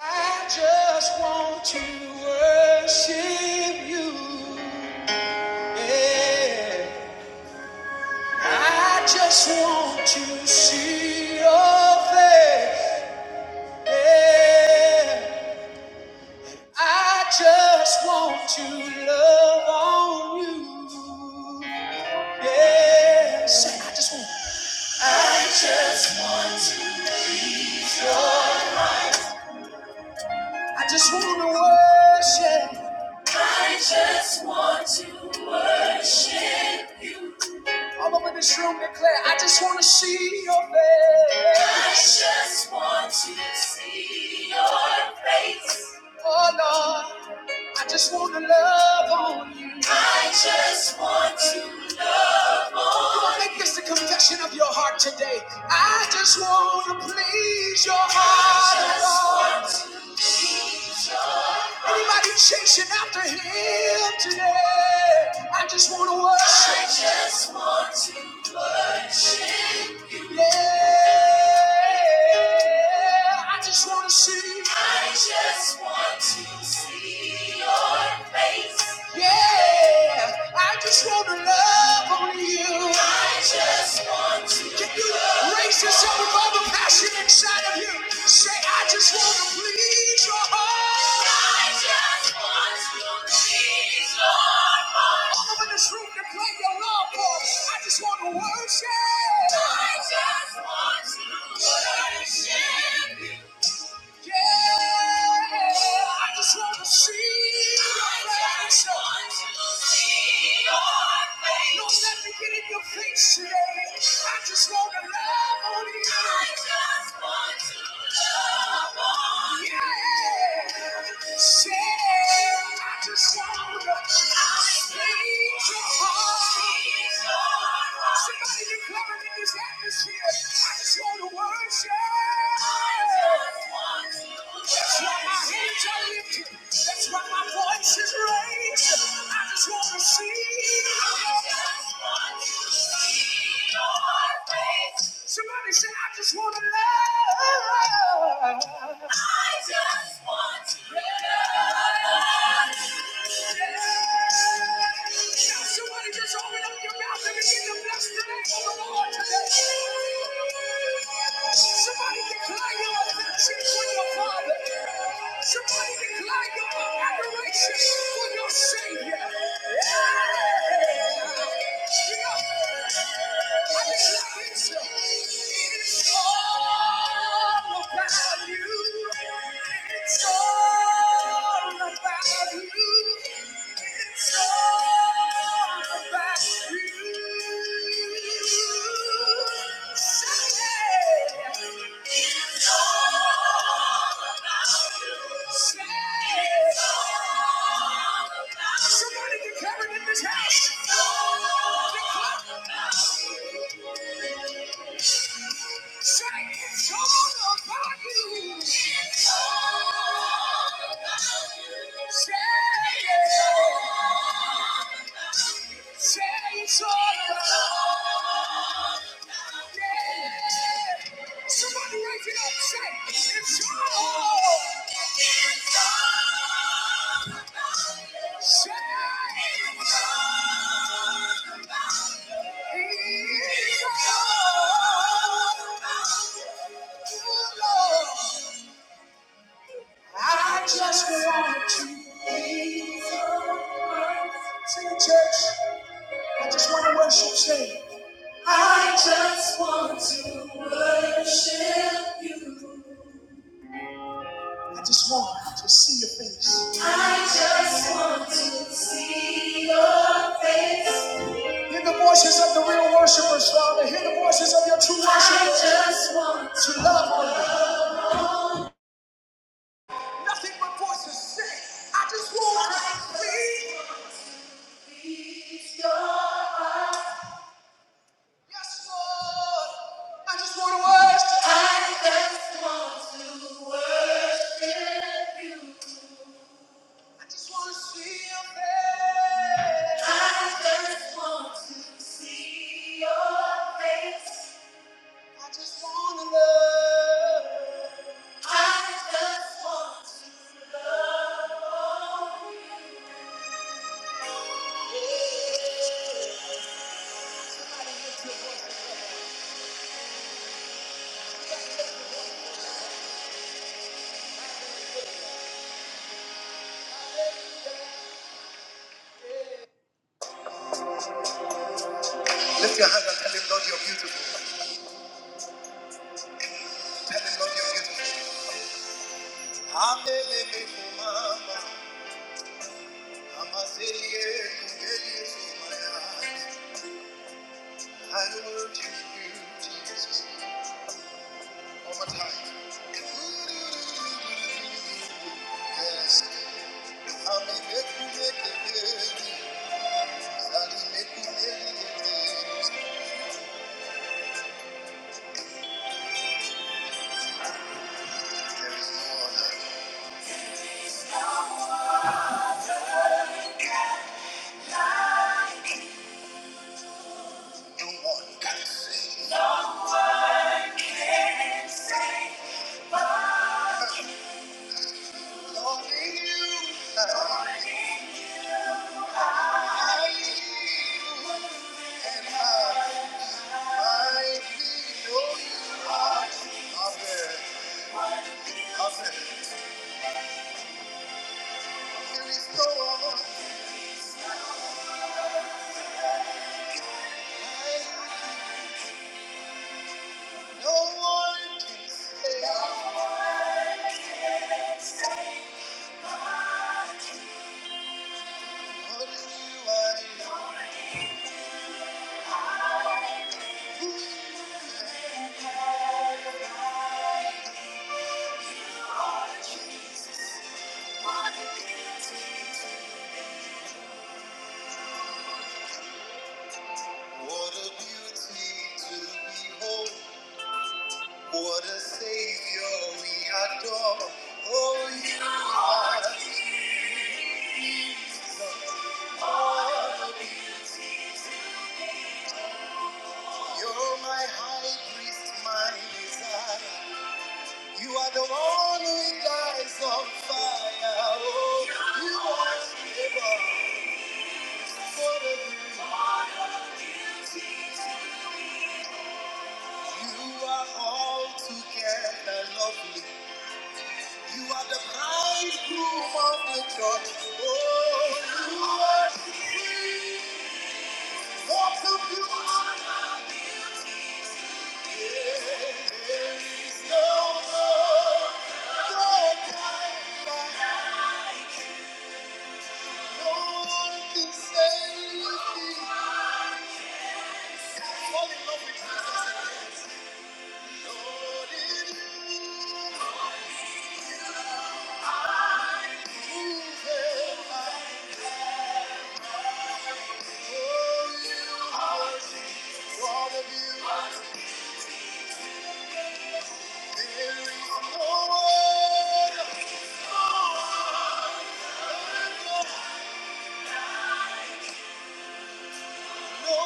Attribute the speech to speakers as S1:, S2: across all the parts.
S1: I just want to worship you. Yeah. I just want to see your face. Yeah. I just want to love on you. Yeah. Say, I just want. I just want to. I just want to worship. I just want to worship. you. All over this room declare, I just want to see your face. I just want to see your face. Oh Lord, I just want to love on you. I just want to love on you. Make this the confession of your heart today. I just want to please your heart. I just Lord. want to please your heart. Anybody chasing after him today? I just want to worship. I just want to worship you. Yeah. I just want to see. I just want to see your face. Yeah, I just want to love on you. I just want to. Can you love raise yourself above the passion inside of you? Say, I just want to please your heart. I just want to please your heart. All over this room to play your love for. I just want to worship. I just want to worship. you. Yeah, I just want to see your face. Lord, let me get in your face today. I just want to love on you. Yeah, say, I just want to please your heart. Somebody declare it in this atmosphere. I just want to worship. That's why my hands are lifted. That's why my voice is raised. I just want to see. I just want to see your face. Somebody say, I just want to love. I just want to love. Now somebody just open up your mouth and begin to bless the name of the Lord today. Somebody declare your affections for your Father. Somebody declare your adoration for your Savior. Yeah. You know, Somebody declare it in this house. Declare. Oh, I just want to be Sing it, church. I just want to worship. Sing. I just want to worship you. I just want to see your face. I just want to see your face. Hear the voices of the real worshipers, Father. Hear the voices of your true worshipers. I just want to love one. another. Nothing but voices sing. I just want to be. Yes, Lord. I just want I just want to worship you. I just want to see your face. I just want to see your face. I just want to love. I just want to love. you. Lift your hand and tell him, Lord, you're beautiful. Tell him, Lord, you're beautiful. Amelelefumama, amazeliyekumbeliyefumaya. I worship you, Jesus. One more time. Yes. Amelekumelekebeli, zalilekumelekebeli. There is no other. No one can sing. Only you. What a beauty to behold. What a savior we adore. Oh, you are Jesus. You're my high priest, my desire. You are the one who dies on fire. Oh, you are forever. What a beauty. You are all together lovely. You are the bridegroom of the church. Oh, you are sweet. What a beauty. No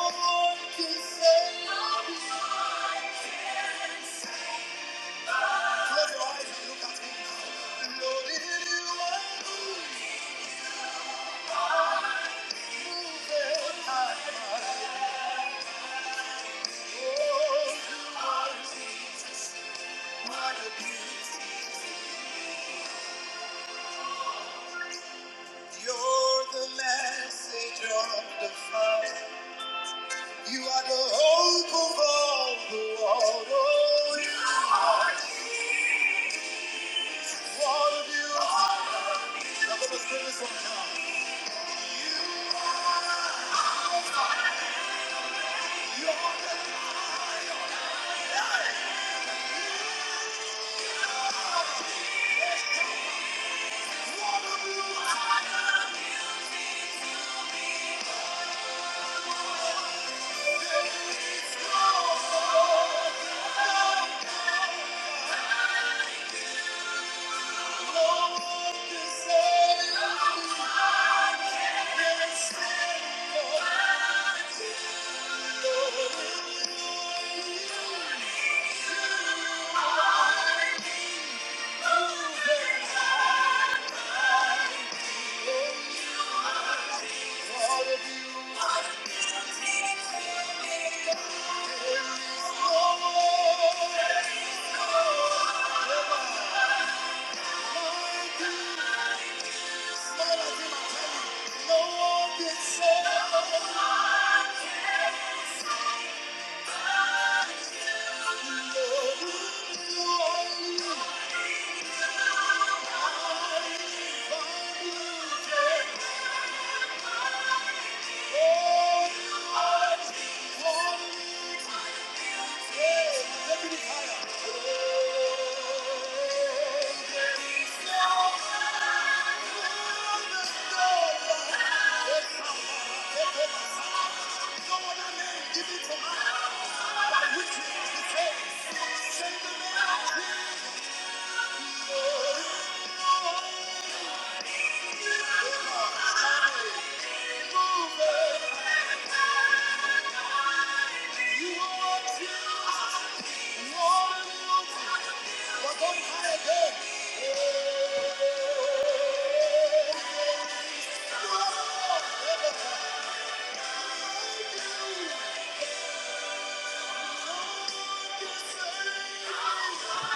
S1: one can save me. Lord, it is you are moving my heart. Oh, you are my peace. You're the message of the Father. You are the hope of all the world. Oh, you are what a beautiful. Now let us sing this one now. You are, you're the light. What a beautiful. Thank you. No other name given to us which is the case. Send the man of Jesus. Move it. You are accused, more than guilty, but don't hide again. You are lost. Thank you. There is no other name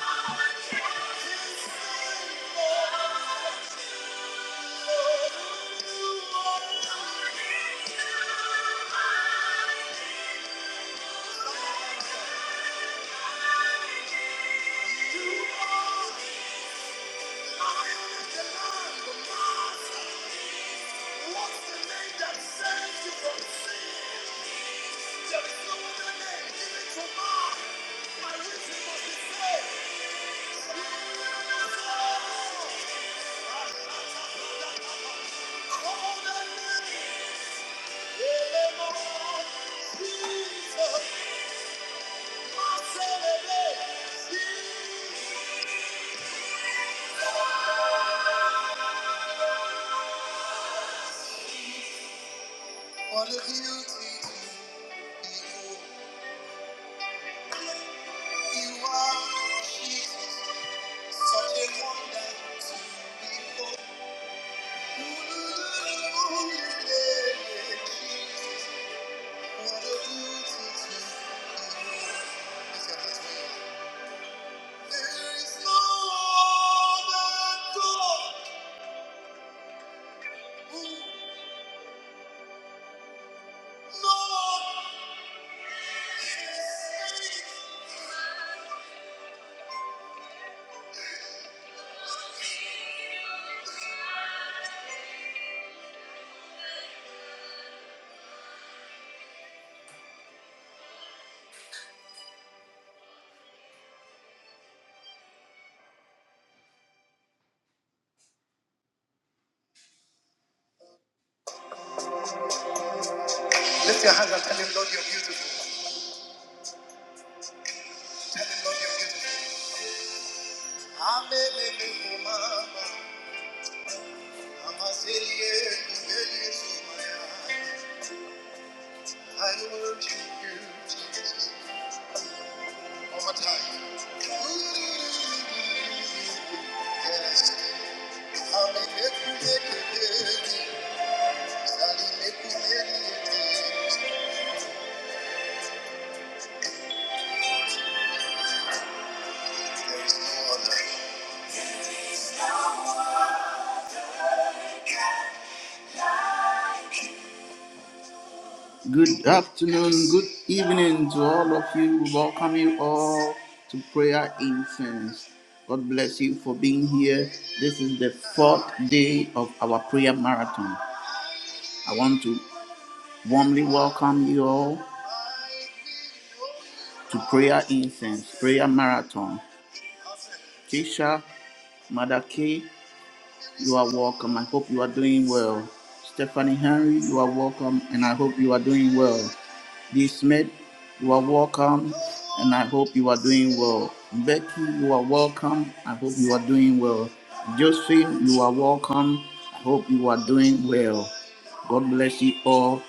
S1: Thank you. What a beauty you are, Jesus, such a wonder to behold. Jesus, what a beauty you are. There is no other God. Lift your hands and tell him, Lord, you're beautiful. Tell him, Lord, you're beautiful. I worship you, Jesus. One more time. Yes. There is no other. Good afternoon, good evening to all of you. Welcome you all to Prayer Incense. God bless you for being here. This is the fourth day of our prayer marathon. I want to warmly welcome you all to Prayer Incense, Prayer Marathon. Keisha, Mother K, you are welcome. I hope you are doing well. Stephanie Henry, you are welcome, and I hope you are doing well. D. Smith, you are welcome, and I hope you are doing well. Becky, you are welcome. I hope you are doing well. Josephine, you are welcome. I hope you are doing well. God bless you all.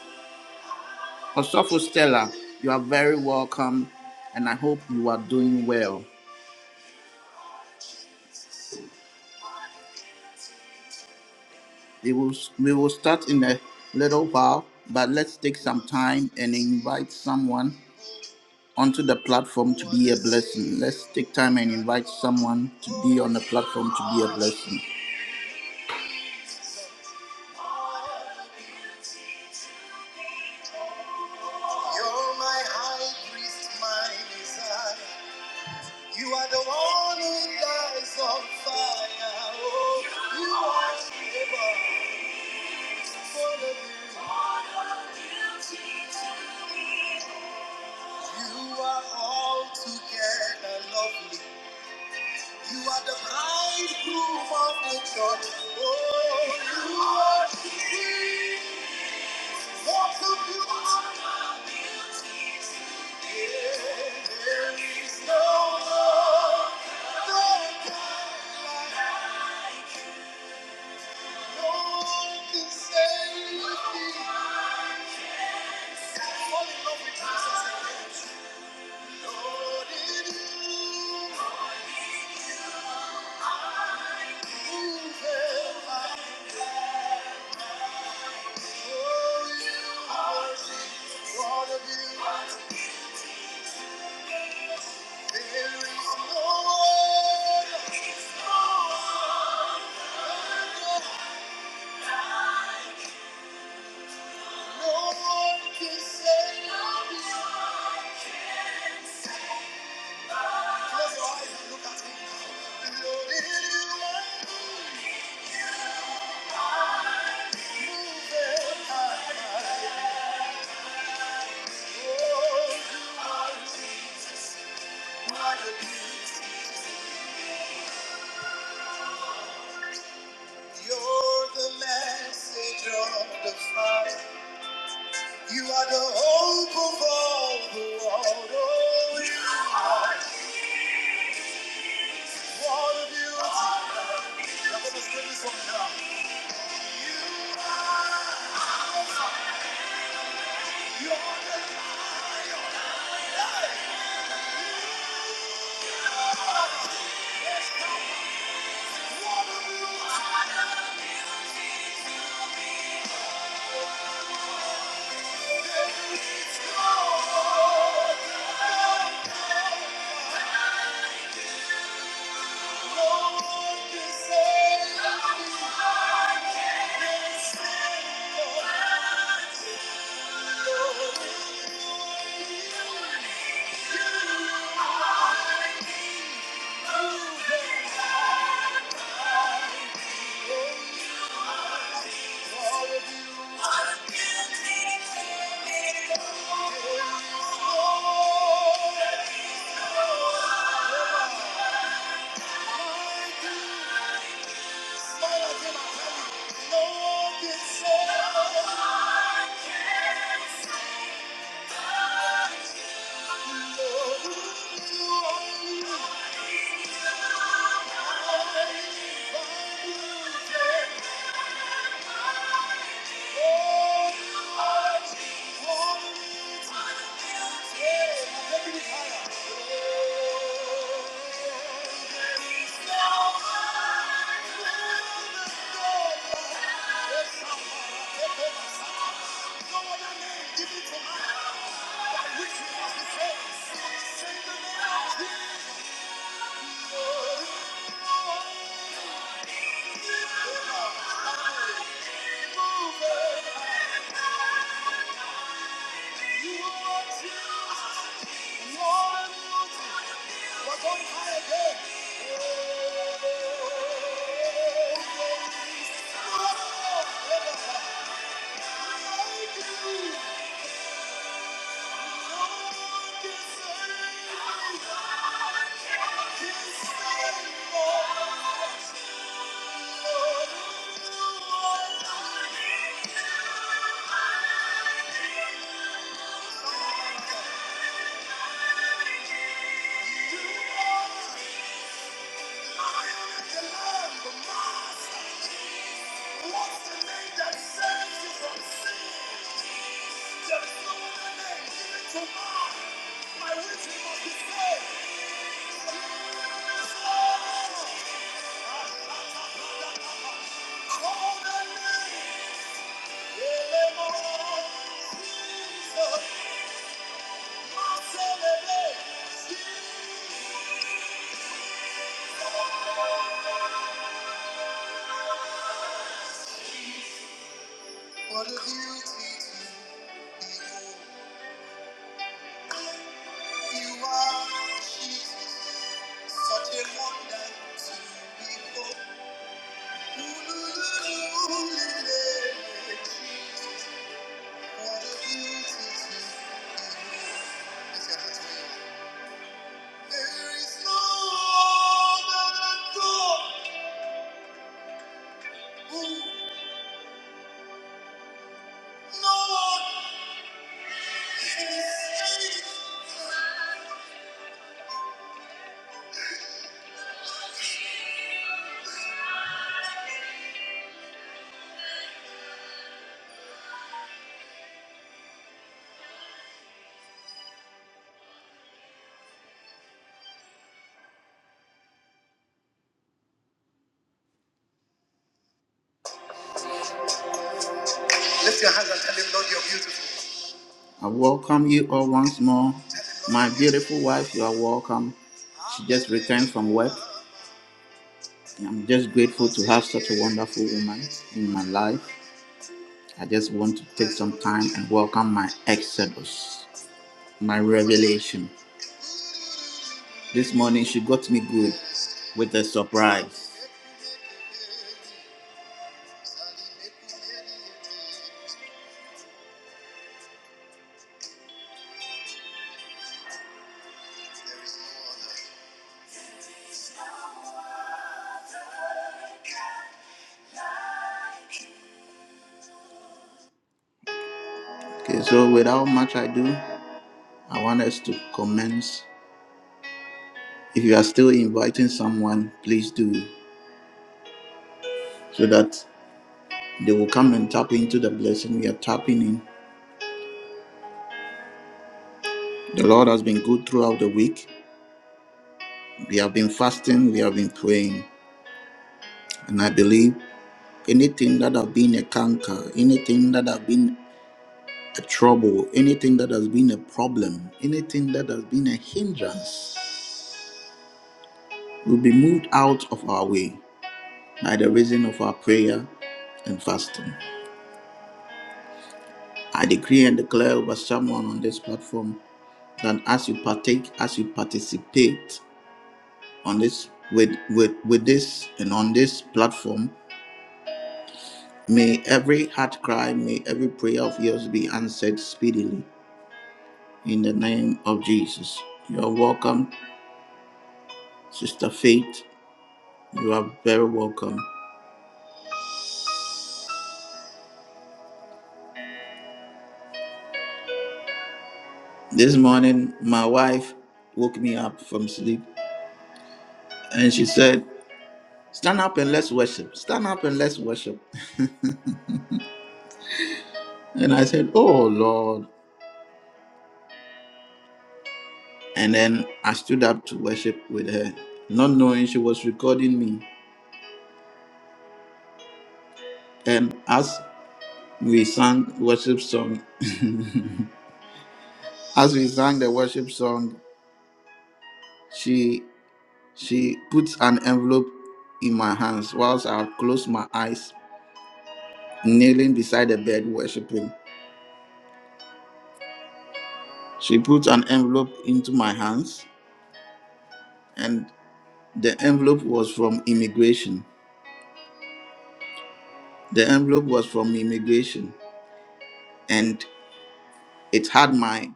S1: Osofo Stella, you are very welcome, and I hope you are doing well. We will, we will start in a little while, but let's take some time and invite someone onto the platform to be a blessing. Let's take time and invite someone to be on the platform to be a blessing. You're my high priest, my desire. You are the one who dies on fire. Oh, you are able for the beauty. You are all together lovely. You are the bridegroom of the church. Oh, you are Thank you. You're the message of the Father. You are the hope of all the world. Oh, you are what a beauty. Now, let us bring this one down. You're the what a beauty. There is no other. No one can save me. No one can save me. No one can say. Thank you. Thank you. What's the name that saves you from sin? There's no other name given to man by which we must be saved. What a beauty to behold. You are Jesus, such a wonder to behold. Ooh, Jesus, what a beauty to behold. Lift your hands where you are. There is no other God who, no one Lift your hands and tell him, Lord, you're beautiful. I welcome you all once more. My beautiful wife, you are welcome. She just returned from work. And I'm just grateful to have such a wonderful woman in my life. I just want to take some time and welcome my exodus, my revelation. This morning she got me good with a surprise. Okay, so without much ado, I want us to commence. If you are still inviting someone, please do so that they will come and tap into the blessing we are tapping in. The Lord has been good throughout the week. We have been fasting, we have been praying. And I believe anything that have been a canker, anything that have been a trouble, anything that has been a problem, anything that has been a hindrance will be moved out of our way by the reason of our prayer and fasting. I decree and declare over someone on this platform that as you partake, as you participate on this with with with this and on this platform, may every heart cry, may every prayer of yours be answered speedily in the name of Jesus. You are welcome, Sister Faith. You are very welcome. This morning, my wife woke me up from sleep and she said, Stand up and let's worship. Stand up and let's worship. And I said, Oh Lord. And then I stood up to worship with her, not knowing she was recording me. And as we sang worship song, as we sang the worship song, she she puts an envelope in my hands whilst I close my eyes, kneeling beside the bed worshiping. She put an envelope into my hands, and the envelope was from immigration. The envelope was from immigration, and it had my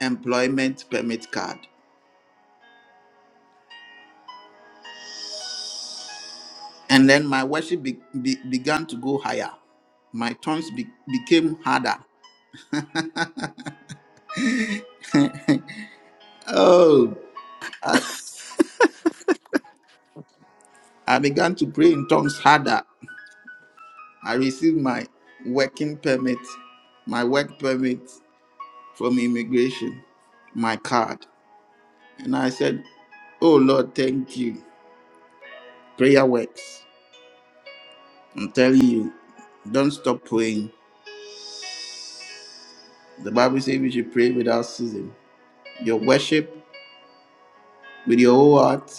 S1: employment permit card. And then my worship be, be- began to go higher. My tongues be, became harder. Oh, I, I began to pray in tongues harder. I received my working permit, my work permit from immigration, my card. And I said, Oh Lord, thank you. Prayer works. I'm telling you, don't stop praying. The Bible says we should pray without ceasing. Your worship with your whole heart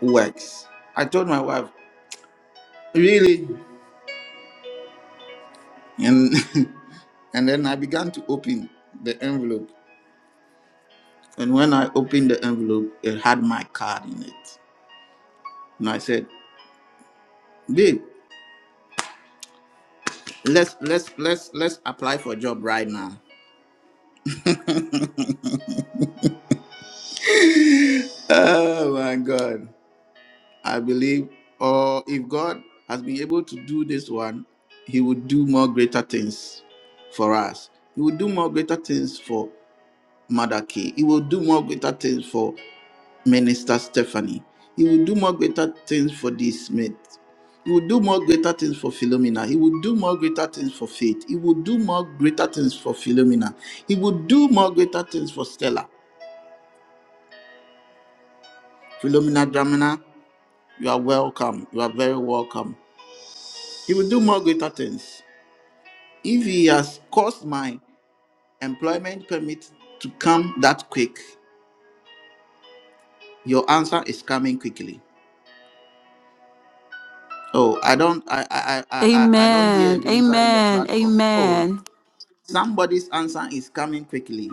S1: works. I told my wife, really and and then i began to open the envelope and when i opened the envelope it had my card in it and i said babe let's let's let's let's apply for a job right now oh my god i believe or if god has been able to do this one he would do more greater things for us he will do more greater things for mother K. he will do more greater things for Minister Stephanie. He will do more greater things for this mate. He will do more greater things for Philomena. He will do more greater things for Faith. He will do more greater things for Philomena. He will do more greater things for Stella. Philomena Dramina, you are welcome. You are very welcome. He will do more greater things. If he has caused my employment permit to come that quick, your answer is coming quickly. Oh, I don't I I I I, I I don't hear a
S2: Amen.
S1: believer in the
S2: Amen.
S1: platform. Oh.
S2: Amen.
S1: Somebody's answer is coming quickly.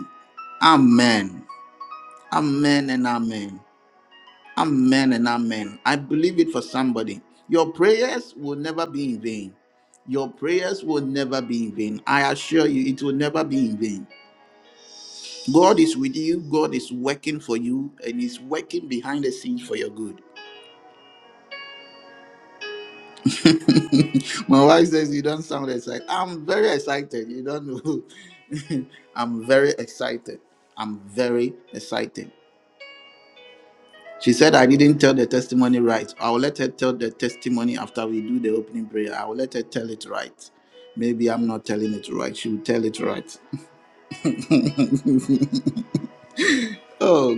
S1: Amen. Amen and amen. Amen and amen. I believe it for somebody. Your prayers will never be in vain. Your prayers will never be in vain. I assure you, it will never be in vain. God is with you, God is working for you, and He's working behind the scenes for your good. My wife says, You don't sound excited. I'm very excited. You don't know. I'm very excited. I'm very excited. She said, I didn't tell the testimony right. I will let her tell the testimony after we do the opening prayer. I will let her tell it right. Maybe I'm not telling it right. She will tell it right. Oh,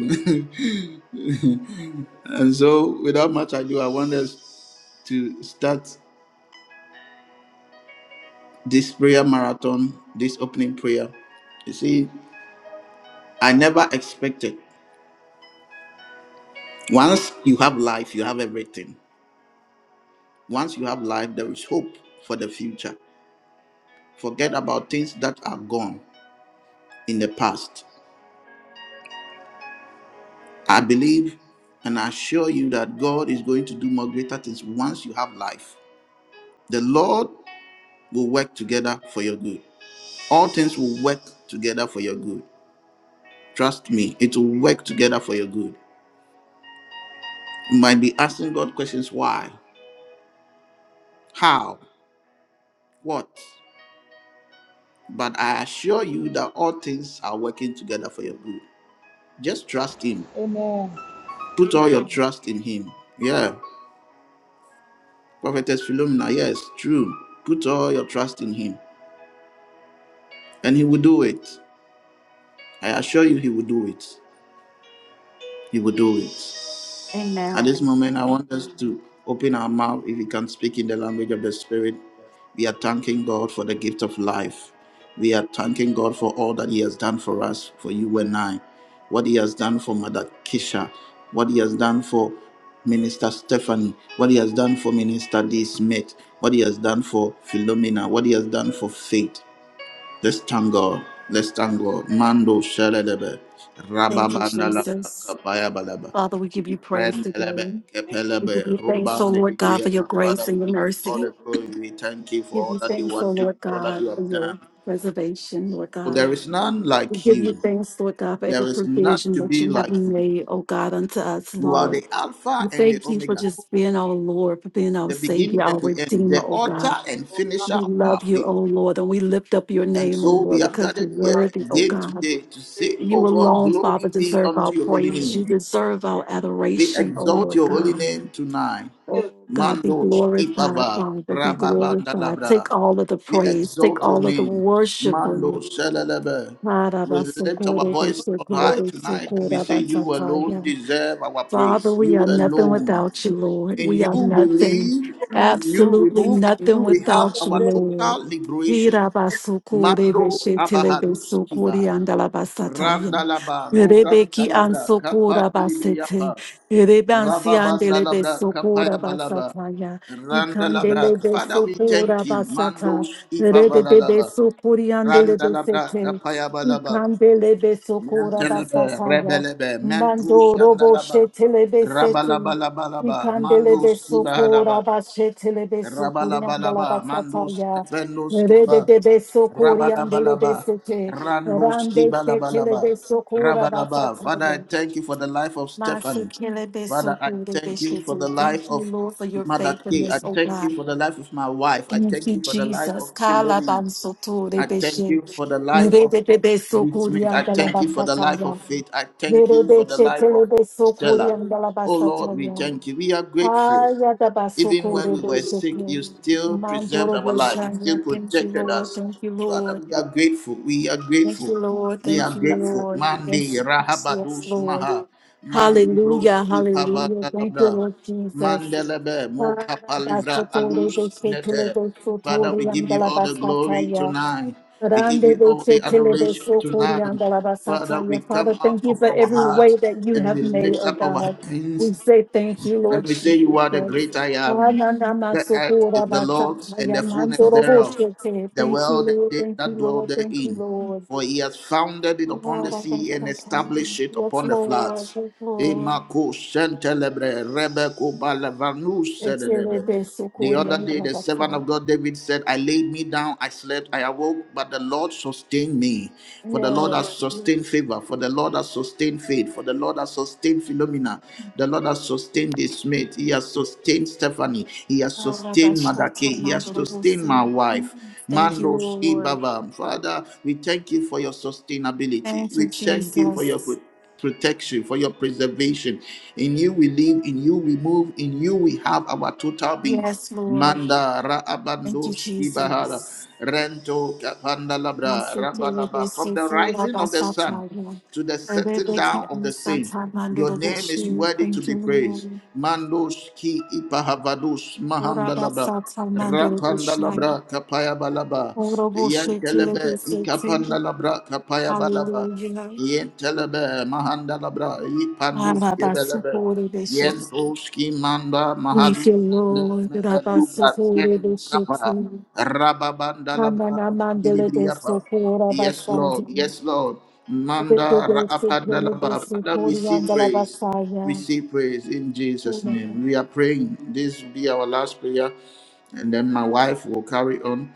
S1: and so without much ado, I want us to start this prayer marathon, this opening prayer. You see, I never expected. Once you have life, you have everything. Once you have life, there is hope for the future. Forget about things that are gone in the past. I believe and I assure you that God is going to do more greater things once you have life. The Lord will work together for your good. All things will work together for your good. Trust me, it will work together for your good. You might be asking God questions why, how, what, but I assure you that all things are working together for your good. Just trust Him. Put all your trust in Him. Yeah. Prophetess Philomena, yes, true. Put all your trust in Him and He will do it. I assure you, He will do it. He will do it. At this
S2: Amen.
S1: moment, I want us to open our mouth if we can speak in the language of the Spirit. We are thanking God for the gift of life. We are thanking God for all that He has done for us, for you and I, what He has done for Mother Kisha, what He has done for Minister Stephanie, what He has done for Minister D. Smith, what He has done for Philomena, what He has done for Faith, Let's thank God. Let's thank God. Mando shalelebe.
S2: Thank you,
S1: Rababanda labra
S2: Jesus.
S1: kapaya balaba.
S2: Father, we give you praise
S1: Rendelebe
S2: today. We give
S1: kepelebe.
S2: you thanks, O
S1: Rubande
S2: Lord God, for
S1: higriya.
S2: your
S1: Father,
S2: grace
S1: we
S2: and your
S1: give you all
S2: mercy.
S1: the glory. We thank you for
S2: Give
S1: all
S2: you
S1: that you
S2: thanks,
S1: are
S2: O Lord
S1: doing, for all that
S2: God,
S1: you have
S2: for
S1: done.
S2: your preservation, Lord
S1: Oh,
S2: God.
S1: there is none
S2: We
S1: like
S2: give you
S1: you.
S2: thanks, Lord God, for
S1: There
S2: every
S1: is none
S2: provision
S1: to
S2: that
S1: be
S2: you have
S1: like you.
S2: made, O God, unto us,
S1: You are
S2: Lord.
S1: the Alpha
S2: We
S1: and the
S2: thank you for
S1: Omega,
S2: just being our Lord, for being our
S1: the beginning
S2: Savior,
S1: and
S2: our
S1: the end,
S2: Redeemer,
S1: the
S2: O God.
S1: author and finisher
S2: We
S1: of our
S2: love you, O
S1: faith.
S2: Lord, and we lift up your
S1: And
S2: name, O
S1: so we
S2: Lord,
S1: have
S2: because you're
S1: gathered here
S3: God,
S2: worthy, O
S1: again
S2: God.
S3: which
S1: today
S3: is
S1: to
S3: where
S1: say,
S3: you
S1: Oh
S2: You
S1: God,
S2: alone, Father,
S1: glory be
S2: deserve
S1: unto
S2: our
S1: your holy
S2: praise.
S1: name.
S2: You deserve our
S1: We
S2: adoration, O
S1: exalt
S2: Lord
S1: your holy
S2: God.
S1: name tonight.
S3: give,
S2: Oh
S3: Lord,
S2: God, be
S1: Mando
S2: glorified,
S1: Shibaba
S2: Father, be glorified. Take
S1: Rababandalabra.
S2: all of the
S1: We
S2: praise, take
S1: exalt your
S2: all of the
S1: name.
S2: worship, O
S1: Mando
S3: who
S1: Shalalaba. We lift our voice on high
S3: holy
S1: tonight and we say, You alone
S2: Lord.
S1: deserve our
S2: Father,
S1: praise.
S2: we
S1: You
S2: are nothing
S1: alone.
S2: without you, Lord.
S1: In
S2: We are
S1: you we
S2: nothing,
S1: live, in you we
S2: absolutely
S1: move, in you
S2: nothing
S1: we have
S2: without you,
S1: our
S2: Lord.
S1: total liberation.
S2: Irabasukure
S1: Mando
S2: beshetele
S1: abahalus abahaluskiva
S2: besukuri andalabasatayim.
S1: randalaba nobran
S2: Rebeki
S1: talabra kapa
S2: ansukura basete.
S1: nilibriapa
S2: Rebansi andele
S1: rababandalabra kapaya
S2: besukura
S1: balaba
S2: basataya. Ikandele
S1: randalabra Father we thank
S2: besukura
S1: you
S2: basata.
S1: mandos
S2: Rede
S1: ipavalaba
S2: besukuri andele
S1: randalabra
S2: besete.
S1: kapaya balaba
S2: Ikandele besukura
S1: yantalaba
S2: basataya.
S1: rebelebe mentus
S2: Mando robo
S1: yandalaba
S2: shetelebe sete.
S1: Rabalabalabalaba, Mando
S2: Ikandelebe soko
S1: Skibahalaba,
S2: raba shetelebe soko riandala
S1: Rabalabalaba, Mandos,
S2: basataya.
S1: Ependos,
S2: Rede
S1: Kaba,
S2: debe soko riandelebe
S1: Rabalabalaba,
S2: sete.
S1: Randos,
S2: Rande
S1: Kibalabalaba,
S2: shetelebe soko raba
S1: Rabalaba. Father, I
S2: sataya.
S1: thank you for the life of Stephanie.
S2: Masekelebe
S1: Father, I
S2: soko rebe
S1: thank you for the
S2: shete.
S1: life
S2: Thank you,
S1: of
S2: Lord, for your
S1: Mother K. I
S2: faithfulness, oh
S1: thank you
S2: God.
S1: for the life of my wife. I
S2: Thank
S1: thank
S2: you,
S1: you for the life of
S2: Jesus. Kala
S1: Philomena.
S2: bansoto
S1: I
S2: rebe
S1: thank you for the life
S2: Rede
S1: of
S2: debe
S1: Lee
S2: soko
S1: Smith. I
S2: riandala
S1: thank you for the life
S2: basataya.
S1: of Faith. I thank you for
S2: Yerebe
S1: the life of
S2: shetelebe sokori
S1: Stella.
S2: andala
S1: Oh Lord, we
S2: basataya.
S1: thank you. We are grateful.
S2: Aya da
S1: Even when
S2: basokore
S1: we were sick,
S2: beshete.
S1: you still preserved
S2: Mandoro
S1: our life. You still
S2: beshanya. Thank you,
S1: protected
S2: Lord.
S1: us.
S2: Thank you,
S1: Father,
S2: Lord.
S1: we are grateful. We are
S2: Thank
S1: grateful.
S2: you, Lord.
S1: We
S2: Thank
S1: are
S2: you,
S1: grateful.
S2: Lord.
S1: Mandi
S2: Yes, yes, yes,
S1: Rahabados
S2: Lord.
S1: Maha. Mandi Bros
S2: Hallelujah. Hallelujah. Thank you,
S1: Ipavadalabda.
S2: Lord Jesus.
S1: Mandelebe
S2: Ara
S1: Mokapalivra
S2: basetore
S1: Alus Nete.
S2: beshetelebe
S1: Father, we
S2: sotori
S1: give you
S2: andala
S1: all the glory
S2: basataya.
S1: tonight. We give
S2: Rande
S1: you
S2: de
S1: all the
S2: se tele de
S1: adoration
S2: so
S1: tonight.
S2: corianda la
S1: Father, we
S2: basataya.
S1: come
S2: Father, thank
S1: out
S2: you
S1: of
S2: for
S1: our
S2: every way
S1: hearts
S2: that you
S1: and
S2: have
S1: we
S2: made,
S1: lift
S2: oh
S1: up our
S2: God.
S1: hands
S2: We say thank you,
S1: and
S2: Lord
S1: we say, You are the
S2: Jesus.
S1: great I am.
S2: Ananama
S1: The earth is
S2: sokora
S1: the Lord's and
S2: basataya,
S1: the fullness
S2: mandoro
S1: thereof,
S2: boshete.
S1: the
S2: Thank you,
S1: world and
S2: Lord.
S1: they
S2: Thank you,
S1: that dwell
S2: Lord. Thank you,
S1: therein.
S2: Lord.
S1: For he has founded it upon the
S2: Alaba
S1: sea and
S2: basataya.
S1: established it
S2: Yes,
S1: upon the
S2: Lord.
S1: floods.
S2: Yes, Lord.
S1: Emako sentelebre rebeko balavanu
S2: Se tele de
S1: sedelebe.
S2: so
S1: The other
S2: corianda
S1: day,
S2: la
S1: the servant
S2: basataya.
S1: of God David said, I laid me down, I slept, I awoke, but the Lord sustained me. For the Lord has
S2: Yes.
S1: sustained favor, for the Lord has sustained faith, for the Lord has sustained Philomena, the Lord has sustained this mate, He has sustained Stephanie, He has
S2: Alaba
S1: sustained
S2: basataya,
S1: Madake, He has
S2: mandoro
S1: sustained
S2: bose.
S1: my wife.
S2: Thank you,
S1: Mandos
S2: Lord.
S1: Ibava. Father, we thank you for your sustainability.
S2: Thank
S1: We
S2: you,
S1: thank you for your
S2: Jesus.
S1: protection, for your preservation. In you we live, in you we move, in you we have our total being.
S2: Yes, Lord.
S1: Manda ra
S2: Thank
S1: abando
S2: you,
S1: skibahara
S2: Jesus.
S1: rento kapanda labra rabalaba from the rising of the sun
S2: Masekerebesifurabasataya.
S1: to the setting down of the same. Your name is
S2: Erebekiamsatamandoroboshi.
S1: worthy to
S2: Thank you,
S1: be praised.
S2: Lord.
S1: Mandos ki ipahavados mahandalaba.
S2: Orabasatamandoroboshnaya.
S1: Rapandalabra kapaya balaba. Yantelebe
S2: Oroboshetelebesete.
S1: ikapandalabra kapaya balaba.
S2: Hallelujah.
S1: Yentelebe mahandalabra ipandus kebelebe.
S2: Alabasukurebeshete.
S1: Yentos ki manda
S2: Thank you,
S1: mahalubende
S2: Lord.
S1: me elubra kendu kapa.
S2: Rabasukurebeshete.
S1: Rababandalabra mandilibriyapa. Yes, Lord.
S2: Nananamandelebesukurabasaja.
S1: Yes, Lord.
S2: Thank
S1: Manda raapandalaba. Father, we see praise. We see praise in Jesus' name. We are praying. This be our last prayer, and then my wife will carry on.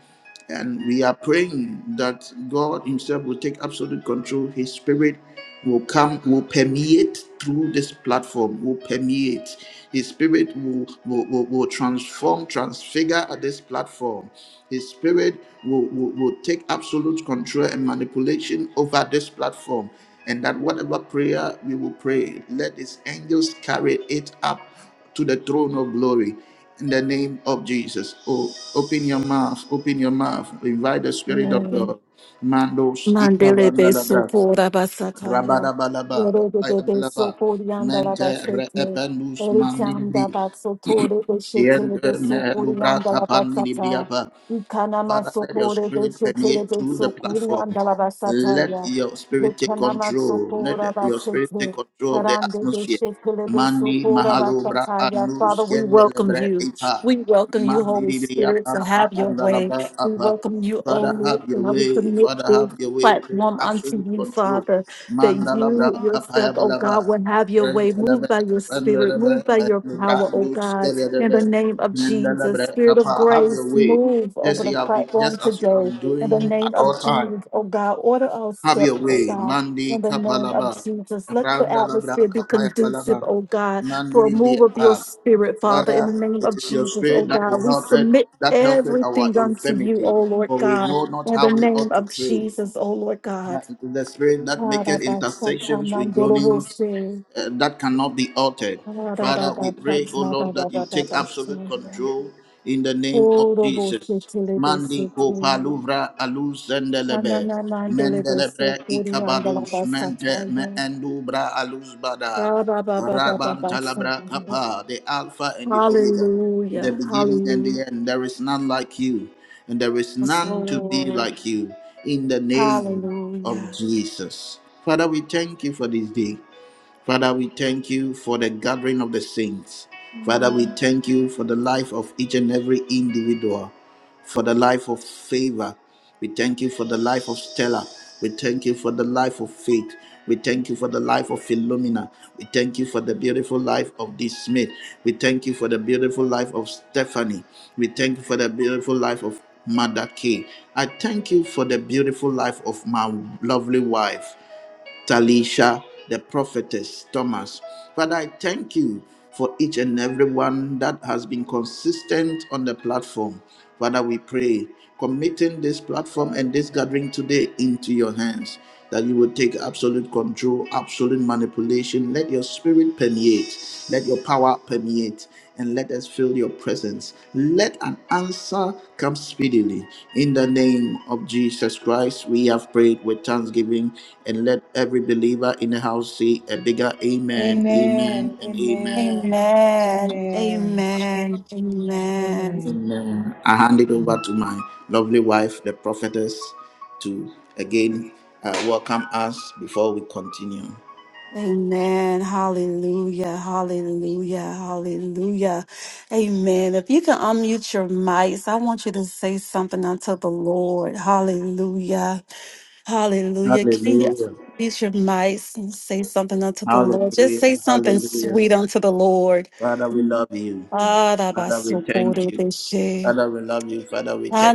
S1: And we are praying that God Himself will take absolute control. His Spirit will come, will permeate through this platform, will permeate. His Spirit will, will, will, will transform, transfigure this platform. His Spirit will, will, will take absolute control and manipulation over this platform. And that whatever prayer we will pray, let His angels carry it up to the throne of glory in the name of Jesus. Oh, open your mouth, open your mouth, invite the Spirit of
S2: you.
S1: God. Mandos
S2: Mandele beso
S1: itavandalabra,
S2: pora basataya.
S1: rabadabalaba,
S2: Yorode de beso
S1: ayabalaba,
S2: porianda la
S1: mente
S2: basete.
S1: reependus
S2: Erikanda
S1: mandibri,
S2: baso tore beshetele
S1: yente
S2: beso porianda la basata.
S1: melubra
S2: Ikana
S1: Father,
S2: maso
S1: let your spirit
S2: beshetele
S1: permeate through the
S2: beso
S1: platform.
S2: porianda la
S1: Let
S2: basataya.
S1: your spirit take
S2: Ikana maso
S1: control. Let your spirit take
S2: basete.
S1: control of the
S2: Rande
S1: atmosphere.
S2: beshetele beso
S1: Mandi
S2: pora
S1: mahalo bra
S2: basataya.
S1: anu
S2: Father, we welcome
S1: skendelebre
S2: you.
S1: ipa.
S2: We welcome you,
S1: Mandi
S2: Holy
S1: libria
S2: Spirit, to
S1: panka
S2: have your way.
S1: pandalabra
S2: We
S1: apa.
S2: welcome you, O
S1: Father,
S2: Lord.
S1: have your
S2: and We
S1: way.
S2: commit
S1: Father,
S2: this
S1: have your way. Take
S2: platform unto
S1: absolute
S2: you,
S1: control.
S2: Father, that
S1: Mandalabra
S2: you yourself,
S1: kapaya
S2: oh God,
S1: balaba.
S2: will have your
S1: Have
S2: way. Move by your spirit, move by your power, oh God, in the name of Jesus. Spirit of grace,
S1: your way,
S2: move over
S1: just
S2: the
S1: you have been,
S2: platform
S1: just as you have
S2: today.
S1: been
S2: In the
S1: doing at
S2: name
S1: all
S2: of
S1: time.
S2: Jesus, oh God, order our
S1: Have
S2: step,
S1: your
S2: oh
S1: way,
S2: God.
S1: Mandi
S2: In the name of
S1: Kapalaba,
S2: Jesus, let the
S1: Randalabra
S2: atmosphere be conducive,
S1: Kapayapalaba,
S2: oh God, for a
S1: Mandi
S2: move of your
S1: Liapa.
S2: spirit, Father. In
S1: Father,
S2: the name
S1: it
S2: of
S1: is your
S2: Jesus, oh
S1: spirit that will
S2: God, we
S1: help it,
S2: submit
S1: that helpeth our
S2: everything unto you,
S1: infirmity,
S2: oh Lord
S1: for we
S2: God
S1: know not
S2: in the
S1: how we
S2: name
S1: ought to
S2: of
S1: pray.
S2: Jesus, oh Lord God.
S1: That the spirit that maketh
S2: Hallelujah,
S1: intersections with groanings uh, that cannot be altered. Father, we pray, O Lord, that you take absolute control in the name of Jesus. Mandi ko paluvra alus zendelebe. Mendelebre ikabadus mente me endubra alus bada. Rabantalabra kapa, the Alpha and the Omega the beginning and
S2: hallelujah,
S1: the end. There is none like you, and there is
S2: Yes,
S1: none to be
S2: Lord,
S1: like you. In the name of
S2: hallelujah.
S1: Jesus. Father, we thank you for this day. Father, we thank you for the gathering of the saints. Father,
S2: Amen.
S1: we thank you for the life of each and every individual, for the life of favor. We thank you for the life of Stella. We thank you for the life of faith. We thank you for the life of Philomena. We thank you for the beautiful life of this Smith. We thank you for the beautiful life of Stephanie. We thank you for the beautiful life of Mother Kay. I thank you for the beautiful life of my lovely wife. Talisha, the prophetess, Thomas. Father, I thank you for each and everyone that has been consistent on the platform. Father, we pray, committing this platform and this gathering today into your hands, that you will take absolute control, absolute manipulation. Let your spirit permeate, let your power permeate and let us feel your presence. Let an answer come speedily. In the name of Jesus Christ, we have prayed with thanksgiving, and let every believer in the house say a bigger amen, amen, and amen.
S2: Amen. Amen.
S1: Amen. I hand it over to my lovely wife, the prophetess, to again uh, welcome us before we continue.
S2: Amen. Hallelujah. Hallelujah. Hallelujah. Amen. If you can unmute your mics, I want you to say something unto the Lord. Hallelujah. Hallelujah. Can you
S1: Hallelujah.
S2: unmute your mics and say something unto the Lord? Just
S1: Hallelujah.
S2: say something
S1: Hallelujah.
S2: sweet unto the Lord.
S1: Father, we love you. Father, we thank you.
S2: Arabasokorebeshe.
S1: Father, we love you. Father, we thank you.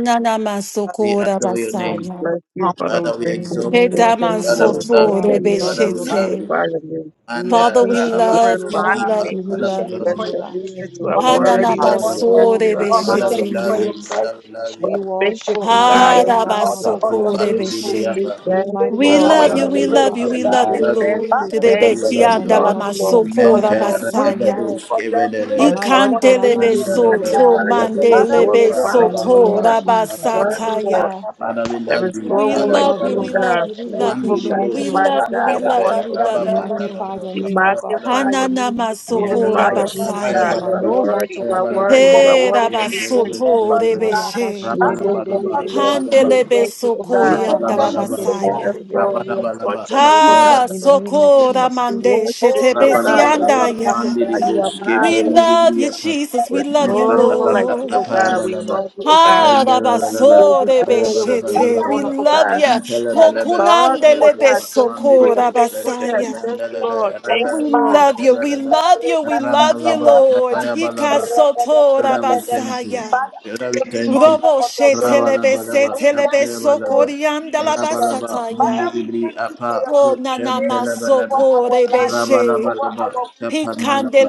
S3: God,
S1: We adore your
S3: Lord
S1: name.
S4: Bless you,
S3: God,
S4: Father.
S3: comfort,
S4: We
S1: Father, we
S4: thank you.
S3: Lord
S4: We
S1: exalt your
S4: say
S1: name.
S4: thank
S3: God.
S4: you.
S1: Father, we
S4: We
S1: love
S4: bless your
S3: Thank
S1: you.
S3: you,
S4: name.
S1: Father, we
S3: God,
S1: love
S2: Edamansotorebeshete.
S1: you.
S4: Magnify your name.
S1: And
S2: Father, we
S3: for
S2: love you.
S1: Raabados,
S4: Glorify
S2: We
S4: your
S2: love
S4: name.
S2: you.
S3: reminding
S2: We
S3: me
S1: Father, we
S2: love you.
S1: love
S4: Bless
S1: you.
S4: your
S3: that
S4: name. You
S3: you
S4: are
S3: are
S1: Father, we
S4: worthy.
S3: God.
S4: You are
S1: love you.
S4: worthy. You
S3: You
S4: are
S3: are my
S1: Father, we
S4: worthy.
S1: love
S2: Hananamasore
S1: you. Father, we love
S4: You
S1: you.
S4: are faithful, God.
S1: Manda
S4: You are faithful.
S1: Rakapo Bandiri
S4: Say
S2: Harabasokore
S1: Briapa.
S4: thank you,
S2: We
S4: Lord,
S1: Father,
S4: for
S1: we
S2: love
S4: your
S2: you,
S1: love
S2: we
S1: you. We
S2: love you,
S1: love
S4: faithfulness.
S2: we
S1: you.
S4: We
S2: love
S1: We
S4: say
S2: you,
S1: love you.
S4: thank
S2: Lord.
S4: you.
S1: Father,
S4: Thank you,
S1: we
S4: Lord.
S1: love
S4: We
S1: you.
S2: Rebekiandala
S4: love you, Lord. Lord,
S2: masokora
S1: Menta
S4: Lord, we love you,
S2: basaya.
S4: Lord.
S1: Rebedus
S4: We
S1: Kevedelebe.
S4: exalt your name.
S2: Ikandelebe
S4: We
S1: Manda Rebe.
S2: soto
S4: magnify your name. We
S1: Kevedelebe.
S2: mandelebe
S4: glorify your name, O
S2: soto
S4: God.
S1: Rabababa. Akadaraba.
S4: Worthy, Lord.
S2: rabasataya.
S1: Father, we
S4: There
S1: love
S4: is
S1: you.
S4: no
S2: We
S4: one
S1: Father,
S4: like
S1: we
S2: love
S4: you,
S1: love
S2: you,
S4: O
S1: you.
S2: we love
S4: God.
S2: you, we love you,
S4: Faithful
S1: Mandiri
S4: God,
S2: Lord. We
S1: Bros.
S4: Almighty
S2: love you, we
S4: God, we
S2: love
S1: Kevedelebe.
S2: you, we
S4: worship
S2: love
S4: you.
S2: you, Lord.
S1: Rababandalabra.
S4: We
S1: Kapadalaba.
S4: magnify your
S2: Hanana
S4: name. We
S2: masokora
S4: glorify
S1: Yadalaba,
S4: your name, O
S2: basaya.
S4: God. You are
S1: Apayabalaba,
S4: worthy. You are
S1: Apayabalaba,
S4: worthy. You are
S2: Hey,
S4: worthy to be praised.
S2: rabasoto
S1: Yadalaba,
S2: rebeshe.
S4: We say thank
S1: Rabalabalaba,
S4: you, Lord. We say
S1: Apalabalaba,
S2: Handelebe
S4: thank you, O God.
S2: sokoriam
S1: Rabalabalaba,
S4: We ask,
S2: dalabasaya.
S4: Lord, we exalt
S1: Rabalabalaba,
S4: your name, O God.
S2: Ha
S1: Apayabalaba,
S2: sokora
S1: Apayabalaba,
S4: We
S2: mande
S4: worship you, O God, for who
S1: Rabalabalaba,
S4: you are, O
S2: shetebesiandaya.
S1: Mandiri
S4: God. You are
S1: Broske,
S2: We
S4: marvelous.
S1: Pariri
S2: love you,
S1: Briapa,
S2: Jesus.
S4: There
S2: We
S4: is
S2: love you,
S4: no one like
S1: Nepalabalaba,
S4: you, O God.
S2: Lord.
S4: We
S1: Rapayabalaba,
S4: love you, O God.
S2: Ha
S1: Rendalabalaba,
S4: Give you
S2: rabasorebe
S4: glory. We give you
S2: shete. We
S4: honor,
S1: Rapayabalabalaba,
S4: O
S2: love
S4: God.
S2: you.
S1: Nantalabalaba,
S4: Love you, oh
S2: Rokunandelebe
S4: God.
S1: Rapayabalaba,
S4: Thank you
S1: Mandiri
S4: for your
S2: sokora
S1: Bros, Santa,
S4: faithfulness.
S2: basaya.
S4: Thank you,
S1: Randalaba,
S4: Lord. Thank
S1: Rabba,
S2: We
S4: you, Lord.
S2: love you. We
S1: Rapayabalaba,
S2: love you. We love you,
S1: Randalaba,
S2: Lord.
S1: Rapayabalaba.
S2: Hikasotora
S1: Father, we thank you.
S2: basaya.
S1: Father, we thank you.
S2: Robo she telebe se
S1: Rabalabalaba,
S2: telebe
S1: Rapayabalaba,
S2: sokori andala
S1: Rabalaba,
S2: basataya.
S1: Mandibri Apa,
S2: Oh na na
S1: Kushantalabalaba,
S2: masoko rebe she.
S1: Rabalabalaba, Kapanalaba,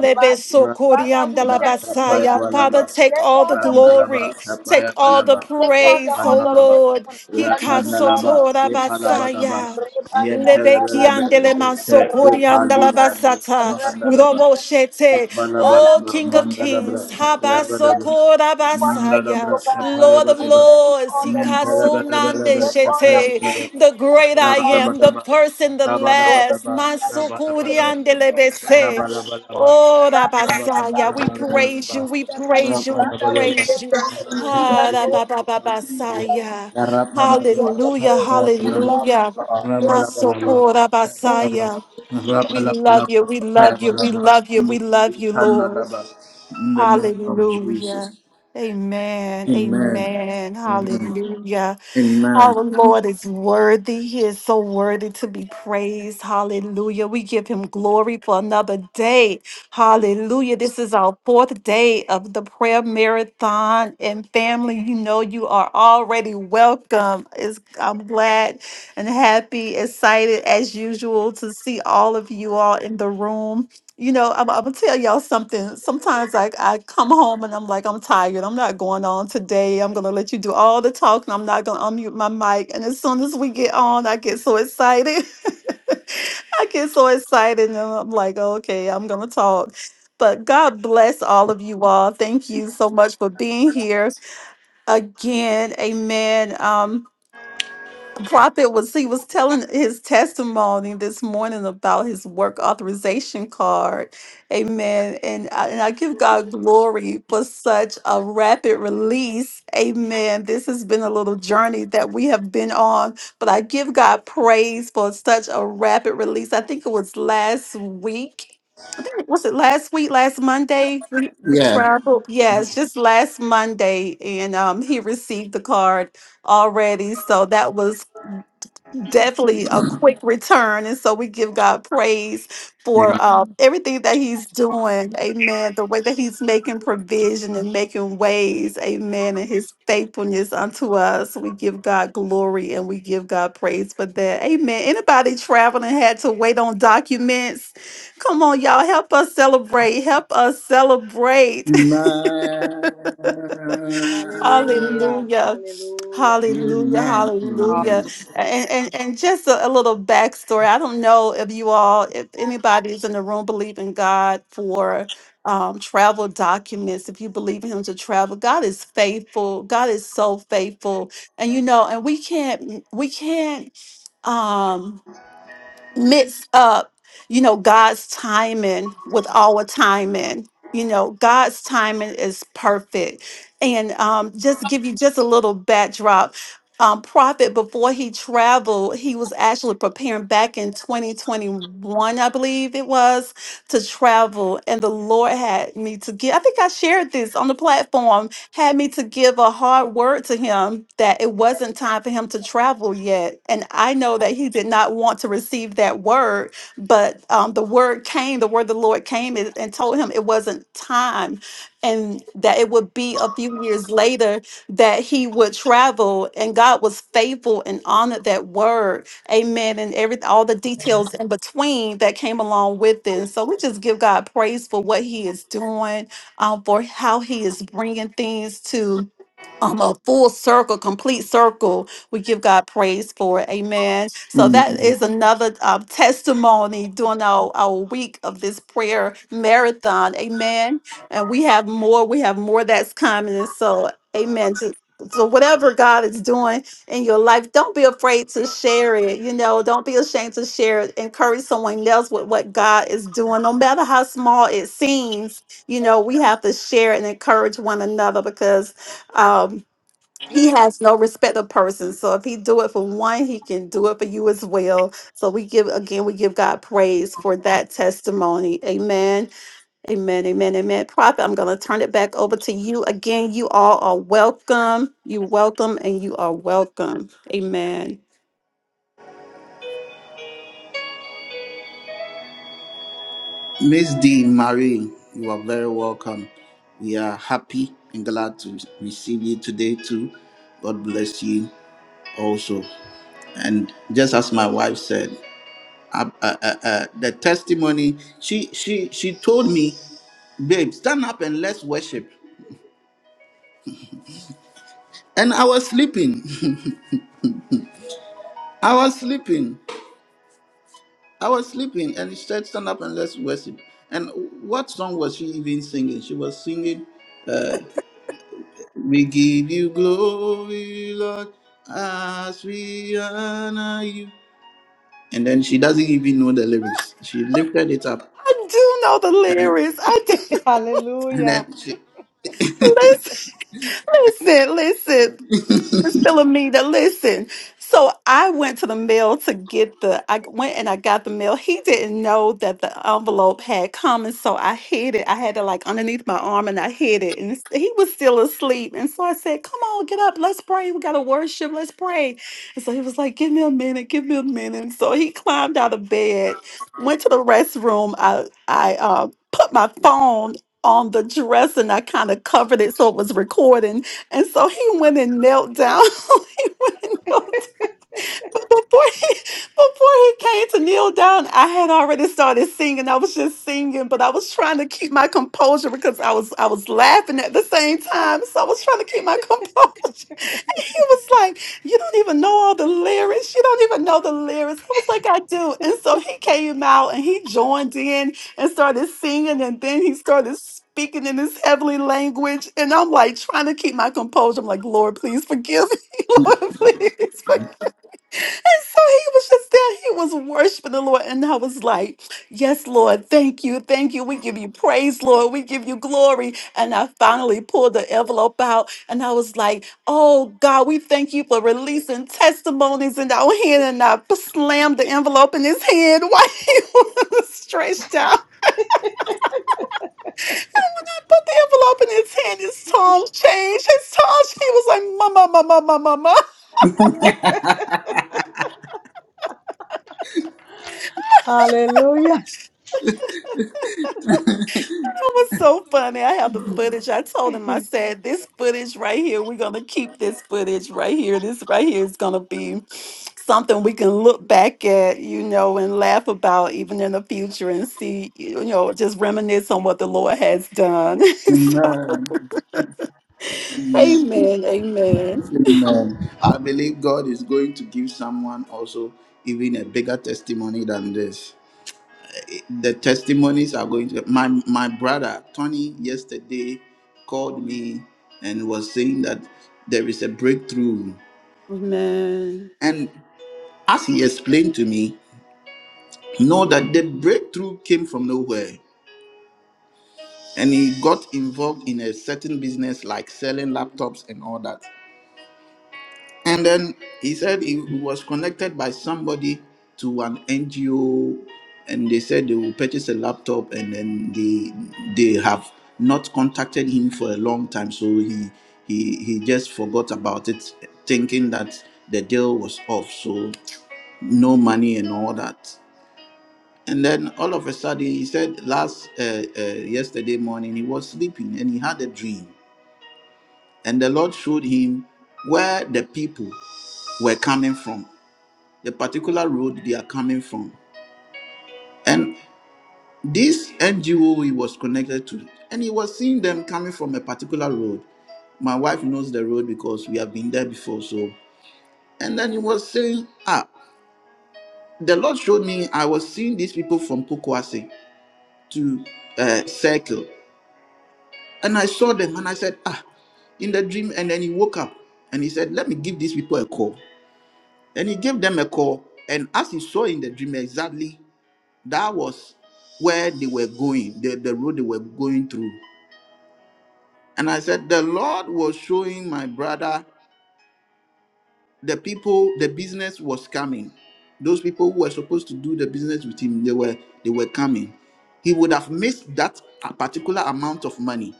S1: Rapanalaba, Kapayabalaba,
S2: Father, take all the
S1: Randalaba,
S2: glory, take all the
S1: Kapayabalaba,
S2: praise, oh
S1: Panalaba,
S2: Lord.
S1: Rapanalaba, Epalabalaba,
S2: Hikasotorabasaya.
S1: Yentalabalaba, Yente, Kupalibra,
S2: Lebekiandelemansokoriandalabasata.
S1: Mandalaba,
S2: Roboshete.
S1: Rabba
S2: Oh, King of Kings, Habasokorabasaya. Lord of Lords, Hikasunandeshete. the great I am, the first and the last. Masokoriandelebese. Oh,
S1: in the
S2: Rabasaya, we praise you, we praise you, we praise you. Ah, Rabababasaya. Hallelujah, hallelujah. Masoko Rabasaya. We love you, we love you, we love you, we love you, Lord.
S1: name of
S2: Hallelujah.
S1: Jesus.
S2: Amen,
S1: Amen.
S2: amen,
S1: Amen.
S2: hallelujah. Our
S1: Amen.
S2: Lord is worthy. He is so worthy to be praised. Hallelujah. We give him glory for another day. Hallelujah. This is our fourth day of the prayer marathon. And family, you know you are already welcome. It's, I'm glad and happy, excited as usual to see all of you all in the room. You know, I'm, I'm gonna tell y'all something. Sometimes I, I come home and I'm like, I'm tired. I'm not going on today. I'm gonna let you do all the talking. I'm not gonna unmute my mic. And as soon as we get on, I get so excited. I get so excited and I'm like, okay, I'm gonna talk. But God bless all of you all. Thank you so much for being here again. Amen. Um, prophet was he was telling his testimony this morning about his work authorization card amen and I, and I give god glory for such a rapid release amen this has been a little journey that we have been on but i give god praise for such a rapid release i think it was last week was it last week last monday we we
S1: Yeah.
S2: traveled yes just last monday and um he received the card already. So that was definitely a quick return. And so we give God praise for uh, Mhm. everything that He's doing. Amen. The way that He's making provision and making ways. Amen. And His faithfulness unto us. We give God glory and we give God praise for that. Amen. Anybody traveling had to wait on documents? Come on, y'all. Help us celebrate. Help us celebrate.
S1: Amen.
S2: Hallelujah. Hallelujah.
S1: Amen.
S3: God.
S1: Amen.
S2: Hallelujah.
S3: Hallelujah.
S2: And, and and just a, a little backstory. I don't know if you all, if anybody's in the room believe in God for um, travel documents, if you believe in him to travel, God is faithful. God is so faithful. And you know, and we can't we can't um mix up, you know, God's timing with our timing. You know, God's timing is perfect. And um, just give you just a little backdrop. Um, prophet before he traveled he was actually preparing back in 2021 i believe it was to travel and the lord had me to get i think i shared this on the platform had me to give a hard word to him that it wasn't time for him to travel yet. And I know that he did not want to receive that word, but um, the word came, the word of the Lord came and and told him it wasn't time and that it would be a few years later that he would travel. And God was faithful and honored that word. Amen. And every all the details in between that came along with it. And so we just give God praise for what he is doing um, for how He is bringing things to um, a full circle, complete circle. We give God praise for it. Amen. So
S1: Amen.
S2: that is another uh, testimony during our, our week of this prayer marathon. Amen. And we have more. We have more that's coming. And so, amen. So so whatever God is doing in your life, don't be afraid to share it. You know, don't be ashamed to share it. Encourage someone else with what God is doing, no matter how small it seems. You know, we have to share and encourage one another because um, he has no respect of persons. So if he do it for one, he can do it for you as well. So we give again, we give God praise for that testimony. Amen. Amen. Amen. Amen. Prophet, I'm gonna turn it back over to you. Again, you all are welcome. You welcome and you are welcome. Amen.
S1: Miss D. Marie, you are very welcome. We are happy and glad to receive you today, too. God bless you also. And just as my wife said, uh, uh, uh, uh, the testimony she she she told me, babe, stand up and let's worship. And I was sleeping. I was sleeping. I was sleeping, and she said, stand up and let's worship. And what song was she even singing? She was singing. We give you glory, Lord, as we honor you. And then she doesn't even know the lyrics. She lifted it up
S2: I do know the
S1: and,
S2: lyrics. I do.
S1: and then she.
S2: Listen, listen, listen. Miss Philomena, listen. So I went to the mail to get the. I went and I got the mail. He didn't know that the envelope had come, and so I hid it. I had it like underneath my arm, and I hid it. And it's- he was still asleep, and so I said, "Come on, get up. Let's pray. We gotta worship. Let's pray." And so he was like, "Give me a minute. Give me a minute." And so he climbed out of bed, went to the restroom. I I uh, put my phone on the dresser, and I kind of covered it so it was recording and so he went and knelt down. he went and knelt down. But before he, before he came to kneel down, I had already started singing. I was just singing, but I was trying to keep my composure because I was I was laughing at the same time. So I was trying to keep my composure was like, You don't even know all the lyrics. You don't even know the lyrics. I was like, I do. And so he came out and he joined in and started singing. And then he started speaking in this heavenly language. And I'm like, trying to keep my composure. I'm like, Lord, please forgive me. Lord, please forgive so he was just there. He was worshiping the Lord. And I was like, Yes, Lord, thank you. Thank you. We give you praise, Lord. We give you glory. And I finally pulled the envelope out and I was like, Oh God, we thank you for releasing testimonies in our hand. And I slammed the envelope in his hand while he was stretched out. I put the envelope in his hand. His tongue changed. His tongue, he was like, Mama, mama, mama, mama. was so funny. I have the footage. I told him, I said, this footage right here, we're going to keep this footage right here. This right here is going to be something we can look back at, you know, and laugh about even in the future and see, you know, just reminisce on what the Lord has done.
S1: Amen. Amen.
S2: amen. Amen.
S1: Amen. I believe God is going to give someone also even a bigger testimony than this. The testimonies are going to. My my brother Tony yesterday called me and was saying that there is a breakthrough.
S2: Amen.
S1: And as he explained to me. Know that the breakthrough came from nowhere, and he got involved in a certain business like selling laptops and all that. And then he said he was connected by somebody to an NGO, and they said they will purchase a laptop, and then they they have not contacted him for a long time, so he he he just forgot about it, thinking that the deal was off, so no money and all that. And then all of a sudden, he said last uh, uh, yesterday morning he was sleeping and he had a dream. And the Lord showed him where the people were coming from, the particular road they are coming from. And this NGO he was connected to, and he was seeing them coming from a particular road. My wife knows the road because we have been there before. So, and then he was saying, Ah, the Lord showed me I was seeing these people from Pokwase to uh, Circle. And I saw them and I said, Ah, in the dream. And then he woke up and he said, Let me give these people a call. And he gave them a call. And as he saw in the dream exactly, that was where they were going, the, the road they were going through. And I said, The Lord was showing my brother the people, the business was coming. Those people who were supposed to do the business with him, they were they were coming. He would have missed that particular amount of money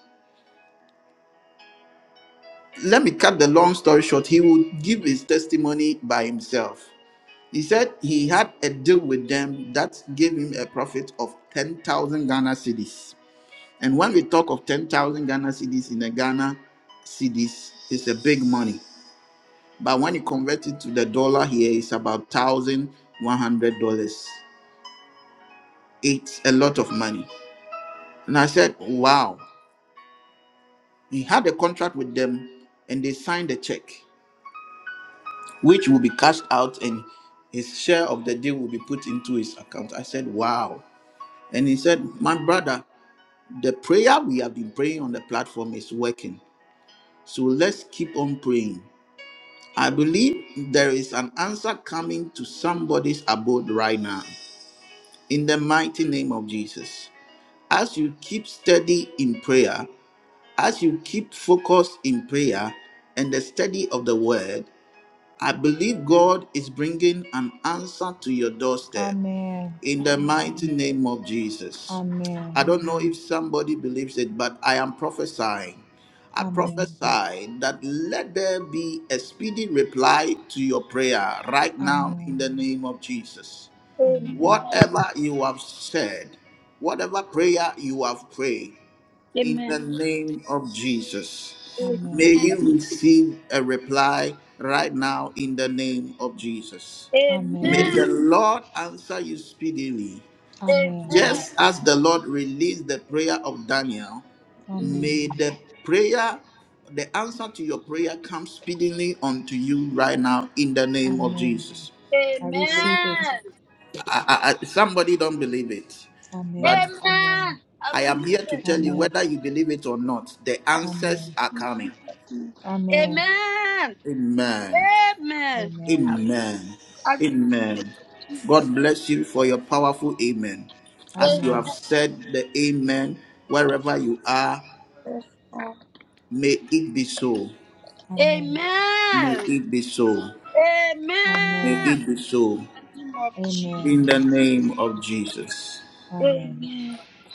S1: let me cut the long story short. He would give his testimony by himself. He said he had a deal with them that gave him a profit of 10,000 Ghana cedis. And when we talk of 10,000 Ghana cedis in the Ghana cedis, it's a big money. But when you convert it to the dollar here, it's about $1,100. It's a lot of money. And I said, wow. He had a contract with them and they signed a check. which will be cashed out and his share of the deal will be put into his account. I said, Wow. And he said, My brother, the prayer we have been praying on the platform is working. So let's keep on praying. I believe there is an answer coming to somebody's abode right now in the mighty name of Jesus. As you keep steady in prayer, as you keep focused in prayer and the study of the word, I believe God is bringing an answer to your doorstep in the mighty name of Jesus. I don't know if somebody believes it, but I am prophesying. I prophesy that let there be a speedy reply to your prayer right now in the name of Jesus. Whatever you have said, whatever prayer you have prayed, in the name of Jesus. May you receive a reply right now in the name of Jesus. May the Lord answer you speedily. Just as the Lord released the prayer of Daniel, may the prayer, the answer to your prayer come speedily unto you right now in the name of Jesus.
S5: Amen.
S1: I, I, I- somebody don't believe it, but
S5: Amen. I
S1: I am
S5: believe
S1: here to
S5: it.
S1: tell you whether you believe it or not, the answers are coming.
S5: Amen.
S1: Amen.
S5: Amen.
S1: Amen. Amen. God bless you for your powerful amen. As you have said the amen, wherever you are, may it be so. May
S5: Amen.
S1: it be so. May
S5: Amen.
S1: it be so.
S5: Name of
S1: In the name of Jesus.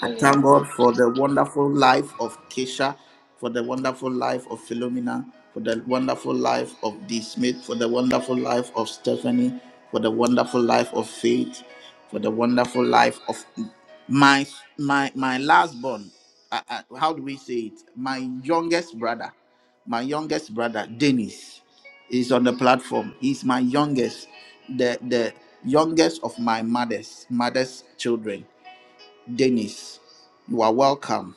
S1: I thank God for the wonderful life of Keisha, for the wonderful life of Philomena, for the wonderful life of D. Smith, for the wonderful life of Stephanie, for the wonderful life of Faith, for the wonderful life of my my my last born. Uh, uh, how do we say it? My youngest brother, my youngest brother, Dennis, is on the platform. He's my youngest, the the youngest of my mother's mother's children. Dennis, you are welcome.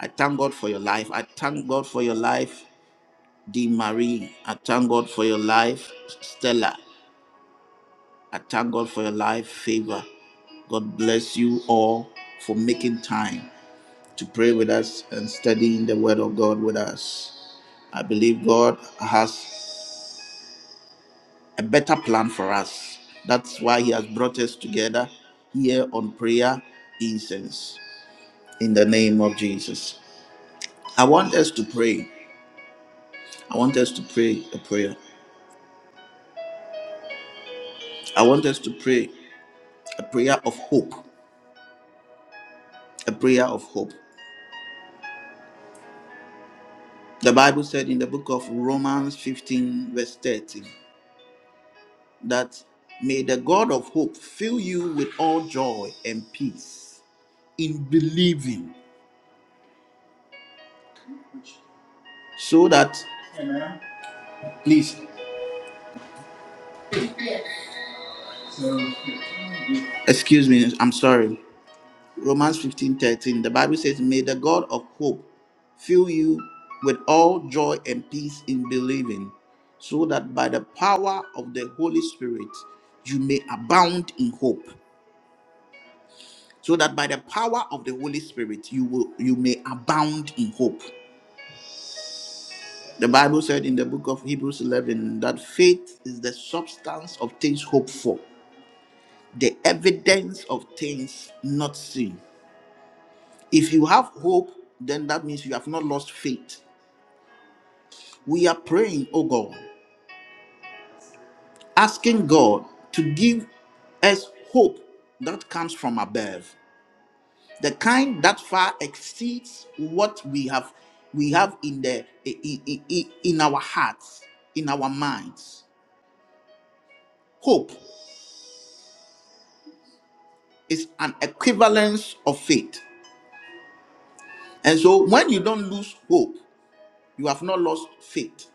S1: I thank God for your life. I thank God for your life, Dee Marie. I thank God for your life, Stella. I thank God for your life, Favor. God bless you all for making time to pray with us and studying the Word of God with us. I believe God has a better plan for us. That's why He has brought us together here on prayer incense in the name of Jesus. I want us to pray. I want us to pray a prayer. I want us to pray a prayer of hope. A prayer of hope. The Bible said in the book of Romans 15, verse 13, that may the God of hope fill you with all joy and peace in believing, so that, please, excuse me, I'm sorry. Romans 15 13. the Bible says, May the God of hope fill you with all joy and peace in believing, so that by the power of the Holy Spirit you may abound in hope. So that by the power of the Holy Spirit you will you may abound in hope. The Bible said in the book of Hebrews 11 that faith is the substance of things hoped for, the evidence of things not seen. If you have hope, then that means you have not lost faith. we are praying, oh God, asking God to give us hope that comes from above, the kind that far exceeds what we have we have in the in, in, in our hearts, in our minds. Hope is an equivalence of faith. And so when you don't lose hope, you have not lost faith.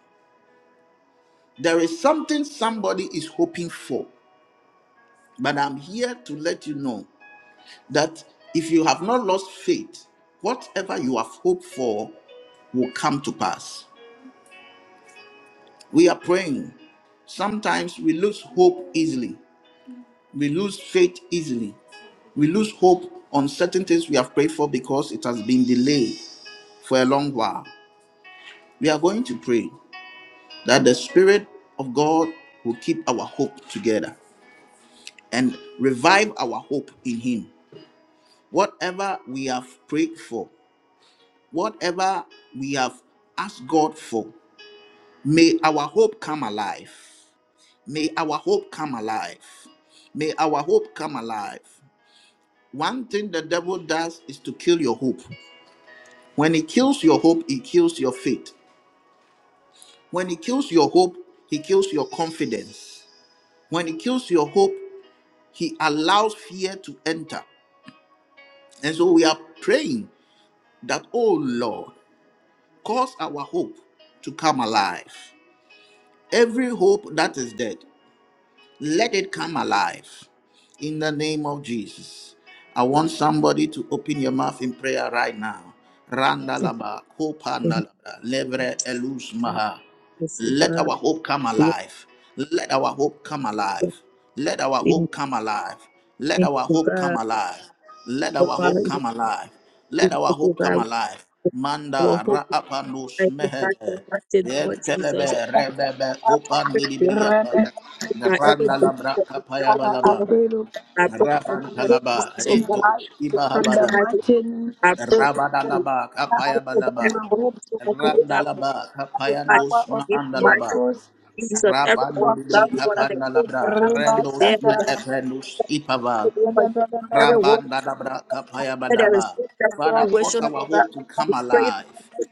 S1: There is something somebody is hoping for, but I'm here to let you know that if you have not lost faith, whatever you have hoped for will come to pass. We are praying. Sometimes we lose hope easily, we lose faith easily, we lose hope on certain things we have prayed for because it has been delayed for a long while. We are going to pray that the Spirit of God will keep our hope together and revive our hope in Him. Whatever we have prayed for, Whatever we have asked God for, may our hope come alive. May our hope come alive. May our hope come alive. One thing the devil does is to kill your hope. When he kills your hope, he kills your faith. When he kills your hope, he kills your confidence. When he kills your hope, he allows fear to enter. And so we are praying that, oh Lord, cause our hope to come alive. Every hope that is dead, Let it come alive in the name of Jesus. I want somebody to open your mouth in prayer right now. Randalaba,
S4: Thank you,
S1: Kopandalaba, Levre Elus
S4: God.
S1: Maha.
S4: Yes, you,
S1: Let
S4: God.
S1: our hope come
S4: Yes,
S1: alive. Let our hope come alive.
S4: yes,
S1: Let our
S4: yes.
S1: hope come alive. Let
S4: Thank
S1: our
S4: you,
S1: hope come
S4: God.
S1: alive. Let
S4: Oh,
S1: our
S4: Father,
S1: hope
S4: we
S1: come alive. Let
S4: thank
S1: our
S4: you,
S1: hope come
S4: God.
S1: alive. Manda
S4: Well, hope you
S1: Ra'apanus
S4: thank you, God, for
S1: Mehede.
S4: what Lord Jesus.
S1: Yentelebe Rebebe Kopan
S4: Oh, thank you, God, every
S1: Randa
S4: blessing
S1: labra
S4: that you
S1: kapaya balaba.
S4: I pray for the
S1: Rabanta
S4: Lord
S1: laba.
S4: Jesus, oh God,
S1: Eto
S4: for coming
S1: ibahabada.
S4: by I pray for the
S1: Rabada
S4: Lord,
S1: laba kapaya
S4: Jesus, for the kind
S1: balaba.
S4: of hope that you have, oh
S1: Randa
S4: God,
S1: laba
S4: for
S1: kapaya dosma anda
S4: us.
S1: laba.
S4: Jesus, every God,
S1: Rabandi libri
S4: we one of thank
S1: kapanda
S4: you,
S1: labra.
S4: God, every day,
S1: Rendos
S4: we
S1: me
S4: thank
S1: ependus
S4: you
S1: ipava.
S4: for that there is
S1: Rabandadabrakapayabadaba.
S4: good that
S1: Father, cause
S4: situation,
S1: our
S4: oh God.
S1: hope to
S4: We
S1: come
S4: pray
S1: alive.
S4: that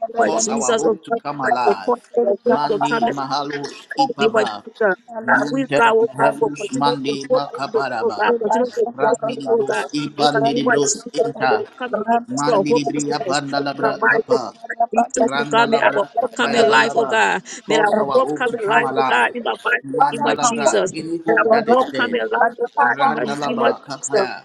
S4: you, by
S1: Cause our
S4: Jesus, oh
S1: hope to
S4: God,
S1: come
S4: that your
S1: alive.
S4: point, that your hope will
S1: Mandi
S4: come, that
S1: Mahalos
S4: in the name of
S1: Ipava.
S4: Jesus. That we, God,
S1: Mente
S4: oh God, will
S1: Mehelus
S4: continue to
S1: Mandi
S4: put us to oh God,
S1: Makabaraba.
S4: continue to trust in you, oh God.
S1: Randidibros
S4: In the name of
S1: Ipandidibros
S4: Jesus, we
S1: Inta.
S4: will come against your
S1: Mandidibria
S4: hopelessness. The
S1: Pandalabra
S4: mighty
S1: Kapa.
S4: name Jesus, oh God, may our
S1: Randalabra
S4: hope come alive, oh
S1: Apayabalaba.
S4: God. May our
S1: Cause our
S4: hope
S1: hope
S4: come
S1: to come
S4: alive, oh God,
S1: alive.
S4: in the mighty name of
S1: Mandalabra,
S4: Jesus.
S1: any
S4: May
S1: hope
S4: our
S1: that is
S4: hope come
S1: dead.
S4: alive, oh God, in the name of
S1: Randalaba
S4: Jesus.
S1: Kapaya.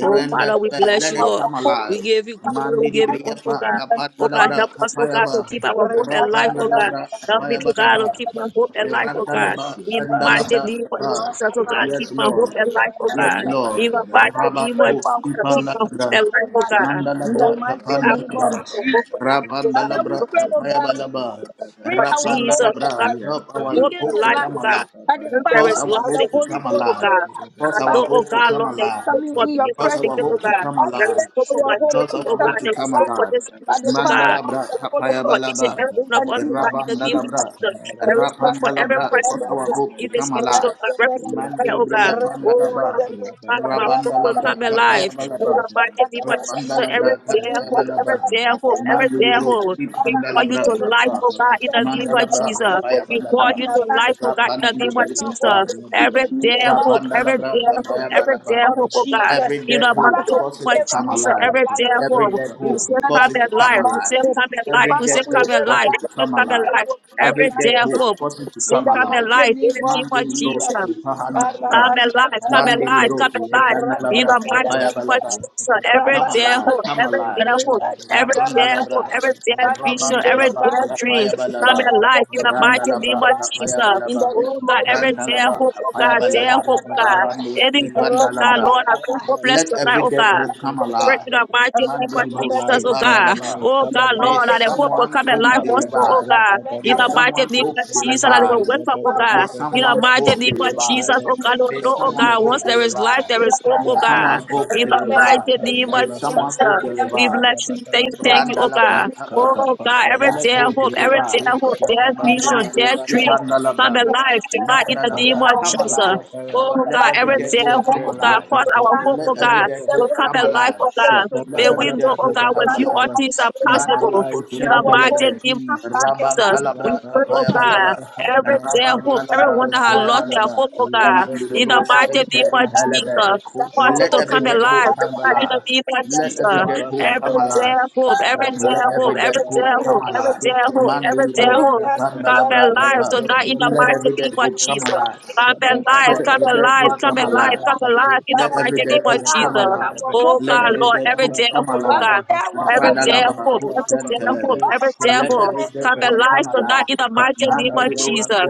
S4: Oh, Father, we bless
S1: let
S4: you,
S1: it
S4: Lord.
S1: come
S4: We
S1: alive.
S4: give you glory. We give you honor, oh
S1: Mandidibriyapa
S4: God. Oh, God,
S1: Kapandalabra
S4: help us, oh God, to
S1: Kapayaba.
S4: keep our hope and life, oh God.
S1: Rapandalabra
S4: Help me, oh God, to
S1: Kapayabalaba.
S4: keep my hope and life, oh God.
S1: Randalaba
S4: In the mighty
S1: Randalabra
S4: name of
S1: Kapaya.
S4: Jesus, oh God, keep
S1: Yes,
S4: my hope
S1: Lord.
S4: and life, oh
S1: Yes,
S4: God.
S1: Lord.
S4: In the mighty name of
S1: Rabanto
S4: Jesus, keep my hope
S1: Spipandalabra.
S4: and life, oh God. Oh,
S1: Mandalabra
S4: we are president
S1: Kapandalabra.
S4: for hope and life, oh God. We
S1: Rapandalabra
S4: look to you, oh
S1: Tapayabalaba.
S4: God. But Jesus, oh God,
S1: Rapandalabra.
S4: keep
S1: Help
S4: my
S1: our
S4: hope and
S1: hope to
S4: life,
S1: come
S4: oh God.
S1: alive.
S4: When there
S1: Cause
S4: is
S1: our
S4: love, there
S1: hope to
S4: is
S1: come
S4: hope, oh
S1: alive.
S4: God.
S1: Cause
S4: I
S1: our
S4: know, oh
S1: hope to
S4: God,
S1: come
S4: Lord,
S1: alive.
S4: look for me if i my
S1: Cause our
S4: station, oh
S1: hope to
S4: God.
S1: come
S4: There
S1: alive
S4: is hope for my
S1: cause
S4: children,
S1: our
S4: oh God.
S1: hope to
S4: There is
S1: come
S4: hope for
S1: alive.
S4: this ministry, oh God.
S1: Mandalabra,
S4: There is hope for each and
S1: Kapayabalaba,
S4: every one of us, oh God, in the name of
S1: Irabandalabra,
S4: Jesus. There is hope for every
S1: Rapandalabra,
S4: person
S1: cause
S4: that
S1: our
S4: is
S1: hope to
S4: in this
S1: come
S4: ritual
S1: alive.
S4: and represent prayer, oh God.
S1: Mandiribriya
S4: Oh,
S1: Pandalaba,
S4: now people of God, my hope will come
S1: Rabandalabra,
S4: alive. May
S1: Kapayabalaba,
S4: the mighty name of Jesus,
S1: Rapandalabra,
S4: every dare hope, every
S1: Kapayabalaba,
S4: dare hope, every dare
S1: Mandiribro,
S4: hope. We call you
S1: Ipandalabra,
S4: to life,
S1: Kapa,
S4: oh God, in the name of
S1: Mandalabra,
S4: Jesus. We call
S1: Kapayabalaba,
S4: you to life, oh God, in the name of
S1: Rapandilibri,
S4: Jesus.
S1: Kapa,
S4: Every day hope, every
S1: Rapandalabra,
S4: day hope, every day
S1: kapayabalaba.
S4: hope, oh God.
S1: Every
S4: In
S1: dead
S4: the
S1: hope,
S4: mighty
S1: cause
S4: name
S1: it
S4: of
S1: to come
S4: Jesus,
S1: alive.
S4: every day
S1: Every
S4: hope.
S1: dead
S4: We
S1: hope,
S4: say
S1: cause
S4: come
S1: it to
S4: in
S1: come
S4: life, we
S1: alive.
S4: say come in life,
S1: Every
S4: we say
S1: dead
S4: come
S1: hope,
S4: in
S1: cause
S4: life,
S1: it to
S4: we say
S1: come
S4: come in
S1: alive.
S4: life.
S1: Every
S4: Every
S1: dead
S4: day
S1: hope,
S4: hope,
S1: cause
S4: we
S1: it to
S4: say
S1: come
S4: come in
S1: alive.
S4: life in the name of
S1: Mandin bros,
S4: Jesus.
S1: kipahanabra.
S4: Come alive, come
S1: Mandin
S4: alive, come
S1: bros,
S4: alive. In the
S1: kipahanabra,
S4: mighty name of
S1: kapayabalaba.
S4: Jesus, every
S1: Come
S4: dead
S1: alive,
S4: hope,
S1: come
S4: every
S1: alive.
S4: dead hope, every dead hope,
S1: Rapandalabra,
S4: every dead vision, every
S1: Rabandalaba,
S4: dead dreams, come
S1: Rapayabalaba,
S4: alive in the mighty name
S1: Randalaba,
S4: of Jesus.
S1: Rapayabalaba,
S4: Oh God, every dead
S1: Randalaba,
S4: hope, oh God, dead
S1: Rapayabalaba,
S4: hope, oh God.
S1: Rabandus,
S4: Any hope, oh God,
S1: Ipandalabra.
S4: Lord, I pray hopeless
S1: Let
S4: tonight,
S1: every
S4: oh
S1: dead
S4: God.
S1: hope come
S4: Pray
S1: alive.
S4: to the mighty name of
S1: Mandiri Bruce,
S4: Jesus, oh God.
S1: Ipandalaba.
S4: Oh God,
S1: May
S4: Lord, that the hope will
S1: someone's
S4: come in
S1: hope
S4: life
S1: be
S4: once more, oh
S1: revived.
S4: God. In
S1: May
S4: the mighty
S1: someone's
S4: name
S1: hope
S4: of
S1: be
S4: Jesus, that it will
S1: revived.
S4: wake up, oh
S1: May
S4: God. In the
S1: someone's hope
S4: mighty
S1: be
S4: name of
S1: revived.
S4: Jesus, oh God, Lord,
S1: May
S4: no, oh
S1: someone's
S4: God. Once
S1: hope be
S4: there is life,
S1: revived.
S4: there is hope,
S1: May
S4: oh
S1: someone's
S4: God.
S1: hope
S4: In
S1: be
S4: the
S1: revived.
S4: mighty name of
S1: May someone's hope
S4: Jesus,
S1: be
S4: we
S1: revived.
S4: bless you. Thank, thank you, oh
S1: Randalabra
S4: God.
S1: Tapa.
S4: Oh God, every
S1: Let
S4: day I
S1: hope be
S4: hope, every day
S1: revived.
S4: I hope, dead vision, dead dreams, come
S1: Mandalabra.
S4: alive, to God, in the name
S1: Mandalabra.
S4: of
S1: Come
S4: Jesus.
S1: alive.
S4: Oh
S1: Let
S4: God,
S1: every
S4: every
S1: dead
S4: day I
S1: hope
S4: hope,
S1: come
S4: oh God,
S1: alive.
S4: cause our hope, oh
S1: Let
S4: God
S1: every dead hope
S4: will come
S1: come
S4: alive,
S1: alive.
S4: oh God.
S1: Let
S4: May we
S1: every dead
S4: know, oh
S1: hope
S4: God,
S1: come
S4: with you all
S1: alive.
S4: things are
S1: Mandi
S4: possible. In
S1: Koshen
S4: the mighty
S1: Telebre.
S4: name
S1: Rabban
S4: Jesus. We
S1: Talabra
S4: pray, oh
S1: Kapaya
S4: God,
S1: Balaba.
S4: every dead
S1: Rabban
S4: hope,
S1: Talabra
S4: everyone that has
S1: Kapaya
S4: lost their
S1: Balaba.
S4: hope, oh God,
S1: Mandi
S4: in the
S1: Bruce
S4: mighty
S1: Ente
S4: name of
S1: Mahalebe.
S4: Jesus. Cause it
S1: Let
S4: to
S1: every
S4: come
S1: dead hope
S4: alive oh
S1: come
S4: God, in the
S1: alive.
S4: name of
S1: Let
S4: Jesus.
S1: every dead hope come
S4: Every
S1: alive.
S4: dead hope, every dead
S1: Let
S4: hope,
S1: every dead
S4: every
S1: hope
S4: dead
S1: come
S4: hope, every
S1: alive.
S4: dead hope,
S1: Man,
S4: every dead
S1: little those
S4: hope. Come
S1: Pandalabra
S4: alive tonight in the
S1: Let
S4: mighty
S1: every dead
S4: name of
S1: hope come
S4: Jesus.
S1: alive.
S4: Come alive,
S1: Let
S4: come
S1: every dead
S4: alive,
S1: hope
S4: come
S1: come
S4: alive,
S1: alive.
S4: come alive in the
S1: Let every
S4: mighty
S1: dead
S4: name of
S1: hope come
S4: Jesus.
S1: alive.
S4: Oh
S1: Let
S4: God,
S1: every
S4: Lord,
S1: dead
S4: every
S1: hope
S4: dead
S1: come
S4: hope, oh
S1: alive.
S4: God, every dead
S1: Radalaba
S4: hope,
S1: hope
S4: every dead hope,
S1: shentelebe.
S4: every dead
S1: Let
S4: hope.
S1: every dead
S4: Come and
S1: hope
S4: lies
S1: come
S4: to that
S1: alive.
S4: in the mighty name of
S1: Mandiribo
S4: Jesus.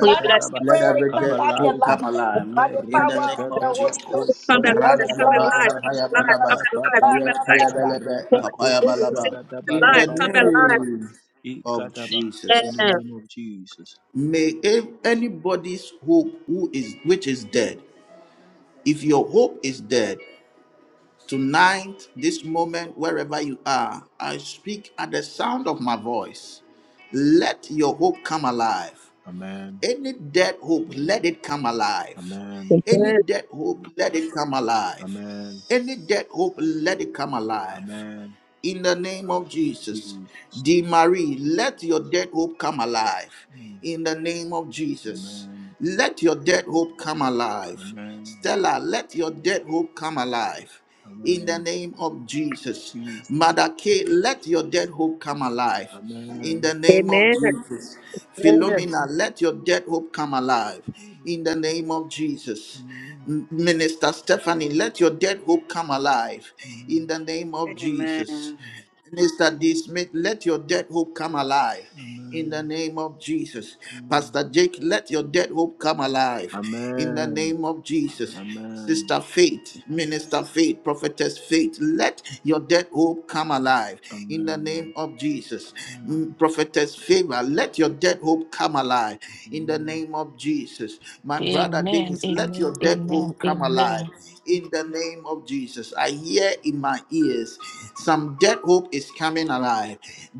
S4: We bless you,
S1: Let
S4: Lord.
S1: every dead hope come alive. In the name of Jesus.
S4: Come and lies, come and
S1: Radalaba
S4: lies, come
S1: kapaya
S4: and lies, come
S1: Randalaba
S4: and lies, come and lies.
S1: kapayabalaba.
S4: Come
S1: kapaya kapayabalaba.
S4: and
S1: In the
S4: lies, come and lies.
S1: name of Jesus.
S4: Amen.
S1: May if anybody's hope who is which is dead, if your hope is dead, Tonight, this moment, wherever you are, I speak at the sound of my voice. Let your hope come alive. Any dead hope, let it come alive. Any
S4: Amen.
S1: dead hope, let it come alive. Any dead hope, let it come alive. In the name of Jesus, De Marie, let your dead hope come alive. In the name of Jesus, let your dead hope come alive. Stella, let your dead hope come alive. In the name of Jesus, Mother Kay, let your dead hope come alive. In the name of
S4: Amen.
S1: Jesus.
S4: Amen.
S1: Philomena, let your dead hope come alive in the name of Jesus. M- Minister Stephanie, let your dead hope come alive in the name of Jesus.
S3: Amen.
S1: Mr. D. Smith, let your dead hope come alive. In the name of Jesus. Pastor Jake, let your dead hope come alive. In the name of Jesus. Sister Faith, Minister Faith, Prophetess Faith, let your dead hope come alive in the name of Jesus. Mm, Prophetess Favor, let your dead hope come alive in the name of Jesus. My brother
S6: Amen,
S1: Dennis, let
S6: amen,
S1: your dead
S6: amen,
S1: hope come
S6: amen,
S1: alive in the name name of Jesus. I hear in my ears some dead hope is coming alive.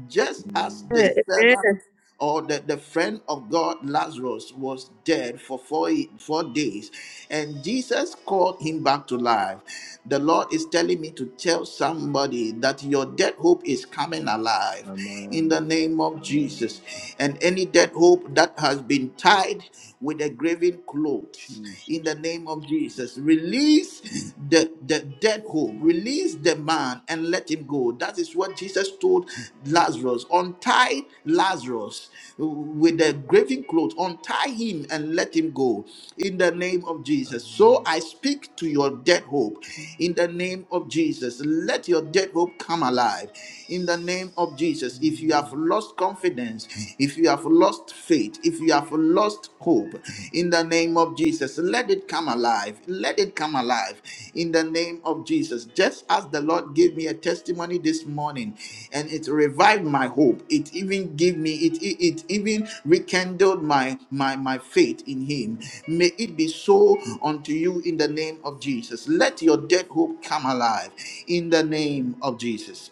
S1: Just as the
S4: Amen.
S1: servant or the, the friend of God Lazarus was dead for four, four days and Jesus called him back to life. The Lord is telling me to tell somebody that your dead hope is coming alive in the name of Jesus. And any dead hope that has been tied with a graven cloth in the name of Jesus. Release the, the dead hope, release the man and let him go. That is what Jesus told Lazarus. Untie Lazarus with the graving clothes, untie him and let him go in the name of Jesus. So I speak to your dead hope in the name of Jesus. Let your dead hope come alive in the name of Jesus. If you have lost confidence, if you have lost faith, if you have lost hope, in the name of Jesus, let it come alive. Let it come alive in the name of Jesus. Just as the Lord gave me a testimony this morning and it revived my hope, it even gave me, it, it, it even rekindled my, my, my faith in Him. May it be so unto you in the name of Jesus. Let your dead hope come alive in the name of Jesus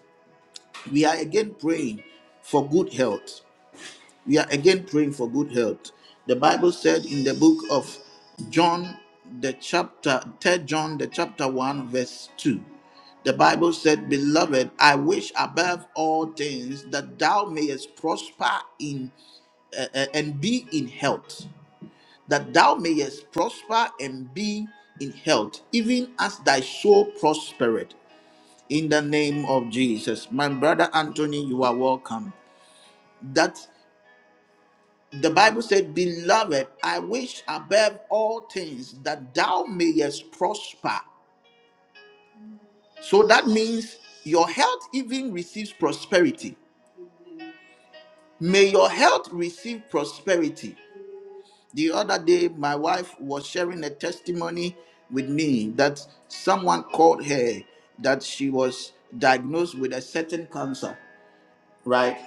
S1: we are again praying for good health. We are again praying for good health. The Bible said in the book of John, the chapter, third, John, the chapter 1, verse 2. The Bible said, Beloved, I wish above all things that thou mayest prosper in uh, uh, and be in health, that thou mayest prosper and be in health, even as thy soul prospereth. In the name of Jesus. My brother Anthony, you are welcome that the Bible said, Beloved, I wish above all things that thou mayest prosper. So that means your health even receives prosperity. May your health receive prosperity. The other day, my wife was sharing a testimony with me that someone called her that she was diagnosed with a certain cancer, right?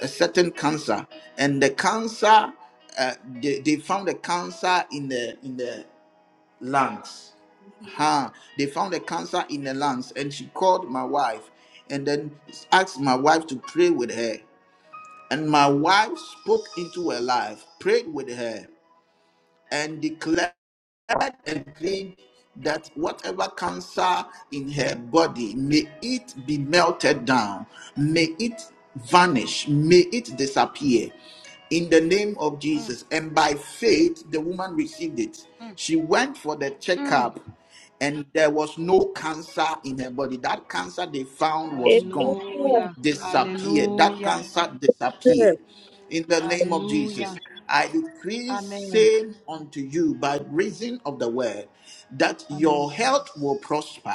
S1: a certain cancer, and the cancer uh, they, they found the cancer in the in the lungs. Huh. They found the cancer in the lungs, and she called my wife, and then asked my wife to pray with her. And my wife spoke into her life, prayed with her, and declared declared and claimed that whatever cancer in her body may it be melted down may it vanish may it disappear in the name of jesus and by faith the woman received it she went for the checkup and there was no cancer in her body that cancer they found was gone disappeared. That cancer disappeared. In the name of Jesus, I decree same unto you by reason of the word that your health will prosper.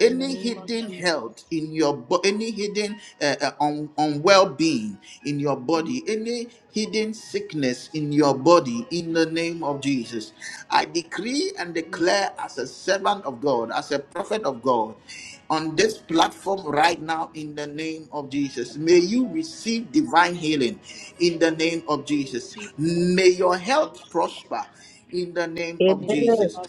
S1: Any hidden health in your bo- any hidden uh, uh, un- unwell being in your body, any hidden sickness in your body, in the name of Jesus, I decree and declare as a servant of God, as a prophet of God on this platform right now in the name of Jesus. May you receive divine healing in the name of Jesus. May your health prosper in the
S4: Amen.
S1: name of
S4: Amen.
S1: Jesus.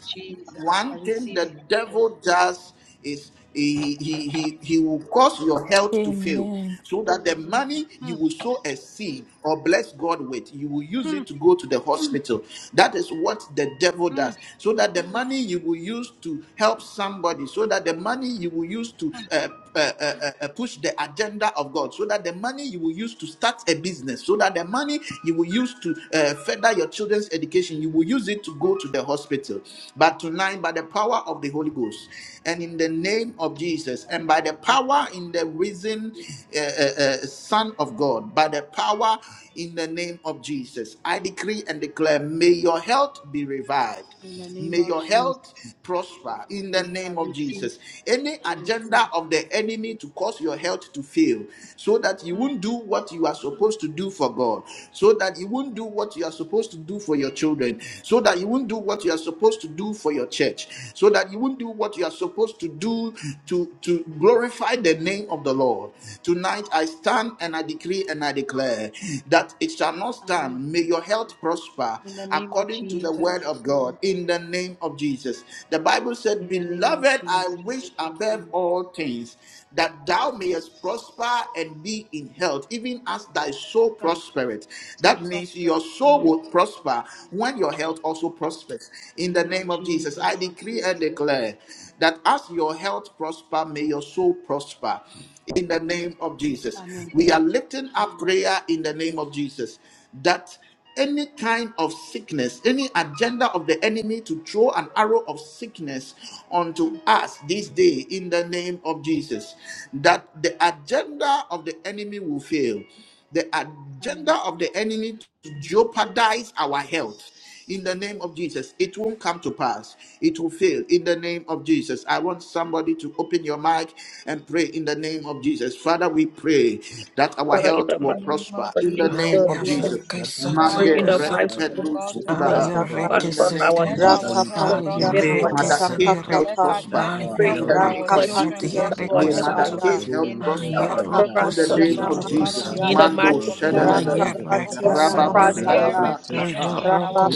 S1: One thing the devil does is he, he, he, he will cause your health to fail
S6: amen.
S1: so that the money you will sow a seed or bless God with, you will use it to go to the hospital. That is what the devil does. So that the money you will use to help somebody, so that the money you will use to uh, uh, uh, uh, uh, push the agenda of God, so that the money you will use to start a business, so that the money you will use to uh, further your children's education, you will use it to go to the hospital. But tonight, by the power of the Holy Ghost, and in the name of Jesus, and by the power in the risen uh, uh, uh, Son of God, by the power in the name of Jesus, I decree and declare, may your health be revived. May your health prosper in the name of Jesus. Any agenda of the enemy to cause your health to fail, so that you won't do what you are supposed to do for God, so that you won't do what you are supposed to do for your children, so that you won't do what you are supposed to do for your church, so that you won't do what you are supposed to do to, to glorify the name of the Lord. Tonight I stand and I decree and I declare that it shall not stand. May your health prosper according to the word of God in the name of Jesus. The Bible said, Beloved, I wish above all things that thou mayest prosper and be in health, even as thy soul prospereth. That means your soul will prosper when your health also prospers. In the name of Jesus, I decree and declare that as your health prosper, may your soul prosper in the name of Jesus. We are lifting up prayer in the name of Jesus that any kind of sickness, any agenda of the enemy to throw an arrow of sickness onto us this day in the name of Jesus, that the agenda of the enemy will fail. The agenda of the enemy to jeopardize our health in the name of Jesus, it won't come to pass. It will fail. In the name of Jesus, I want somebody to open your mic and pray in the name of Jesus. Father, we pray that our
S4: Father, in
S1: health
S4: the
S1: will prosper. In
S4: mighty name
S1: the name
S4: of
S1: of
S4: Jesus, we
S1: Jesus. Mande
S4: pray in the
S1: re-
S4: mighty
S6: Ayazakasatakusutu.
S1: epe-
S4: name of
S1: lu-
S4: Jesus.
S1: sibaha.
S7: Saka
S4: Father,
S1: In the
S4: for
S1: name
S6: Ayarekesete.
S4: our help,
S1: of
S8: Thank you.
S1: Jesus.
S4: we
S7: Rakapatiana
S1: May Mother Kay's
S6: Ayarekesadiere.
S1: health
S7: Masakapapa
S1: prosper
S4: pray in
S1: in
S4: the
S1: the
S4: name
S1: name
S4: of
S1: of Jesus.
S4: Jesus,
S7: Rakapatiana
S4: our
S1: May
S4: help,
S1: Mother
S6: Ayarakasadiarekusutu.
S7: Masaya
S1: Kay's health
S4: our
S1: prosper
S4: help,
S1: in the
S4: prosper.
S1: name
S7: Rakapatiana
S1: of Jesus.
S7: Masaya
S4: in the
S6: Ayarokusodiorokosandere.
S1: Mando
S4: mighty name of
S1: Shadalada
S4: Jesus,
S7: Rakapatiana
S1: Rababan
S6: Ayarakasadiere.
S4: prosper
S7: Masaya
S1: Talabra Kappa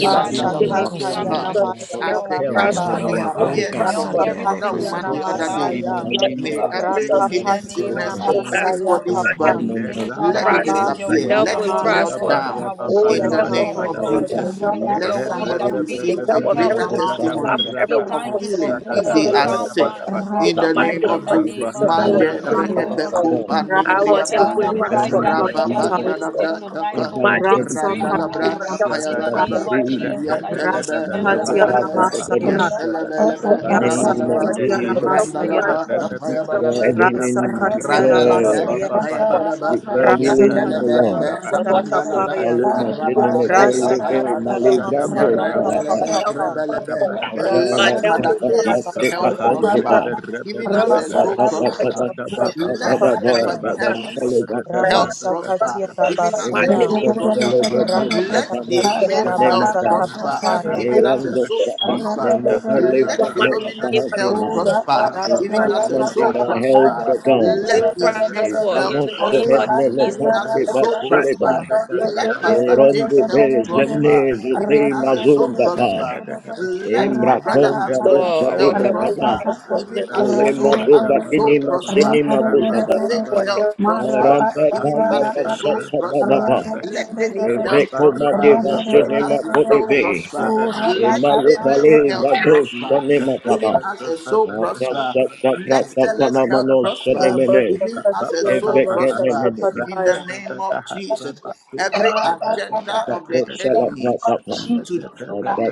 S4: in the mighty name
S1: Randalabra
S4: of Jesus,
S7: Sakatayana
S1: Kappa.
S4: will
S7: Masya
S1: As
S4: help us
S1: the
S4: prosper,
S7: Baba
S1: cancer
S4: will help us
S1: disappeared from
S4: prosper
S1: the other woman
S6: Ayarakasadiarekusa-
S7: Rakapatiana
S1: the other day,
S7: Masaya
S4: in the name
S1: may
S4: of Jesus,
S1: every
S4: oh
S1: hidden
S7: Rakapatiana
S1: sickness
S4: God,
S1: in
S4: will help
S7: Masaya
S1: anybody's
S4: us
S7: Kapa
S1: body let it
S4: prosper, will
S1: disappear,
S4: help
S7: Rabasiana
S1: let
S4: will
S1: it
S7: Maya
S1: melt
S4: prosper,
S1: down
S4: oh the
S1: in the
S4: help of
S1: name
S4: my
S1: of
S4: children,
S7: Sakapataya
S4: the
S1: Jesus.
S4: help of my
S1: Let
S4: husband,
S1: somebody
S4: the
S1: receive a
S4: help of
S1: greater
S4: everyone in this
S7: Rabamaya
S4: life,
S1: testimony
S4: everyone
S1: of
S4: who
S1: healing if
S4: is on
S1: they
S4: the
S1: are sick.
S4: earth, in
S1: In
S4: the
S1: the
S4: mighty
S1: name
S4: name
S1: of
S4: of
S1: Jesus.
S4: Jesus, I will
S1: Mande
S7: Rakapatiana
S4: help
S1: re
S7: Maya
S1: epe
S4: prosper.
S1: kupa
S4: I will help
S7: Rakatia
S1: nilibriapa.
S8: In
S4: with
S8: the
S4: prosper.
S8: name
S4: I
S8: of
S1: Rapa
S4: will help with
S8: Jesus,
S1: banda la
S7: Ramasakapataya,
S4: prosper.
S1: brata
S4: You
S1: pa.
S4: know, my
S8: every
S5: Jesus.
S4: destiny
S1: Randa la
S8: infirmity,
S4: is
S7: Rasakatia
S4: my
S1: brata
S4: help with
S8: every
S5: In
S1: payabadaba.
S5: the
S7: Ramasakaya,
S4: prosper.
S8: disease,
S4: I
S1: Yentelebe
S8: in every
S7: Rasakatia
S4: will
S8: part
S1: rebelebe.
S4: help
S8: of
S4: with
S8: the
S4: prosper.
S8: body,
S7: Ramasaya,
S4: So,
S1: Yentelebelebe
S8: in the
S4: yeah, I come to
S8: name of
S4: you, I
S1: rabalaba.
S4: need
S7: Yasakatia
S4: your
S8: Jesus,
S5: name
S4: help
S1: Randa
S4: with
S1: la
S7: Ramasaya,
S4: prosper.
S8: we
S4: So, I
S8: declare
S1: brata
S4: say, you know, like,
S8: healing, we
S7: Rasakatia
S4: so,
S8: declare,
S1: Randalabra,
S4: but, but,
S7: Rabasaya,
S4: but,
S1: Kapayabalaba,
S8: we declare healing, the
S7: Rasakatia
S5: of
S8: Lord.
S1: Yanteleberebe,
S4: so, I will help
S5: Jesus,
S4: with
S8: We
S1: Kapandalaba,
S7: Ramasakapaya,
S8: follow my sin
S4: with
S8: in
S4: the
S8: the
S1: Rabalaba,
S4: rest
S8: holy way, my
S7: Rasakatia
S1: Kapayabalaba,
S4: of the
S8: librando
S7: Ramasaya
S4: process.
S8: sapa,
S4: I
S1: Randalebe,
S4: help with
S7: Kapapapa,
S1: Rebelebe.
S4: prosper. I
S8: adala
S1: Let
S4: help
S1: Mother
S4: with
S8: sapa,
S7: Rasakatia
S1: Kay's
S4: prosper.
S8: sate
S1: health
S7: Rabasaya,
S8: pakos
S4: With
S8: pepa,
S4: prosper.
S1: prosper, even as
S4: With prosper. With
S1: her soul
S8: grata
S7: Rasakatia
S8: tata
S1: prosper.
S4: prosper.
S7: Rabasaya
S8: sapa,
S7: Papa,
S4: With
S1: Let
S8: tata
S4: prosper.
S8: ba,
S4: With prosper. With
S1: Stephanie
S8: tata
S4: prosper.
S1: Henry's
S8: shale
S4: I have
S8: bakapa,
S1: health
S4: a problem,
S1: prosper,
S7: Rabasakatia
S4: so it's
S1: even
S4: not
S1: as
S4: my
S1: her
S5: Rapper,
S8: every
S7: Rabasaya.
S4: thing,
S1: soul
S8: kos
S4: but
S8: shale
S1: prospers.
S8: bakos pepa,
S1: Let the
S8: no
S4: the
S7: Rabasakatia
S1: Smith's
S8: shale
S1: health
S8: maka,
S7: Rabasaka
S1: prosper,
S7: Papaya
S1: even
S4: group
S1: as her
S8: Erando
S4: master,
S1: souls
S8: Sahab
S1: prosper.
S4: so
S1: Let
S4: not my
S8: Nemokalivano
S4: name,
S1: Philomena's
S4: but
S1: health
S8: Sahadima.
S4: the my
S1: prosper,
S4: of my
S1: even as
S7: Rabasaka
S1: her
S8: Improvement in
S1: soul
S8: the health
S1: prosper.
S7: Pataya
S8: of God.
S4: will
S1: Let the Smith's
S4: Prosper in
S1: health
S8: Ivano
S4: the name of
S1: prosper,
S4: Jesus.
S1: even as
S8: Sahenelekonti
S1: her
S4: Let us
S1: soul
S4: prosper.
S1: prosper.
S8: Basilibai.
S1: Let Pastor
S8: Erondi
S1: Jake's health prosper,
S8: Bezene Zuti
S1: even as her soul
S8: Mazundabai.
S1: prosper. Let my brother
S8: Imrakonda
S4: So
S1: Anthony's
S8: Losa
S4: our
S1: health
S4: help is
S8: Ibakaba.
S1: prosper,
S4: prosper the
S1: even
S4: name
S1: as a soul as
S8: Alimatu
S1: his soul
S8: Vakinima
S1: prosper.
S8: Sinima
S1: Let
S4: of
S8: Dusadaba.
S1: faith's
S4: our help
S1: health
S4: is for
S1: prosper,
S8: Arampa
S1: even
S8: Kata
S1: as her souls prosper.
S5: Rabba
S8: Kasatadaba.
S4: the
S1: Let
S4: name
S1: Dennis'
S4: of
S1: health
S8: Ivekomati
S1: prosper,
S4: Jesus.
S1: even
S4: And
S8: Vasinima
S1: as his soul
S8: Kodivi.
S1: prosper. Let
S8: Imalu
S1: Favor's
S8: Bali
S1: health prosper,
S8: Vadosanima
S1: even as her soul
S8: In
S1: prosper.
S8: the
S1: Let Stella's health prosper, even as her
S7: Rabasakatia
S1: soul
S7: Rabasaka
S1: prosper. In the
S7: Pataya
S1: name of Jesus, every agenda of the enemy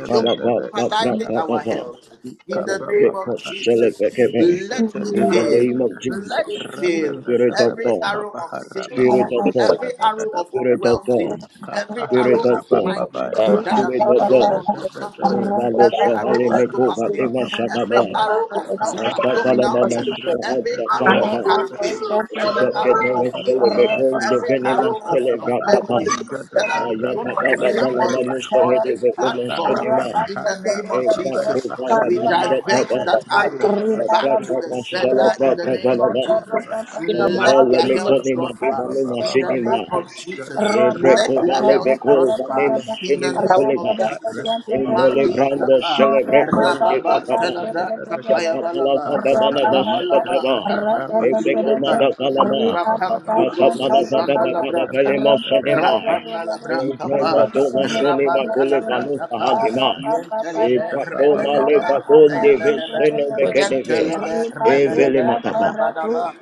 S1: jeopardize our health. In the name of Jesus, let it fail.
S8: name of Jesus,
S1: Let it fail.
S8: Spirit of
S1: Every
S8: God,
S1: arrow of sickness,
S8: Spirit of
S4: we
S8: God,
S4: put
S1: every arrow of
S8: Spirit of
S1: unwell
S8: God,
S1: feeling, every
S8: Spirit
S1: arrow
S8: of
S1: of
S4: the
S8: God,
S4: name of
S1: migraine
S4: every
S1: that have
S8: Spirit
S4: help
S1: been
S8: of
S4: of
S1: thrown
S4: God,
S8: God.
S1: onto somebody,
S4: oh
S8: Invalo
S4: God,
S1: every arrow
S8: sahale
S1: of
S4: God,
S8: meko
S4: this
S1: stomach pain,
S8: vatema
S1: every
S4: come
S8: shakaba.
S4: in the
S1: arrow of,
S4: name of
S1: of
S4: Jesus.
S8: Anta fala
S1: abdominal
S8: mama
S4: Us to
S1: pain,
S4: get
S1: every
S8: shahata
S1: arrow
S4: back
S8: fala
S4: in
S1: of
S8: fa.
S1: heart
S4: the name
S1: pain, every
S8: Cinema,
S1: arrow of knee pain, every arrow of, of leg
S4: the money to
S1: pain
S4: put
S1: that have been thrown onto
S4: with
S5: Rabba
S4: the
S1: somebody on this platform, in the name of Jesus, we divert
S4: the
S1: that
S4: life is
S1: arrow
S4: what
S1: back
S4: you
S1: to the sender in the name of
S4: support.
S1: Jesus.
S4: You know, my
S1: Let their
S4: thing was
S1: health prosper in the name of Jesus. Let their health prosper in the name
S4: how
S1: of Jesus. Mandi kapa rababa talabra kapaya balaba rabalaba
S5: Rapa
S1: kapa milibriyata rapa milibros ipanda labra
S8: Katapalapatapatapalemosenemai.
S1: rapa nalabra kapa raban talabra kapa
S8: Evremodomasonemakolivanusahandimai.
S1: yentelebe rebelebe kapaya belebe
S4: but
S8: Itakomalevakondivisinomekedivi.
S4: Jesus
S1: yentelebe rebelebe
S8: Etapa.
S1: rabadaba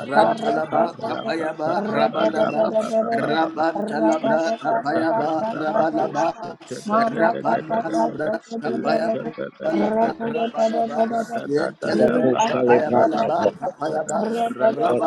S1: Rantalaba, Tapayaba, Rabalaba, Rabantalabra, Tapayaba, Rabalaba, Rabanalabra, Tapayaba. Balaba, Rabalaba,
S5: Rapa
S1: Yentelebe,
S8: Itakosalebrantapa.
S1: Tapayabalaba, Tapayaba,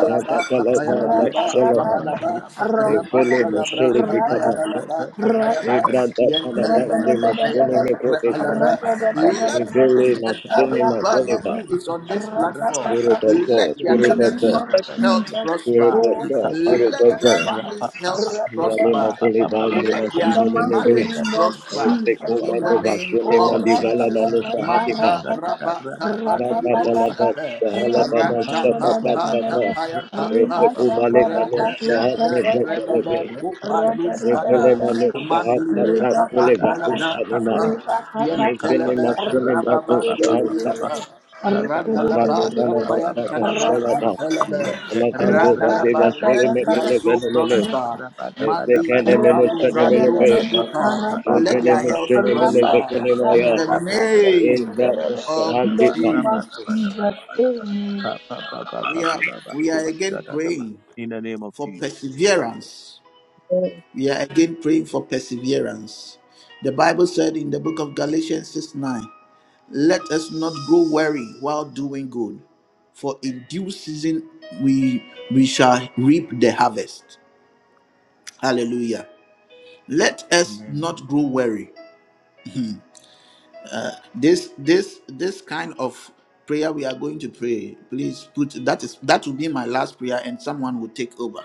S4: Christ,
S1: Tapayabalaba, Rabalaba, Rabandalabra,
S8: Evelemoselevitapa.
S1: Tapayabalaba, Tapayaba, Yentelebe, Tapayaba,
S8: Evrantapalavademasonemakodeva.
S1: Rabalaba. Let each and everybody
S8: Evelemasonemakodeva.
S1: who is on this platform,
S8: Spirit of God,
S1: let their
S5: in the
S8: Spirit of
S1: children
S5: name
S8: God,
S5: of
S4: but
S1: health
S5: Jesus.
S8: Spirit
S1: prosper.
S8: of
S5: Oh,
S8: God,
S5: in
S8: Spirit
S1: Let
S8: of
S1: their
S8: God.
S1: families' health
S8: Jale
S1: prosper.
S8: mokole van
S4: Jesus
S8: me
S1: Let their
S5: the
S8: mashine me
S5: mighty
S8: neve.
S1: marriage
S5: name of
S1: prosper.
S8: Eve
S5: Jesus,
S8: kola
S5: oh
S1: In
S8: me
S1: the
S5: God.
S1: name
S8: vashone
S1: of
S5: Oh,
S8: mandivala
S1: Jesus.
S8: nano sahatika.
S1: Manta raba kapa
S8: Rata
S1: nilibrus
S8: pala vas
S1: epe.
S8: sahala kana
S1: Ranta
S8: shaka
S1: pa pa
S8: kata ka.
S1: kapaya pa pa.
S8: Eve kumale kano
S1: Rende
S8: sahat
S1: mende
S8: me veke
S1: rebebe
S8: neve.
S1: kupa luz
S8: Eve
S1: bada.
S8: le mano sahat
S1: Mandilibre
S8: kata
S1: kapa
S8: kule
S1: nalabra
S8: vakusa ne
S1: kapa.
S8: mai. Eve le
S1: Yentelebe
S5: Rabba
S8: mashone mrato
S1: rababa
S5: Jesus,
S8: sahat
S1: nilibriya
S8: kata.
S1: pa. Randalaba,
S8: Atrapa pala vata
S1: Kapayantalaba,
S8: kashala ka.
S5: amen.
S1: Nefelebe,
S8: Alakando vadeva
S1: Randalaba,
S8: sule
S1: let their
S8: mekele
S1: soul
S8: venomene.
S1: prosper.
S8: Eve
S1: Mandi
S8: kene mene
S1: Kopalu
S8: sene melepe.
S1: Randus Ipa, let their health prosper.
S8: Ebenemesenemenemenemaya.
S1: In the name of
S8: Ebrakosahantika.
S1: Jesus. We are we are again praying for perseverance.
S4: Christ.
S1: We are again praying for perseverance. The Bible said in the book of Galatians six nine. Let us not grow weary while doing good, for in due season we we shall reap the harvest. Hallelujah. Let us not grow weary. This this this kind of prayer we are going to pray. Please put that is that will be my last prayer and someone will take over.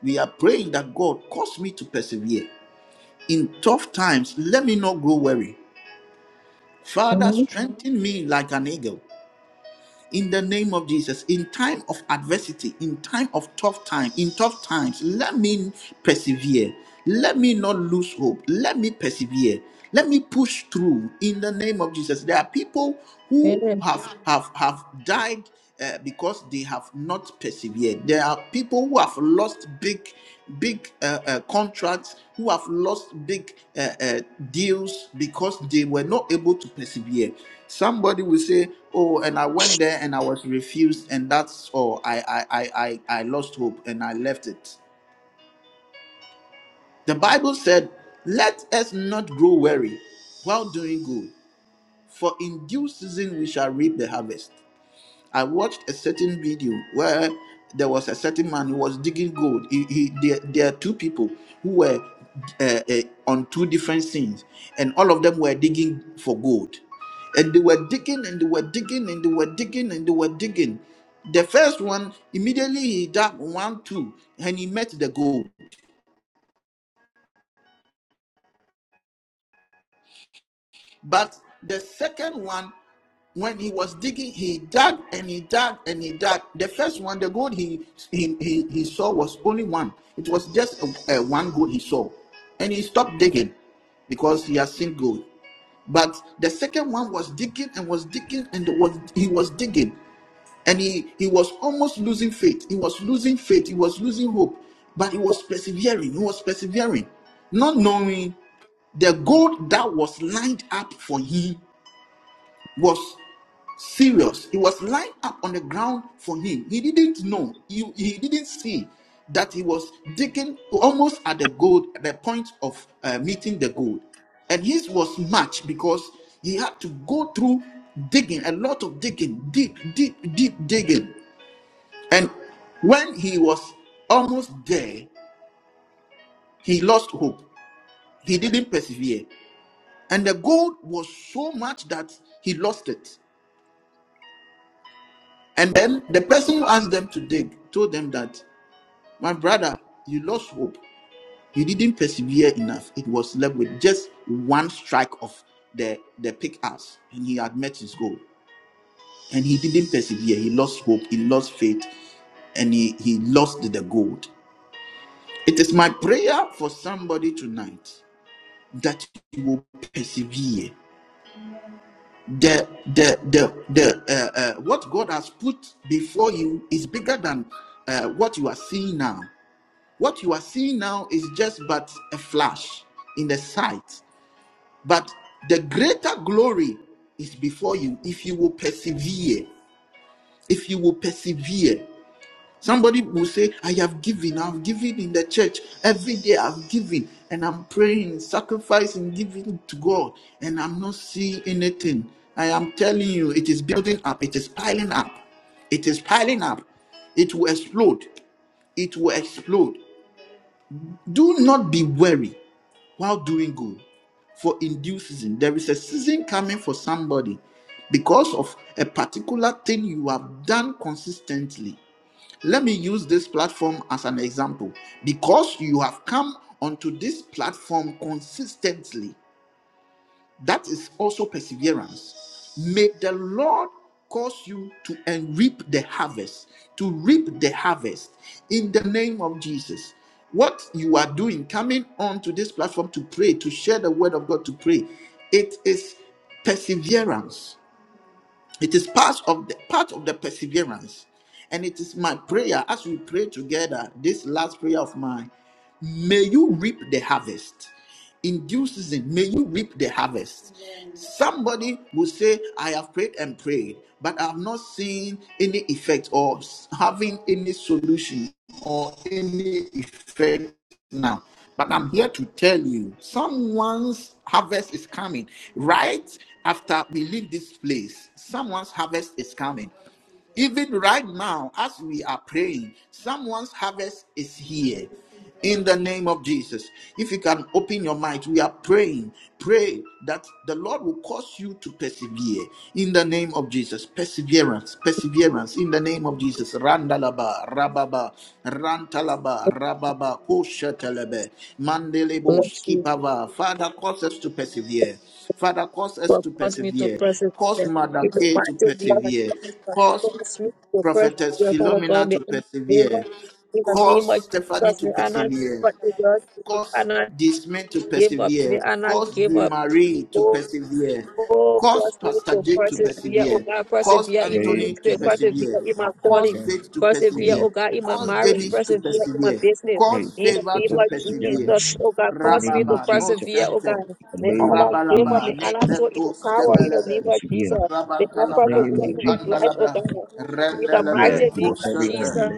S1: We are praying that God cause me to persevere. In tough times, let me not grow weary. Father,
S4: Amen.
S1: strengthen me like an eagle. in the name of Jesus. In time of adversity, in time of tough time, in tough times, let me persevere. Let me not lose hope. Let me persevere. Let me push through in the name of Jesus. There are people who
S4: Amen.
S1: have have have died uh, because they have not persevered. There are people who have lost big big uh, uh, contracts, who have lost big uh, uh, deals because they were not able to persevere. Somebody will say, "Oh, and I went there and I was refused, and that's all. I I I I, I lost hope and I left it." The Bible said, "Let us not grow weary while doing good, for in due season we shall reap the harvest." I watched a certain video where there was a certain man who was digging gold. He, he, there, there are two people who were uh, uh, on two different scenes, and all of them were digging for gold. And they were digging and they were digging and they were digging and they were digging. The first one, immediately he dug one, two, and he met the gold. But the second one, when he was digging, he dug and he dug and he dug. The first one, the gold he he he, he saw was only one. It was just a, a one gold he saw, and he stopped digging because he has seen gold. But the second one was digging and was digging and was he was digging, and he he was almost losing faith. He was losing faith. He was losing hope, but he was persevering. He was persevering, not knowing the gold that was lined up for him was serious. He was lying up on the ground for him. He didn't know. He, he didn't see that he was digging almost at the gold, at the point of uh, meeting the gold. And his was much because he had to go through digging, a lot of digging, deep, deep, deep digging. And when he was almost there, he lost hope. He didn't persevere. And the gold was so much that he lost it. And then the person who asked them to dig told them that, my brother, you lost hope. You didn't persevere enough. It was left with just one strike of the, the pickaxe, and he had met his goal. And he didn't persevere. He lost hope. He lost faith. And he, he lost the gold. It is my prayer for somebody tonight that you will persevere. The the the the uh, uh, what God has put before you is bigger than uh, what you are seeing now. What you are seeing now is just but a flash in the sight, but the greater glory is before you if you will persevere. If you will persevere, somebody will say, I have given, I've given in the church every day, I've given, and I'm praying, sacrificing, giving to God, and I'm not seeing anything. I am telling you, it is building up, it is piling up, it is piling up, it will explode, it will explode. Do not be weary. while doing good. For in due season, there is a season coming for somebody because of a particular thing you have done consistently. Let me use this platform as an example. Because you have come onto this platform consistently, that is also perseverance. May the Lord cause you to and reap the harvest, to reap the harvest in the name of Jesus. What you are doing, coming on to this platform to pray, to share the word of God to pray, it is perseverance. It is part of the part of the perseverance. And it is my prayer as we pray together, this last prayer of mine. May you reap the harvest. In due season, may you reap the harvest. Somebody will say, I have prayed and prayed, but I have not seen any effect or s- having any solution or any effect now. But I'm here to tell you, someone's harvest is coming. Right after we leave this place, someone's harvest is coming. Even right now, as we are praying, someone's harvest is here. In the name of Jesus. If you can open your mind, we are praying. Pray that the Lord will cause you to persevere. In the name of Jesus. Perseverance, perseverance. In the name of Jesus. Randalaba, Rababa, Rantalaba, Rababa, Koshatalebe, Mandelebo,
S4: Bless you.
S1: Skipava. Father, cause us to persevere. Father, cause us
S4: Lord,
S1: to
S4: cause me to
S1: persevere.
S4: press it.
S1: Cause Mother
S4: You know,
S1: Kay
S4: my
S1: to
S4: to the other
S1: persevere.
S4: things, but
S1: Cause
S4: cause me to press
S1: Prophetess
S4: your Father
S1: Philomena
S4: God, the
S1: to
S4: unbeliever.
S1: persevere.
S4: In the name of
S1: Cause Stephanie
S4: Jesus,
S1: to
S4: may I not give
S1: persevere.
S4: up, may I
S1: Cause
S4: not
S1: Dismay to
S4: give up,
S1: persevere.
S4: may I not
S1: Cause
S4: give
S1: Dee Marie to
S4: up.
S1: persevere.
S4: Oh,
S1: Cause
S4: cause me
S1: Pastor
S4: to
S1: Jake to
S4: persevere, oh
S1: persevere.
S4: God,
S1: Cause
S4: persevere in
S8: Pray
S1: Anthony to
S8: for
S4: ministry,
S8: the spirit of
S4: persevere
S1: persevere.
S4: in my
S1: Cause
S4: calling,
S8: perseverance.
S1: Faith to
S4: persevere,
S8: Pray,
S4: oh
S1: persevere.
S4: God, in my
S1: Cause
S4: marriage,
S1: Dennis to
S8: Jesus.
S4: persevere in my
S1: persevere.
S4: business.
S8: Pray
S1: Cause
S8: for
S4: In
S8: the
S4: the
S1: Favor
S8: spirit
S4: name
S1: to
S8: of
S4: of
S1: persevere.
S4: Jesus,
S8: perseverance.
S4: oh God,
S8: In the
S4: cause me
S8: name
S4: to
S1: Rababa,
S8: of
S1: no
S4: persevere,
S8: Jesus.
S4: oh
S1: center.
S4: God.
S8: In the
S4: May
S8: name
S4: Allah
S8: of
S4: give,
S1: Rabalaba,
S4: may
S8: Jesus.
S4: Allah show in
S1: netento,
S4: the power, in
S8: Spirit
S4: the
S8: to
S1: stebelebe.
S4: name of
S8: persevere.
S4: Jesus.
S8: In
S4: May I
S8: the
S1: Rabantalabra,
S8: name
S4: persevere
S8: of
S4: in this
S8: Jesus.
S4: life, oh
S1: ipanalabra.
S4: God. In the
S1: Rendelebe,
S8: Persevere
S4: mighty
S8: to
S4: name
S8: the
S1: full
S4: of
S8: very
S1: center.
S4: Jesus.
S8: end.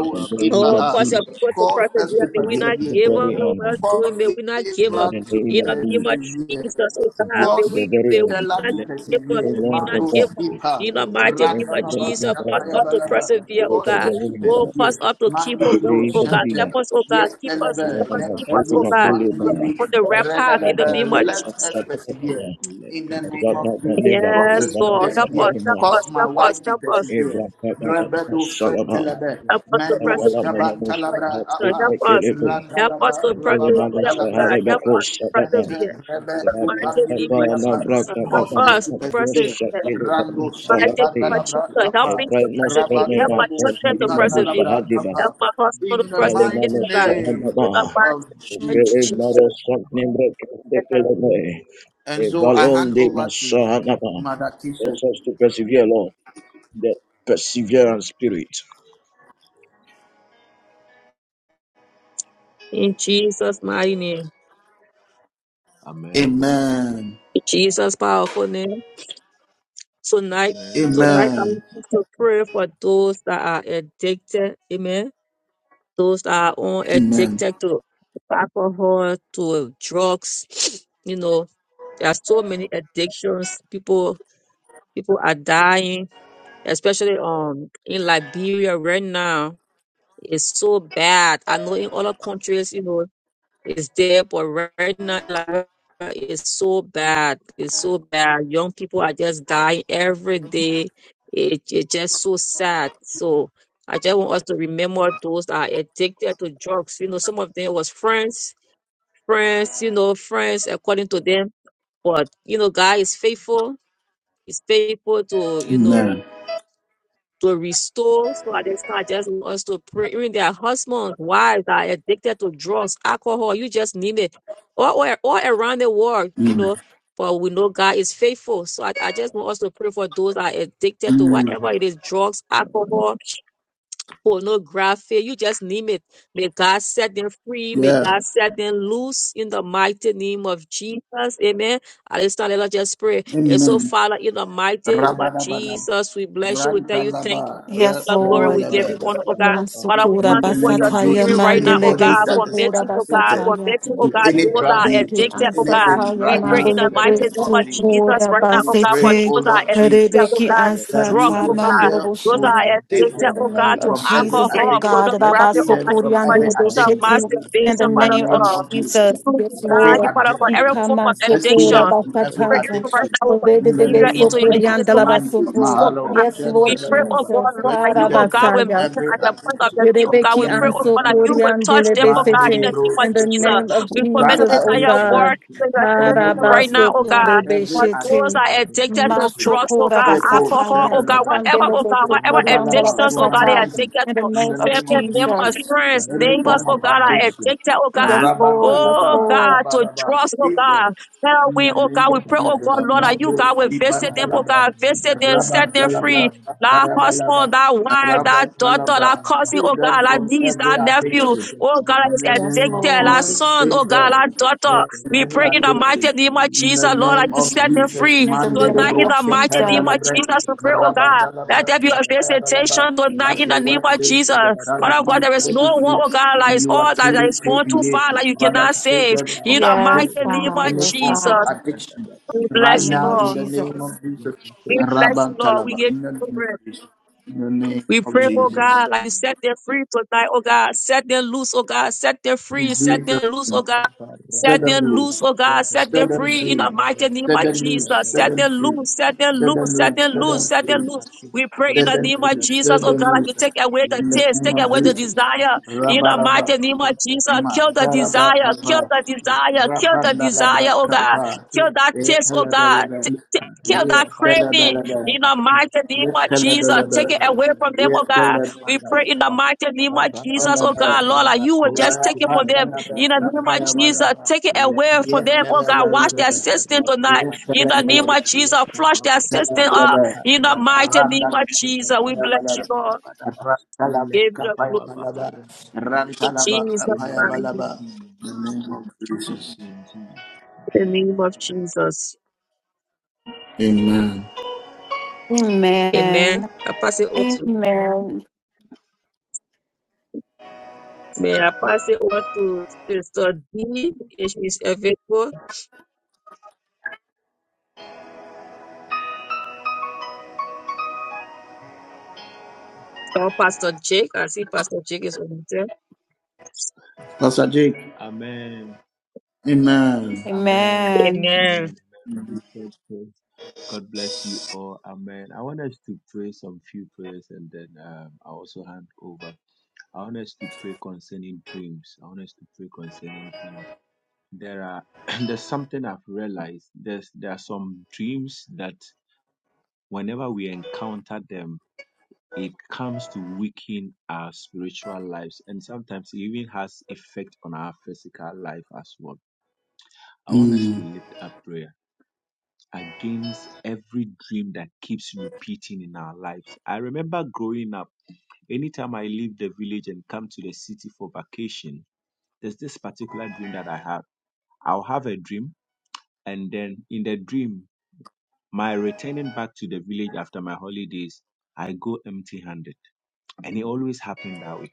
S8: In the name
S4: Oh,
S8: of
S1: ipaha.
S4: cause your
S8: Jesus.
S4: people to
S1: Cause us to
S4: persevere. May we
S8: Persevere
S4: not
S8: to the
S4: give
S1: persevere.
S4: up
S8: very
S4: in well
S8: end.
S4: doing. May
S1: Cause
S4: we not give
S8: In
S4: up
S1: Eva
S8: the
S1: to
S8: name
S4: in
S8: of
S4: the name of
S8: Jesus.
S1: persevere.
S4: Jesus. Oh God,
S8: Persevere
S4: may
S8: to the
S4: we,
S1: Cause
S8: very
S4: may
S8: end.
S4: we
S1: Stella
S4: not
S1: to
S4: give up.
S8: Oh
S1: persevere.
S4: May we
S8: Lord
S4: not
S8: of God.
S4: give
S1: Mandos,
S4: up
S1: ipa.
S4: in the mighty name of
S1: Randalaba,
S4: Jesus.
S8: Forever,
S4: Cause us to
S1: napayabalaba.
S4: persevere, oh
S8: Greater
S1: Cause
S4: God.
S1: us to
S4: Oh,
S8: believer,
S4: cause
S1: persevere.
S4: us to keep on
S8: the
S1: Mandibro,
S4: moving,
S8: name
S4: oh
S8: of
S4: God. Help
S1: center.
S8: Jesus.
S4: us, oh God. Keep us,
S1: Yetelebe,
S4: keep
S8: And
S4: us,
S8: the
S4: keep us,
S8: children
S4: oh
S1: netelus,
S8: of
S4: God.
S8: Oliver,
S1: mandilibi,
S4: On the right path in
S8: that
S1: redelebe.
S4: the
S8: that
S4: name
S8: that
S4: of
S8: that
S1: Let
S8: that
S4: Jesus.
S1: us
S8: that
S1: persevere.
S8: that
S1: In the
S8: that that
S1: name
S8: that
S1: of
S8: that that
S1: Jesus,
S8: never
S1: cause
S4: Yes,
S1: us
S8: Oliver,
S1: to
S8: that
S4: Lord. Help us,
S1: persevere.
S4: help
S8: that
S1: Cause
S4: us,
S1: my
S4: help us,
S1: wife to
S4: help us.
S8: Eva,
S1: persevere.
S8: that that that that that
S1: Rebedo
S8: Salama,
S1: sentelebe,
S4: Help us to
S8: that
S4: press
S1: mendo
S4: with the
S8: Salama, that
S1: skaban
S8: was
S1: talabra,
S8: that big
S4: Lord. Help
S1: apa,
S4: us.
S8: McKinley,
S4: Help us
S1: randalaba,
S4: to
S8: the
S4: press
S8: Billy
S4: with
S1: rababan
S4: the
S8: Mamas,
S4: Lord,
S8: the
S1: dalabra,
S4: God.
S8: Harry
S4: Help
S1: apa,
S4: us
S8: Beckles,
S4: to
S8: that that
S1: yante
S4: persevere.
S1: rebe,
S8: that that
S4: The
S8: that
S4: Mighty
S8: that
S4: name
S8: that that
S4: of
S1: upangilibri,
S8: that
S1: apa.
S8: that
S4: Jesus.
S1: Cause
S4: Help
S8: that
S1: us
S4: us
S1: to
S4: to persevere.
S1: persevere.
S4: The
S8: that that that that Billy
S1: Rando
S8: Mamas, the
S4: Mighty name of
S8: Harry.
S1: skipandalabra,
S4: Jesus. Help me
S1: apa,
S4: to
S8: Efraim must have
S4: persevere. Help
S8: never
S4: my
S1: rabandelebu
S8: caused
S4: children to
S8: him a
S4: persevere.
S8: busa
S1: skipandalabra,
S8: hadiba.
S4: Help
S1: apa
S4: my husband to
S1: in the
S8: Billy
S1: mighty
S8: Mamas,
S4: persevere, God.
S8: the
S1: name
S4: In the
S8: Harry.
S4: mighty
S1: of
S4: name of
S8: Bele
S1: Jesus.
S8: maro
S4: Jesus.
S8: sat nimre kete keleme. E
S1: And so I
S8: balon
S1: hand
S8: de
S1: over to
S8: masahanama.
S1: Mother Kisha.
S8: Cause us to persevere, Lord. The perseverance spirit.
S4: In Jesus' mighty name.
S1: Amen.
S4: In Jesus' powerful name. Tonight, tonight I
S1: Amen.
S4: want us to pray for those that are addicted. Amen those that are on
S1: Amen.
S4: addicted to alcohol, to drugs. You know, there are so many addictions. People people are dying, especially um in Liberia right now. It's so bad. I know in other countries, you know, it's there, but right now Liberia is so bad. It's so bad. Young people are just dying every day. It, it's just so sad. So I just want us to remember those that are addicted to drugs. You know, some of them was friends, friends, you know, friends according to them. But you know, God is faithful. He's faithful to you know
S1: Amen.
S4: to restore so that they start just want us to pray. Even their husbands, wives that are addicted to drugs, alcohol, you just name it. All, all, all around the world, you
S1: Mm.
S4: know. But we know God is faithful. So I, I just want us to pray for those that are addicted to whatever
S1: Mm.
S4: it is drugs, alcohol pornography, you just name it. May God set them free. May
S1: Yeah.
S4: God set them loose in the mighty name of Jesus. Amen. At this time, let us just pray. And so,
S1: Amen.
S4: Father, in the mighty name of
S1: Rabadabadab.
S4: Jesus, we bless you. We tell you, thank you.
S1: Rantalaba.
S4: We Give you
S2: Yes,
S4: the glory. We
S2: Lord.
S4: give you
S1: Rapanalaba.
S4: honor, oh God. Father, we
S2: Masukura
S4: come
S1: In the
S4: before
S1: name
S4: your
S1: of
S4: throne
S2: basataya
S4: even
S1: Jesus,
S4: right now, oh
S1: anybody
S2: mandelebe
S4: God,
S1: that is
S2: sukura
S4: committing, oh God,
S1: addicted
S2: basataya.
S4: committing, oh
S1: to
S4: God,
S1: any
S4: those
S1: drug
S4: that are
S1: use,
S2: Rebeki
S1: to
S4: addicted, oh God.
S1: anything
S2: ansataya
S4: We
S1: right
S4: pray
S1: now,
S4: in
S2: mandolo
S4: the
S1: in the
S4: mighty
S1: name
S4: name
S1: of
S4: of
S2: besu
S1: Jesus,
S4: Jesus
S2: kura
S4: right now,
S1: we
S4: oh God,
S1: pray,
S4: for
S2: basete.
S1: oh
S4: those that
S1: Lord
S4: are addicted,
S1: Jesus,
S4: oh
S2: Rebeki
S4: God,
S1: that
S4: drug,
S1: you
S2: ansata
S4: oh God.
S2: mandolo
S1: yourself
S4: Those
S1: will
S4: are
S2: boshaya.
S1: save
S4: addicted,
S2: In the
S4: oh
S1: them
S2: name
S4: God,
S2: of
S4: to
S1: from every
S4: alcohol,
S2: Jesus, oh
S1: addiction,
S2: God, Rabba
S4: pornography,
S1: rescue
S4: oh
S1: them
S4: God, you
S2: Sokori
S1: from
S4: want
S1: every
S2: andolo
S4: to
S1: addiction,
S2: boshete. in the
S4: masturbation,
S1: in the
S4: Father
S2: name of
S1: name
S4: God.
S1: of Jesus.
S4: You
S2: Jesus,
S4: want
S2: yes,
S1: Every
S4: to
S2: Lord.
S4: God, every
S1: addiction,
S4: form
S2: Ikama
S4: of
S1: rescue
S4: addiction
S2: sokora
S1: them from every
S4: pray
S2: basataya.
S4: right
S1: addiction,
S4: now
S1: in
S2: Orede de
S1: the
S4: Nigeria
S1: name
S4: into
S1: of
S4: your
S2: besokori
S1: Jesus.
S4: hands, oh
S2: andala
S4: God.
S1: Mandi,
S2: basoto.
S4: Oh
S1: Mahalo,
S4: God.
S2: Yes,
S4: We
S2: Lord
S4: pray,
S1: Shantalaba.
S4: oh
S2: Jesus.
S4: God, Lord, that
S1: Rescue
S4: you, oh
S1: them
S4: God,
S1: from
S4: will
S2: Harabasaya.
S4: meet them
S1: every
S4: at the point of their
S1: addiction
S4: need, oh
S1: in
S4: God.
S1: the
S2: Yerebeki
S4: We pray,
S1: name
S4: oh
S1: of
S2: anso
S4: God, that you
S1: Jesus.
S4: will
S2: korian
S4: touch them, oh
S1: Man,
S4: God, in
S1: really
S4: the
S2: delebesete.
S4: name of
S2: In the name
S4: Jesus.
S2: of
S4: We commit
S1: Drug
S4: the
S2: Jesus, O
S4: entire
S1: addiction,
S4: world
S2: God.
S4: to your hands right
S1: pornography,
S4: now, oh
S2: Harabasoko
S4: God. For
S1: every act.
S4: those
S2: rebeshete.
S4: that are addicted to
S1: Addiction.
S4: drugs, oh
S2: Masokora
S4: God,
S1: Epo
S2: basata.
S4: alcohol, oh
S2: Yes.
S4: God,
S1: shalalaba.
S4: whatever, oh God,
S2: Kandelebeko
S4: whatever
S2: korian
S1: Rabalaba.
S4: addictions, oh God, they are
S2: balabasata.
S1: Humanizing.
S4: addicted
S2: In the
S4: to.
S1: In
S2: name
S1: the
S2: of
S1: name
S4: Family
S1: of Jesus.
S4: members,
S2: Jesus.
S4: friends,
S1: Any
S4: neighbors,
S1: form of
S4: oh God, are
S1: addiction.
S4: addicted, oh God.
S2: Yes, Lord. Yes,
S1: Rabantalaba.
S4: Oh
S2: Lord.
S4: God, to
S1: Rabalaba.
S4: drugs, oh
S1: Speak
S4: God.
S1: them.
S4: Now
S1: In
S4: we,
S1: the
S4: oh
S1: name
S4: God,
S1: of
S4: we pray, oh
S1: Jesus.
S4: God, Lord, that you,
S1: Mando.
S4: God, will visit them, oh
S1: Ipandalaba.
S4: God, visit them, set them
S1: Rabantalabra.
S4: free. That
S1: Apayabalaba.
S4: husband, that wife, that daughter,
S1: Rabantalabra.
S4: that cousin,
S1: Free
S4: oh
S1: them
S4: God, that
S1: from
S4: niece,
S1: every
S4: that nephew,
S1: addiction.
S4: oh God, that
S1: In
S4: is
S1: the
S2: Yes,
S1: name of
S4: addicted, that
S2: Lord.
S1: Jesus,
S4: son, oh
S1: save
S4: God,
S1: them
S4: that daughter.
S1: from
S4: We
S1: any
S4: pray in the mighty
S1: addiction.
S4: name of
S1: In the
S4: Jesus, Lord, that
S1: name
S4: you
S1: of
S4: set them
S1: Jesus,
S4: free.
S2: In the
S4: Tonight
S2: name
S4: in
S1: Mandelebro,
S2: of
S4: the mighty name
S2: Jesus.
S4: of
S1: Kependalabre,
S4: Jesus, we pray, oh God, let
S1: Rabandalabra,
S4: there be a
S1: Tapayabalaba.
S4: visitation tonight
S1: As
S4: in the
S1: your
S4: name
S1: word
S4: of
S1: says,
S4: Jesus.
S1: in the Son of
S4: Father God,
S1: Man
S4: there is
S1: set
S4: no
S1: you
S4: one,
S1: free,
S4: oh God, that
S1: and
S4: is
S1: you are
S4: all that
S1: truly
S4: is
S1: free
S4: going too
S1: indeed.
S4: far that you
S1: Father,
S4: cannot
S1: save
S4: save.
S1: them
S4: In
S1: from
S4: the
S2: Yes,
S4: mighty
S1: addiction,
S4: name
S2: God.
S4: of
S1: any
S2: Yes,
S1: form of
S4: Jesus,
S2: God.
S1: addiction.
S4: we
S1: Right
S2: In
S4: bless
S2: the
S4: you,
S2: name
S1: now,
S2: of
S1: in
S4: Lord.
S1: the name of
S2: Jesus.
S1: Jesus,
S4: We bless you, Lord. We
S1: Rabantalaba,
S4: give
S1: in the
S4: you
S1: name of
S4: glory.
S1: Jesus, in the name
S4: We
S1: of
S4: pray, oh
S1: Jesus.
S4: God, like you set them free tonight, oh God. Set them loose, oh God. Set them
S1: In
S4: free. Set
S1: Jesus'
S4: them loose, oh
S1: name.
S4: God.
S1: Set
S4: Set
S1: them
S4: them loose,
S1: loose.
S4: oh God. Set them
S1: Set them
S4: free in the
S1: free.
S4: mighty name
S1: Set
S4: of
S1: them
S4: Jesus.
S1: loose. Set
S4: Set
S1: them
S4: them
S1: free.
S4: loose. Set them
S1: Set them
S4: loose. Set them
S1: loose. Set
S4: loose.
S1: them
S4: Set them
S1: free.
S4: loose. We pray in
S1: Set
S4: the
S1: them
S4: name of
S1: free.
S4: Jesus,
S1: Set
S4: oh
S1: them
S4: God, like you
S1: loose.
S4: take away the
S1: In the
S4: taste,
S1: name
S4: take
S1: of
S4: away the
S1: Jesus.
S4: desire. In
S1: Rabba
S4: the
S1: rabba.
S4: mighty name of Jesus,
S1: Ma
S4: kill the
S1: rabba
S4: desire, kill
S1: kapa.
S4: the desire, kill the
S1: Rapanda
S4: desire,
S1: labra
S4: oh God.
S1: kapa.
S4: Kill that taste, oh God.
S1: Yetalabalaba.
S4: T- t- kill that craving
S1: Yetalabalaba.
S4: in the mighty name of Jesus, take
S1: Yetalabalaba.
S4: it away from them, oh God. We
S1: Yetalabalaba.
S4: pray in the mighty name of Jesus, oh God,
S1: Yetalabalaba.
S4: Lord, like you will just take it from
S1: Rapanda
S4: them.
S1: labra
S4: In the name
S1: kapa
S4: of Jesus,
S1: yabalaba.
S4: take it away from them, oh God. Wash
S1: Yekelebelebe.
S4: their system tonight. In the name
S1: Yekelebelebe.
S4: of Jesus, flush their system up.
S1: Yekelebelebe.
S4: In the mighty name of Jesus, we bless you, Lord.
S1: Arandalabakapayabalaba.
S4: Give the glory,
S1: Arandalabakapayabalaba.
S4: in Jesus, mighty
S1: Arandalabakapayabalaba.
S4: name.
S1: In the name of Jesus.
S4: in the name of Jesus.
S1: Amen.
S4: Amen.
S2: Amen.
S4: I pass it over to,
S2: Amen.
S4: may I pass it over to Sister D, if she's available. Oh, Pastor Jake. I see Pastor Jake is on there.
S1: Pastor Jake. Amen.
S2: Amen.
S4: Amen.
S1: Mm.
S9: I have. I'll have a dream, and then in the dream, my returning back to the village after my holidays, I go empty-handed, and it always happened that way.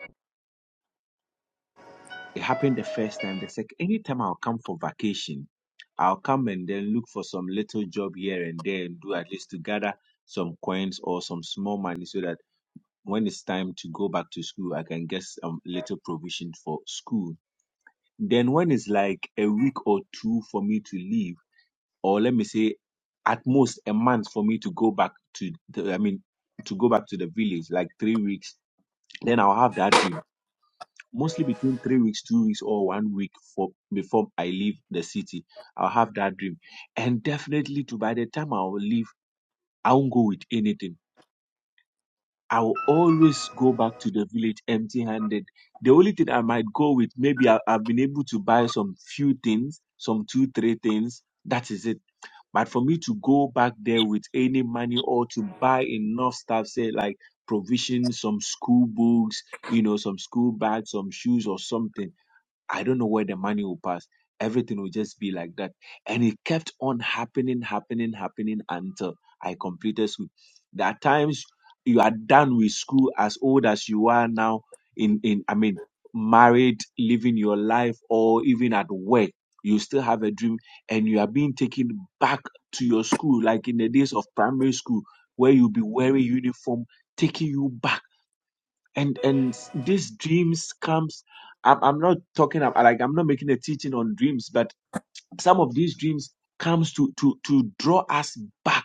S9: It happened the first time. The second, anytime I'll come for vacation, I'll come and then look for some little job here and there and do at least to gather some coins or some small money so that when it's time to go back to school, I can get some little provision for school. Then when it's like a week or two for me to leave or let me say at most a month for me to go back to the, I mean to go back to the village like three weeks then I'll have that dream mostly between three weeks two weeks or one week for before I leave the city I'll have that dream and definitely to by the time I'll leave I won't go with anything I will always go back to the village empty handed. The only thing I might go with, maybe I, I've been able to buy some few things, some two, three things. That is it. But for me to go back there with any money or to buy enough stuff, say like provisions, some school books, you know, some school bags, some shoes or something I don't know where the money will pass. Everything will just be like that. And it kept on happening, happening, happening until I completed school. There are times you are done with school as old as you are now, in, in I mean, married, living your life, or even at work. You still have a dream and you are being taken back to your school, like in the days of primary school, where you'll be wearing uniform, taking you back and and s- these dreams comes I'm, I'm not talking ab- like i'm not making a teaching on dreams but some of these dreams comes to to to draw us back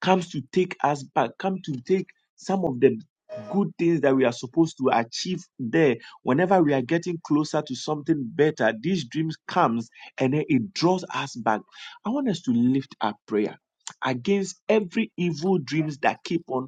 S9: comes to take us back come to take some of the good things that we are supposed to achieve there whenever we are getting closer to something better these dreams comes and then it draws us back i want us to lift up prayer against every evil dreams that keep on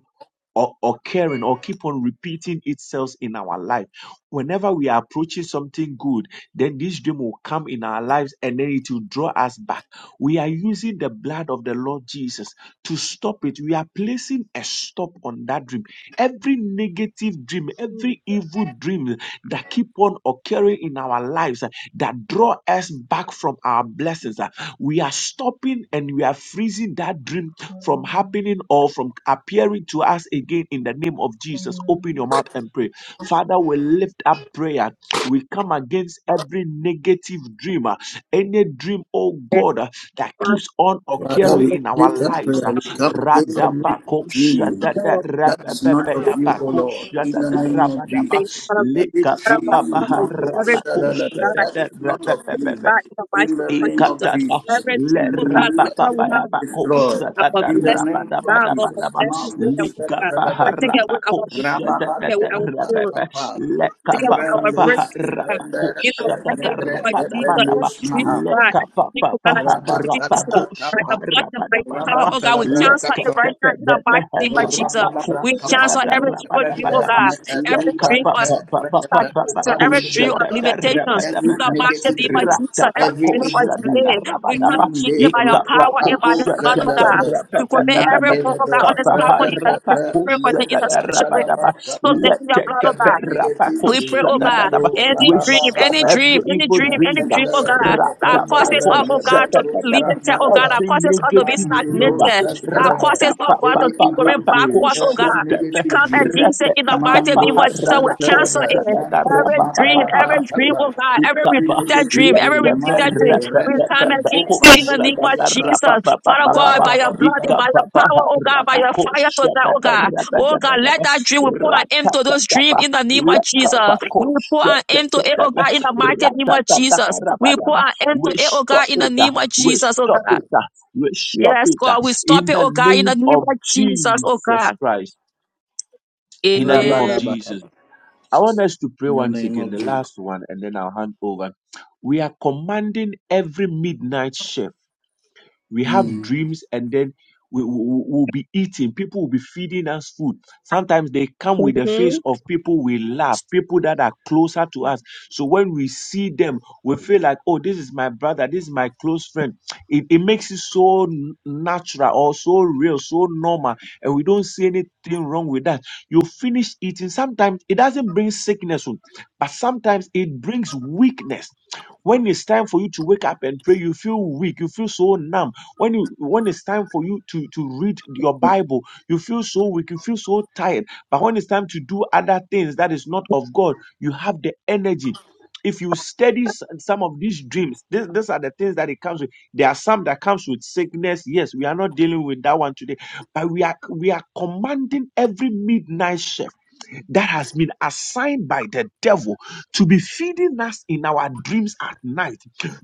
S9: or, or caring or keep on repeating itself in our life. Whenever we are approaching something good, then this dream will come in our lives and then it will draw us back. We are using the blood of the Lord Jesus to stop it. We are placing a stop on that dream. Every negative dream,
S10: Jesus.
S9: every evil dream that keep on occurring in our lives uh, that draw us back from our blessings, uh, we are stopping and we are freezing that dream from happening or from appearing to us again in the name of Jesus. Open your mouth and pray. Father, we lift up prayer. We come against
S4: Every
S1: Father, we lift up prayer. We come against every dream that is not of you, O Lord, in the name of Jesus. Every dream man, Lord, shadalala, that is not of you, in the name of Jesus.
S4: oh God,
S1: Let
S4: whatever
S1: it
S4: we
S1: be
S4: have,
S1: destroyed
S4: our
S1: in the
S4: blessings,
S1: name of
S4: God, God,
S1: Jesus.
S4: blessings,
S1: Man,
S4: Lord,
S1: Lord,
S4: I thank you, God. I
S1: shadalala,
S4: think I would, you. I think
S1: Rababar, Papa,
S4: to go our
S1: Randos,
S4: breakthrough. You know, I get a
S1: Nebre,
S4: like deeper,
S1: Nebre,
S4: deeper
S1: Maham.
S4: God, deeper God, you think this
S1: Rabantalabra
S4: stuff. Like
S1: Kappa,
S4: a blood of like power, oh God, we
S1: Rabantalabra
S4: cancel it
S1: Kappa,
S4: right now in the mighty name of Jesus. We
S1: Rapandalabrakapa,
S4: cancel every evil dream, oh
S1: Rende
S4: God, every
S1: Metaru
S4: dream of
S1: Brante, Rekete
S4: stagnation, every dream of
S1: Upanubriapa.
S4: limitations. In
S1: Every
S4: the mighty
S1: negative
S4: name of
S1: dream,
S4: Jesus, every
S1: every
S4: dream of
S1: evil
S4: delay,
S1: dream,
S4: we come to keep it
S1: Mande
S9: in
S4: by your
S9: the
S1: Roko
S4: power and by
S1: Ako
S4: your blood, oh God.
S1: Vendelebe,
S4: We commit every move, oh God,
S1: Mandelebe,
S4: on this platform in the
S1: Reetepe,
S4: spirit, in the special way. So let
S1: Lusandalabrakapa.
S4: your blood, oh God.
S1: Every negative
S4: We pray, oh
S1: dream,
S4: God,
S1: Mando
S4: any dream, any
S1: Rabababa,
S4: dream, any dream, any dream, oh
S1: Mentelebe,
S4: God,
S1: Rekete
S4: that causes,
S1: Vendelebe,
S4: us, oh
S1: Lebe
S4: God, to be limited, oh God,
S1: Lusandalaba.
S4: that causes us to be stagnated,
S1: Mandiribo
S4: that
S1: Santalaba,
S4: causes, oh God,
S1: any
S4: to keep
S1: evil
S4: going
S1: dream,
S4: backwards, oh God.
S1: every
S4: We
S1: negative
S4: come at
S1: dream,
S4: Jesus in the mighty name
S1: Mando
S4: of Jesus will cancel it.
S1: Santalaba, Mando
S4: Every dream, every
S1: Matalabra,
S4: dream, oh
S1: Papa,
S4: God, every
S1: every
S4: repeated dream,
S1: negative
S4: every
S1: dream,
S4: repeated dream,
S1: Mande,
S4: we
S1: Retta,
S4: come at Jesus
S1: Popa,
S4: in the name of
S1: Nididiapa,
S4: Jesus. Father God, by your blood and
S1: Rabalabalaba,
S4: by your power, oh God, by your fire tonight, oh God. Oh God, let that dream, we put an end to those dreams in the name of Jesus. We put an end to it, oh God, in the mighty name of Jesus. We put an end to it, oh God, in the name of Jesus, oh God. Yes, God, we stop it, oh God, in the
S9: name
S4: name
S9: of
S4: of Jesus, oh
S9: Jesus
S4: God.
S9: Christ. In the name of
S4: Amen.
S9: Jesus.
S1: Rabalabalaba,
S9: I want us to pray
S1: in the
S9: once
S1: name
S9: again,
S1: of
S9: the
S1: Jesus.
S9: last one, and then I'll hand over. We are commanding every midnight shift we have
S1: Mm.
S9: dreams and then we will be eating people will be feeding us food sometimes they come with the face
S4: Mhm.
S9: of people we love people that are closer to us so when we see them we feel like oh this is my brother this is my close friend it, it makes it so n- natural or so real so normal and we don't see anything wrong with that you finish eating sometimes it doesn't bring sickness oh, but sometimes it brings weakness when it's time for you to wake up and pray, you feel weak, you feel so numb when you when it's time for you to to read your Bible, you feel so weak, you feel so tired. But when it's time to do other things that is not of God, you have the energy. If you study s- some of these dreams, this, these are the things that it comes with. There are some that comes with sickness. Yes, we are not dealing with that one today, but we are we are commanding every midnight shift that has been assigned by the devil to be feeding us in our dreams at night,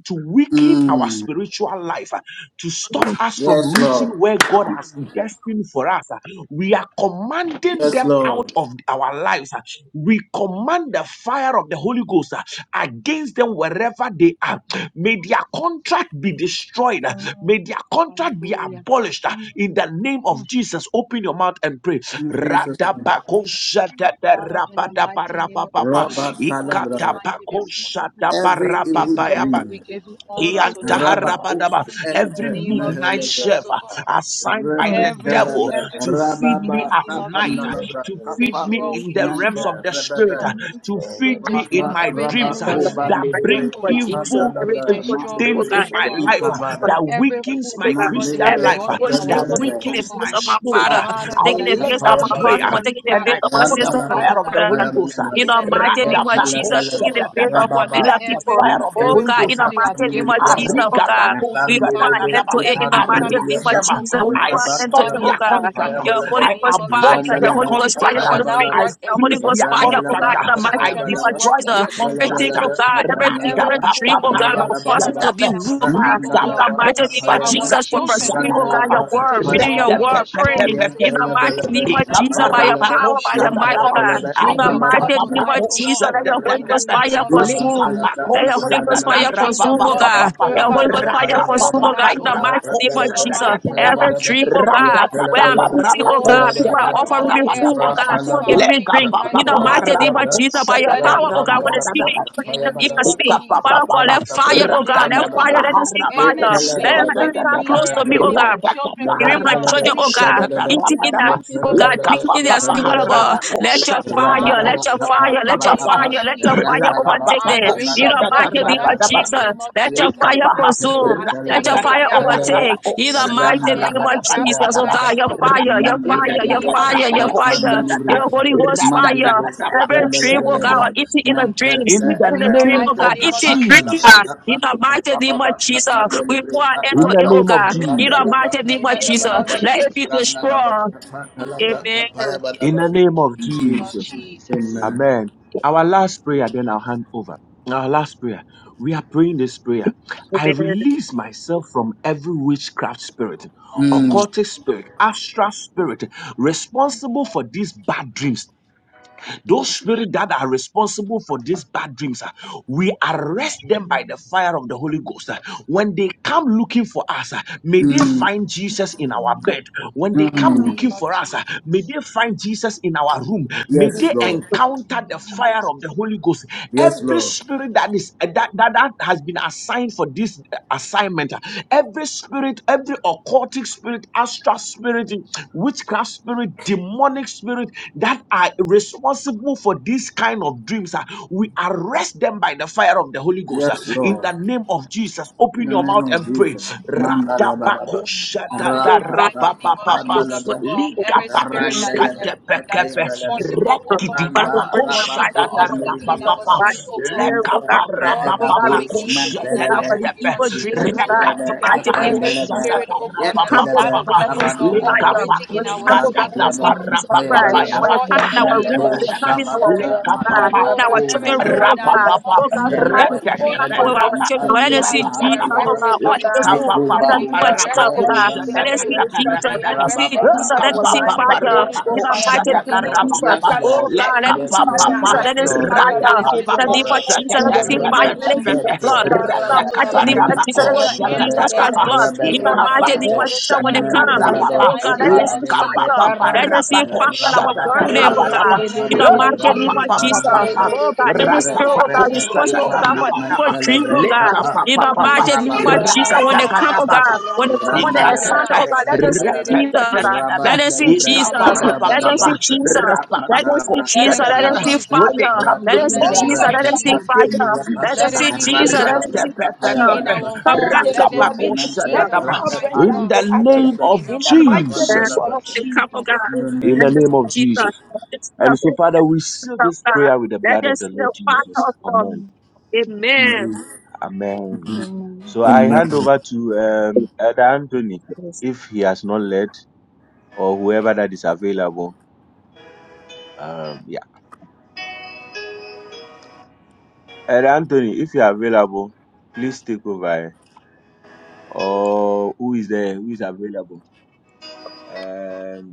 S9: to weaken our
S1: Mm.
S9: spiritual life, uh, to stop us from
S1: Yes,
S9: reaching
S1: Lord.
S9: where God has destined for us. uh, We are commanding
S1: Yes,
S9: them
S1: Lord.
S9: out of our lives. uh, We command the fire of the Holy Ghost uh, against them wherever they are. May their contract be destroyed. uh, May their contract be abolished uh, in the name of Jesus. Open your mouth and pray.
S1: In Jesus' name.
S9: Ratapakoshatatarapataparapapa.
S1: Rabba Every evil
S9: Ikatapakoshataparapapayaba.
S1: dream.
S10: Thank you,
S9: Iantaharabadaba.
S1: Rabakus
S9: Every
S1: enter
S9: midnight
S1: Mehelebe.
S9: chef uh, assigned by
S10: Oh,
S9: the devil
S1: Rebekerebe.
S9: to feed me
S1: Rababa
S9: at night, uh,
S1: Kapandalabra.
S9: to feed me
S1: Kapandus
S9: in the realms of
S1: Nanke.
S9: the spirit, uh,
S1: Rebebe.
S9: to feed me in
S1: Ranga
S9: my dreams uh,
S4: Father.
S1: Rabaku
S9: that
S4: I thank
S9: bring
S1: Bandiribre.
S4: you for Jesus.
S9: evil.
S4: Every
S9: uh,
S1: Ikandalabra.
S4: evil dream, oh
S9: Things
S4: God,
S9: in
S1: Mandurus
S9: my
S4: every
S9: life
S4: evil
S9: uh,
S4: dream, for
S1: Ikavada.
S9: that
S4: Jesus,
S9: weakens
S4: oh
S9: my
S4: God,
S1: Mandere
S9: Christian
S4: every
S9: life, uh,
S4: evil
S1: Kapanda
S4: dream
S9: that
S4: was taking the
S9: weakens my
S4: place of my
S9: spirit. uh,
S4: father,
S9: I
S4: taking the
S9: lift
S4: place of
S9: up
S4: my
S9: prayer
S4: husband, taking the
S9: and I
S4: place of my
S9: call the
S4: sister and
S9: fire of the
S4: brother.
S9: Holy Ghost. uh,
S4: In the mighty name of Jesus, taking the place
S9: Ratapakoshadadaba.
S4: of my many
S9: Let the
S4: people.
S9: fire of the
S4: Oh
S9: Holy
S4: God, in
S9: Ghost uh,
S4: the mighty name of Jesus, oh God. We want to enter.
S9: Arigabakosadadadaba.
S4: to it in the mighty name
S9: Arrest
S4: of
S9: them.
S4: Jesus. We
S9: I
S4: want an end to enter
S9: stop
S4: it, oh
S9: their
S4: God.
S9: contract.
S4: Your Holy
S9: I
S4: Ghost fire,
S9: abort
S4: your
S9: their
S4: Holy Ghost fire,
S9: contract.
S4: your Holy
S1: Dada.
S4: Spirit.
S1: Rabba
S9: I
S4: Your Holy
S9: freeze
S4: Ghost
S9: their
S4: fire, oh
S1: Rabalaba,
S9: contract.
S4: God, in the mighty
S9: I
S4: name
S1: Rapayabalaba,
S4: of
S9: destroy
S4: Jesus.
S9: their contract.
S4: Everything, oh
S1: Yakalabalaba,
S4: God, everything,
S1: Rapandalaba,
S4: every dream, oh God, of a person
S1: Rabalabalaba,
S4: to be
S9: Radabababakosadaba.
S4: will, oh God. In the
S1: Rapandalaba,
S4: mighty name of
S1: Rapayaba,
S4: Jesus, for pursuing, oh God,
S9: Ligabakosadibrakustadababa.
S1: Randalaba,
S4: your word, reading your
S1: Rapayabalaba,
S4: word, praying. In the mighty
S1: Yakalabalaba,
S4: name of
S9: Leka
S4: Jesus,
S9: papa
S4: by your
S9: papa harapa
S1: Rapayabalaba,
S4: power, by your might, oh God.
S1: Yakalabalaba,
S4: In the
S1: Rababa,
S4: mighty name
S1: Talaba,
S4: of Jesus, let your Holy
S1: Rapayabalaba,
S4: Ghost fire
S1: Rabban
S4: consume.
S1: Talaba,
S4: Let
S10: So,
S4: your Holy Ghost
S1: Rapayabalaba,
S4: fire consume, oh
S1: Rabban
S4: God. Your
S1: Talaba,
S4: Holy Ghost fire consume,
S1: Rapayabalaba,
S4: oh God. In the mighty name of
S1: Rabandalaba,
S4: Jesus, every
S1: Rapayabalaba,
S4: dream, oh God where I'm
S1: Yakalabalaba,
S4: eating, oh God. People are
S1: Rapayabalaba,
S4: offering me food, oh
S1: Rabban
S4: God. People are giving
S1: Talaba,
S4: me drink.
S1: Rapanda
S4: In the mighty name of Jesus, by
S9: kosa
S4: your
S9: da da
S4: power, oh God,
S9: rapa
S4: when the
S9: rapa
S4: spirit
S9: rapa
S4: even in the bigger sting. Father, for
S9: Ikapapapapa,
S4: that fire, oh God, that fire, let it see fire. Let it, let it come
S9: ratatapaharabakoshatatata,
S4: close to me, oh God. Give my children, oh God. Eating in that
S9: ratatapaharabakoshatatarapadapa,
S4: sleep, oh God, eating in their sleep, oh God. Let your fire,
S9: lekapapapaharabakoshatatapa,
S4: let
S1: Rabadaba
S4: your
S1: tapa
S4: fire, let your
S1: rapapa
S4: fire, let your fire
S1: ratalaba
S4: overtake
S1: tapa
S4: them. You know,
S1: nalabra
S4: back your name
S1: tapaya
S4: of
S9: kapapapapapakoshatatarapadapa,
S1: badaba
S4: Jesus. Let your fire
S1: yekelebe
S9: ikapaha,
S1: tepen
S4: consume. Let
S1: telebre
S4: your fire
S1: tepelebe
S4: overtake. In the
S1: ram
S4: mighty name
S1: nalabra
S4: of
S1: tapaya
S4: Jesus, oh
S9: ratatataparabakoshatatarapadapa,
S1: badaba
S4: God, your fire, your
S1: mandiri
S4: fire, your
S1: briya
S4: fire,
S1: tapa
S4: your fire,
S1: pandiri
S9: ratatataparabakoshatata,
S1: briya
S4: your Holy Ghost
S1: mandiri
S4: fire.
S1: bros
S4: Every
S1: tepen
S4: dream, oh
S1: lelebelebe
S9: ratatataparakoshatatapa.
S4: God, eating in the dream,
S1: nantelebe
S9: In
S4: sleep
S9: the
S4: in the dream, oh
S1: repepe
S4: God,
S1: tapa
S4: eating, drinking.
S1: talabra tapa
S4: In the mighty name
S1: rababa
S4: of
S1: tapa
S4: Jesus, we
S1: nelebre
S4: pour
S1: tapa
S4: into it, oh God.
S1: ram
S4: In the
S1: nalabra
S4: mighty name of
S1: tapaya
S4: Jesus,
S1: badaba
S4: let it be
S1: ram nalabra
S4: destroyed.
S1: tapa talabra
S4: Amen.
S1: tapaya badaba in Jesus. Amen.
S4: Amen.
S1: Mm,
S9: those spirits that are responsible for these bad dreams, ah, we arrest them by the fire of the Holy Ghost. ah. When they come looking for us, ah, may they
S1: mm,
S9: find Jesus in our bed. When they come
S1: mm.
S9: looking for us, ah, may they find Jesus in our room. May
S1: Yes,
S9: they
S1: Lord.
S9: encounter the fire of the Holy Ghost.
S1: Yes,
S9: Every
S1: Lord.
S9: spirit that is uh, that that, that has been assigned for this uh, assignment, ah, every spirit, every occultic spirit, astral spirit, witchcraft spirit, demonic spirit, that are responsible for this kind of dreams, ah, we arrest them by the fire of the Holy Ghost. ah.
S1: Yes,
S9: In the
S1: Lord.
S9: name of Jesus,
S1: In
S9: open
S1: the
S9: your
S1: name
S9: mouth
S1: of
S9: and pray.
S1: Jesus. Mandala Badaba. Ra
S4: So,
S1: ra
S4: God,
S1: ra ra
S4: mighty
S9: Ratabakoshatadarapapaapa,
S4: name
S1: Mandalabra.
S4: of Jesus.
S1: Randalaba.
S9: likapakuskatepekepe,
S1: Epayabalaba.
S4: Father, we
S1: Ranta
S4: bring in the
S1: Rapa
S4: mighty name of
S1: Open
S4: Jesus.
S9: rekidikapakoshatadarapapaapa,
S1: Medibriapa.
S4: God, Spirit, oh God,
S1: Manta
S4: oh
S1: Reba
S4: God, we
S1: Bush
S4: God, for
S1: Mantelebe.
S4: the
S9: lekaparabapapakoshatetetepe,
S4: evil dreams, oh God, in
S1: Yentelebe.
S4: the mighty name of
S1: Ependelebe.
S4: Jesus. We come to
S1: Yentelebe.
S4: the
S9: rekadikapakoshatadarapapaapa.
S4: leprosy
S1: Rabantalaba.
S4: fire. When it
S9: Lekafakuska
S4: comes to God,
S9: tata
S4: let
S1: Rantalaba.
S4: Jesus
S9: parapapapa
S4: Christ. When it
S1: Epayabalaba.
S4: comes in
S9: yabakusha
S4: our
S1: Mento
S4: rooms,
S9: tata
S4: when it comes in our
S1: sabata
S4: rooms, God,
S9: tata.
S1: madubra
S4: in our
S1: kuba
S4: children's rooms, oh
S1: dendele
S4: God.
S9: Rapapapa,
S4: Oh God, for how to
S1: meluba
S4: come
S9: Rantakapa,
S1: tekelus
S4: with our children.
S9: Rapako,
S1: mahandi
S4: Let us see Jesus,
S9: Shadadadaba,
S1: mahandeleba
S4: oh God, all in this room.
S1: Niku
S4: In the
S9: Kapapapa,
S4: name
S1: balubra
S4: of Jesus,
S1: te
S4: oh
S9: Rapako,
S4: God. Let us see
S1: mahandeleba
S9: Shadadadaba,
S4: Jesus. Let
S9: Rabadaba,
S4: us see
S1: rabababa
S4: Jesus. Let us see
S9: Kapapapa,
S4: fire.
S1: kapamibiya
S4: In
S9: Rapako,
S4: the mighty
S1: Yes
S4: name of
S1: Lord,
S4: Jesus.
S1: yes
S9: Shadadarabadaba,
S4: Oh
S1: Lord,
S4: God, let us
S1: yes
S4: see
S1: Lord,
S9: Lekapapapa,
S4: Jesus.
S1: yes
S4: Let us see
S1: Lord,
S4: fire. In the
S9: Ratakapako,
S4: name
S1: ipatalaba
S4: of Jesus, let us see
S1: redu
S4: fire. Let us
S9: Shadadarabadaba,
S4: see the
S1: sente
S4: blood the mighty
S9: Ratakapa,
S4: name of Jesus,
S1: Nante
S9: Rapako,
S4: let us see
S1: rebe
S4: Jesus
S5: Rabba
S4: Christ
S9: Shadadadaba,
S4: blood.
S1: rebe
S4: In
S1: bu
S4: the mighty
S9: Ikapako,
S4: name
S1: zente
S4: of Jesus, when they
S1: nente
S4: come,
S1: lebe
S9: Shadadarababa,
S4: oh God, let
S1: upan
S4: us see
S1: delebre
S4: fire.
S9: Lekapapapa,
S1: ipa
S4: Let us see
S1: ne
S9: Rapako,
S4: fire that will
S1: rababa
S4: burn them, oh
S1: kalabra
S4: God.
S9: Shadadarabadaba,
S4: In the
S1: kapanda
S4: mighty
S1: labra
S4: name of Jesus,
S10: Thank
S1: ipanda labra
S4: oh God, any
S1: re
S4: spirit, oh God,
S1: rebe
S4: responsible, oh
S1: upan
S4: God,
S1: di
S4: for
S1: me
S4: evil
S9: Ratapakoshatatarabadaba.
S4: dream,
S1: celebre
S4: oh God.
S1: kapa
S4: In the
S1: ne
S9: Letapapapapa.
S4: mighty name of
S1: rababa
S4: Jesus, when
S1: kalabra
S4: they come, oh
S1: kapa
S9: Rakatakataba.
S4: God, when they come on the
S1: Randalebe,
S4: assignment,
S9: Ikatata.
S4: oh God, let us see
S1: Repelebe,
S4: Jesus, oh God.
S9: Ratatatataba.
S4: Let us see
S1: Rabandelebe,
S4: Jesus. Let them
S9: Ikapapapapapa.
S4: see
S1: Payabalaba,
S4: Jesus. Let them see
S1: Rapanalabra,
S4: Jesus. Let them
S9: Rapapapakoshadadaba.
S4: see
S1: Payaba,
S9: When they
S4: fire.
S9: come
S4: Let them
S9: looking
S4: see
S9: for
S4: Jesus.
S9: us,
S1: Rapandelebe,
S4: Let them see
S9: may they
S4: fire.
S9: meet
S1: Papiba,
S4: Let them
S9: Jesus.
S4: see Jesus. Let them
S1: Randalabra,
S4: see fire.
S9: Ratapapapape.
S1: Payabalaba,
S4: Come back to the
S1: Yetu, Nante,
S4: Jesus.
S9: Rakapakoshadadaba. In
S1: Repadu,
S9: the name
S1: Shedelebe,
S9: of Jesus.
S4: There's
S1: Rabandelebe,
S4: more to come, oh God.
S1: in the
S9: In
S4: Let
S9: the
S1: name
S4: us
S9: name
S1: of
S9: of
S4: see Jesus.
S9: Jesus.
S4: Let us see the
S9: And so, Father, we
S4: presence
S9: seal
S4: of
S9: this
S4: God.
S9: prayer with the blood
S4: Let
S9: of
S4: us
S9: the
S4: see
S9: Lord
S4: the
S9: Jesus.
S4: fire of God.
S9: Amen.
S4: Amen.
S1: Jesus.
S9: Amen.
S10: you.
S1: Amen.
S9: um, Elder
S4: Yes.
S9: let um, yeah.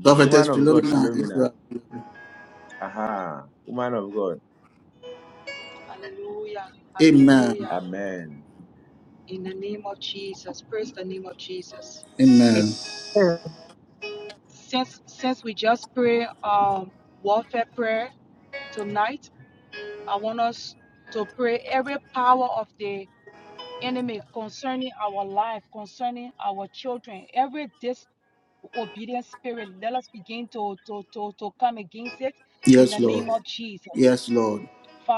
S1: Prophetess Philomena, if you are available. Amen. Amen.
S4: Amen.
S1: Yes, Lord. Yes, Lord.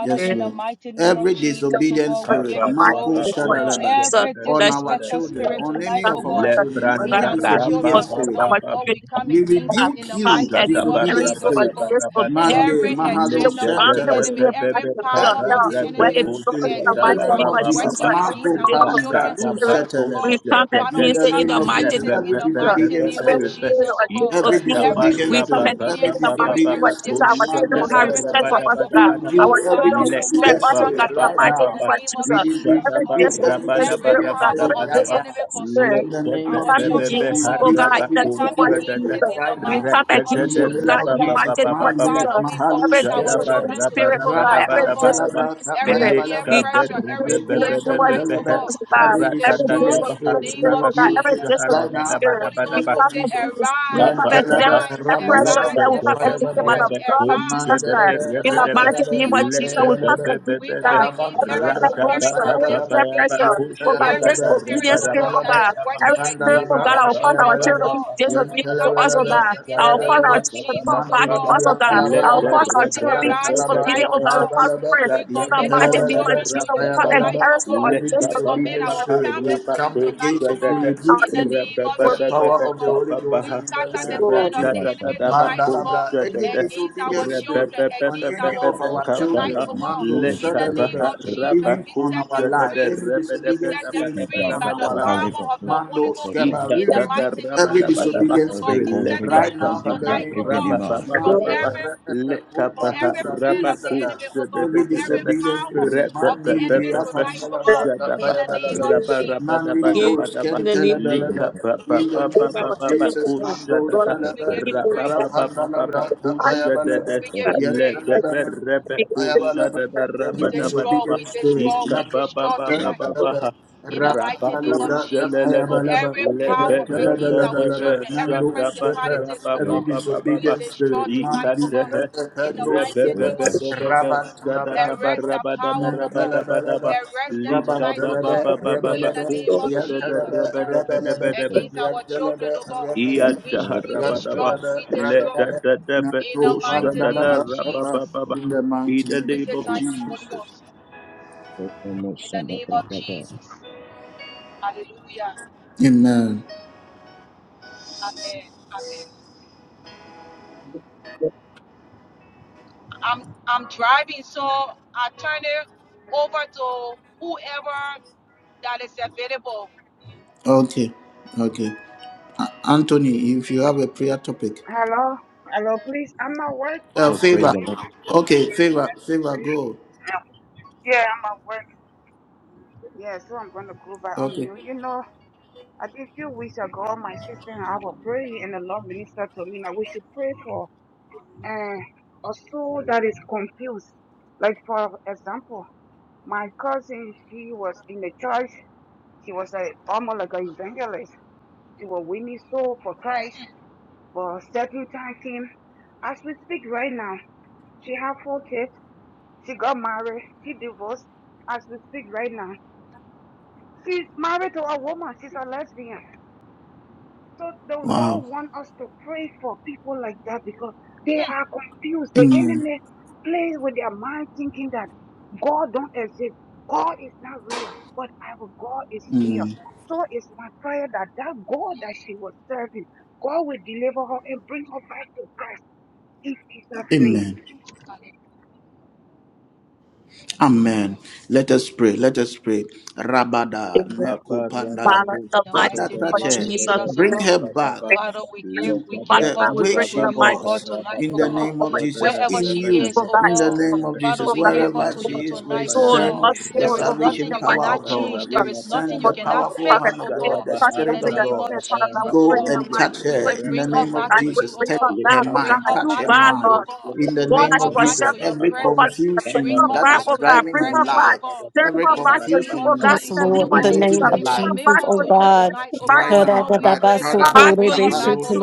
S1: Yes, Lord. Every disobedient spirit, Marco Shadaraba,
S4: So
S1: on
S4: bless you.
S1: our children,
S4: Thank you,
S1: on
S4: God,
S1: any
S4: for
S1: of our
S4: your
S1: children, every
S4: love, God. For
S1: disobedient
S4: this is
S1: spirit,
S4: our spirit of
S1: we
S4: God.
S1: rebuke you,
S4: Father, I thank every
S1: disobedient
S4: single
S1: spirit.
S4: address of this will be
S1: Mande
S4: in
S1: Mahalo
S4: the Father, that was
S1: Shantalaba.
S4: here, bless the good
S1: Every
S4: Where it
S1: disobedient
S4: belongs to
S1: spirit,
S4: the
S1: in the
S4: mighty
S1: name
S4: name
S1: of
S4: of
S1: Jesus,
S4: Jesus, every
S1: Marco
S4: single
S1: Palibradu
S4: spirit. We
S1: Shatalaba.
S4: come and
S1: In
S4: use
S1: the
S4: in
S1: name
S4: the
S1: of
S4: mighty
S1: Jesus,
S4: name of
S1: every
S4: Jesus.
S1: disobedient
S4: Every
S1: spirit.
S4: spirit of
S1: Every
S4: disobedience.
S1: disobedient
S4: We come
S1: spirit,
S4: and say
S1: every
S4: in the mighty name
S1: disobedient
S4: of Jesus,
S1: spirit,
S4: our
S1: man,
S4: children
S1: da,
S4: will
S1: da,
S4: have
S1: da, da,
S4: respect
S1: da.
S4: for us,
S1: we
S4: God.
S1: rebuke
S4: Our
S1: every
S4: children will step
S1: disobedient
S4: us, oh
S1: spirit
S4: God, the
S1: right
S4: mighty name
S1: now.
S4: of
S1: We,
S4: Jesus.
S1: re- we
S4: Every
S1: rebuke every
S4: disobedience spirit, oh
S1: disobedient
S4: God,
S1: spirit
S4: every
S1: right now.
S4: disobedience spirit,
S1: In the
S4: we
S1: name of
S4: come
S1: Jesus, we
S4: against you, oh
S1: rebuke
S4: God, in the
S1: every
S4: name of
S1: disobedient spirit
S4: Jesus.
S1: right
S4: We
S1: now.
S4: come
S1: In
S4: against
S1: the
S4: you, oh
S1: name
S4: God,
S1: of
S4: in the
S1: Jesus,
S4: mighty name of
S1: man, we
S4: Jesus. Every
S1: mahalush kerebe,
S4: disobedient spirit, oh God, every
S1: rababa
S4: disobedient
S1: talabra tapaya
S4: spirit, we
S1: balaba.
S4: come against you in
S1: Meko
S4: the name of
S1: Shantalaba,
S4: Jesus, oh God.
S1: every
S4: Every
S1: disobedient
S4: disobedient
S1: spirit, we
S4: spirit, oh God,
S1: rebuke
S4: every
S1: it right
S4: disobedient
S1: now in
S4: spirit,
S1: the
S4: we
S1: name of
S4: come
S1: Jesus.
S4: against, we come against
S1: Mantalaba,
S4: every oppression
S1: Rabalaba,
S4: that will come against you by
S1: Kapayabalaba,
S4: the blood of Jesus Christ.
S1: Mandalaba,
S4: In the mighty
S1: Rabalaba,
S4: name of Jesus, we come
S1: Kapayabalaba,
S4: against God. Every
S1: Rabantalabra,
S4: prayer pressure, every
S1: Kapayabalaba,
S4: prayer pressure, oh God,
S1: Yantalabalaba,
S4: disobedience spirit, oh
S1: Kapayabalaba,
S4: God. Every spirit, oh
S1: Randalaba,
S4: God, our father, our
S1: Kapayabalaba,
S4: children, be disobedient to us, oh
S1: Yantalabalaba,
S4: God. Our father, our
S1: Kapayabalaba,
S4: children, come back to us,
S1: Mandilibriya
S4: oh God. Our
S1: palabalaba,
S4: father, our children, be
S1: rantalaba,
S4: disobedient, oh God, our father,
S1: tapayabalaba,
S4: pray. In the mighty name
S1: yantalabalaba,
S4: of Jesus, we come against
S1: tapayabalaba.
S4: every spirit of
S1: Every
S4: disobedience.
S1: disobedient spirit will come against it, will
S4: Our
S1: rebuke you by the
S4: work
S1: power of the Holy Ghost and in the
S4: is
S1: name of
S4: for.
S8: Eva
S1: Jesus.
S8: sat
S1: Mandalabra, any disobedient spirit on any of our
S8: aposta ham
S1: children,
S8: ona
S1: Mando,
S8: sene kote
S1: Sadalaba,
S8: sene.
S1: even on our life, any disobedient spirit
S8: Eva
S1: on
S8: do
S1: our life.
S8: sahaleva do
S1: Mando
S8: sateke.
S1: Skeba, we rebuke every
S8: Eva do
S1: disobedient
S8: sahale
S1: spirit
S8: kovri de
S1: right now
S8: sundi
S1: in the
S8: bre
S1: name of
S8: kevenima.
S1: Jesus. Mande Repe Oba Lubra Bizada, every disobedient spirit. Mandi Biafambalabra
S8: Spirit
S1: Tapayabalabra,
S8: of God.
S1: Mandi Bros
S4: In the name of
S8: Spirit
S1: Kentelebelebe,
S8: of God.
S1: in the
S4: Jesus,
S1: name
S4: our
S1: of
S4: children, oh
S1: Jesus.
S4: God.
S1: Mando
S4: Lord,
S8: Spirit of
S4: I
S1: Shalaba,
S8: God.
S4: forgive them.
S1: Rapandalabra Tapayabalaba, Yentelebelebe. I Ayabalaba, every
S8: Spirit of God.
S1: disobedient spirit.
S8: Spirit of God. Spirit of God.
S1: Nantalaba,
S8: Spirit
S1: Rapalaba, Ayabalaba,
S8: of God.
S1: Nantalaba, Nando Shepherd, every disobedient spirit. Mandi, Rapalaba,
S8: Spirit
S1: Shepherd,
S8: of
S1: Rabatalabra, Nantalabalaba, Rabatalaba,
S8: God.
S1: Rabalaba, Yantalaba,
S8: to the
S1: Rabalaba,
S8: front door.
S1: Yantalaba, Rabalaba,
S8: So I had to put that
S1: Yantalaba, Rabalaba. Nato
S8: around the
S1: pandala
S8: front
S1: brapa
S8: door.
S1: in the mountain name of Jesus.
S8: And more something like that.
S1: Amen. Okay. Okay. A- Anthony, if you have a prayer topic,
S11: Hello? Hello, please. I'm at work, but
S1: uh,
S8: Oh,
S11: I want to
S8: praise
S1: favor.
S8: the
S11: give
S8: Lord.
S11: myself a
S1: Okay,
S11: hearing you
S1: favor,
S11: guys can
S1: favor,
S11: pray.
S1: go.
S11: Uh, Yeah, I'm at work. Yeah, so I'm going to go by on
S1: Okay.
S11: mute. You know, I think a few weeks ago, my sister and I were praying, and the Lord minister told me that we should pray for uh, a soul that is confused. Like, for example, my cousin, she was in the church. She was like almost like an evangelist. She was winning soul for Christ. But certain time came, as we speak right now, she have 4 kids. She got married. She divorced as we speak right now. She's married to a woman. She's a lesbian. So the
S1: Wow.
S11: Lord want us to pray for people like that because they are confused. The
S1: Amen.
S11: enemy plays with their mind thinking that God don't exist. God is not real, but our God is real.
S1: Mm.
S11: So it's my prayer that that God that she was serving, God will deliver her and bring her back to Christ in Jesus' name.
S1: Amen. Amen. Let us pray. Let us pray. Rabada,
S4: in the
S1: Neko Pandalabra.
S4: Father, the mighty
S1: Father,
S4: name of
S1: touch her.
S4: Jesus.
S1: Bring her back. to
S4: Father,
S1: the
S4: I will
S1: way
S4: bring
S1: she
S4: the mic of
S1: was in
S4: the
S1: the
S4: Lord
S1: name
S4: for
S1: of
S4: that,
S1: Jesus. In you,
S4: for
S1: in the name of Jesus,
S4: that,
S1: wherever
S4: for
S1: she is, we
S4: soul,
S1: send
S4: for
S1: the
S4: souls, for that, in
S1: salvation
S4: the mighty
S1: power of
S4: name of Jesus.
S1: God.
S4: For the
S1: We send the
S4: Lord.
S1: powerful
S4: Father,
S1: hand
S4: I
S1: of
S4: pray
S1: God, the
S4: for us, Lord,
S1: Spirit
S4: that
S1: of God.
S4: you have, Father, I will
S1: Go
S4: bring the
S1: and
S4: mic
S1: touch
S4: of
S1: her in the
S4: Jesus.
S1: name of
S4: I will
S1: Jesus.
S4: bring
S1: Touch
S4: for that,
S1: her
S4: for
S1: mind,
S4: God,
S1: touch
S4: you,
S1: her
S4: God,
S1: mind.
S4: Lord.
S1: In the
S4: God
S1: name of
S4: has
S1: Jesus, every
S4: for what
S1: confusion that is
S4: oh God,
S1: driving
S4: bring
S1: her
S4: her back.
S1: life,
S4: Send
S1: every
S4: her back to you, oh
S1: confusion
S4: God,
S1: that
S4: in
S2: Yes,
S1: is
S4: the
S2: Lord,
S4: name
S2: in
S4: of
S2: the
S1: manipulating
S2: name
S4: Jesus.
S1: her
S2: of
S4: Bring
S1: life.
S4: her
S2: Jesus,
S4: back
S2: oh
S4: to you, back
S2: God.
S4: to you,
S1: Right
S2: Father,
S1: now, my Kadaba
S4: back to you,
S1: Kapanos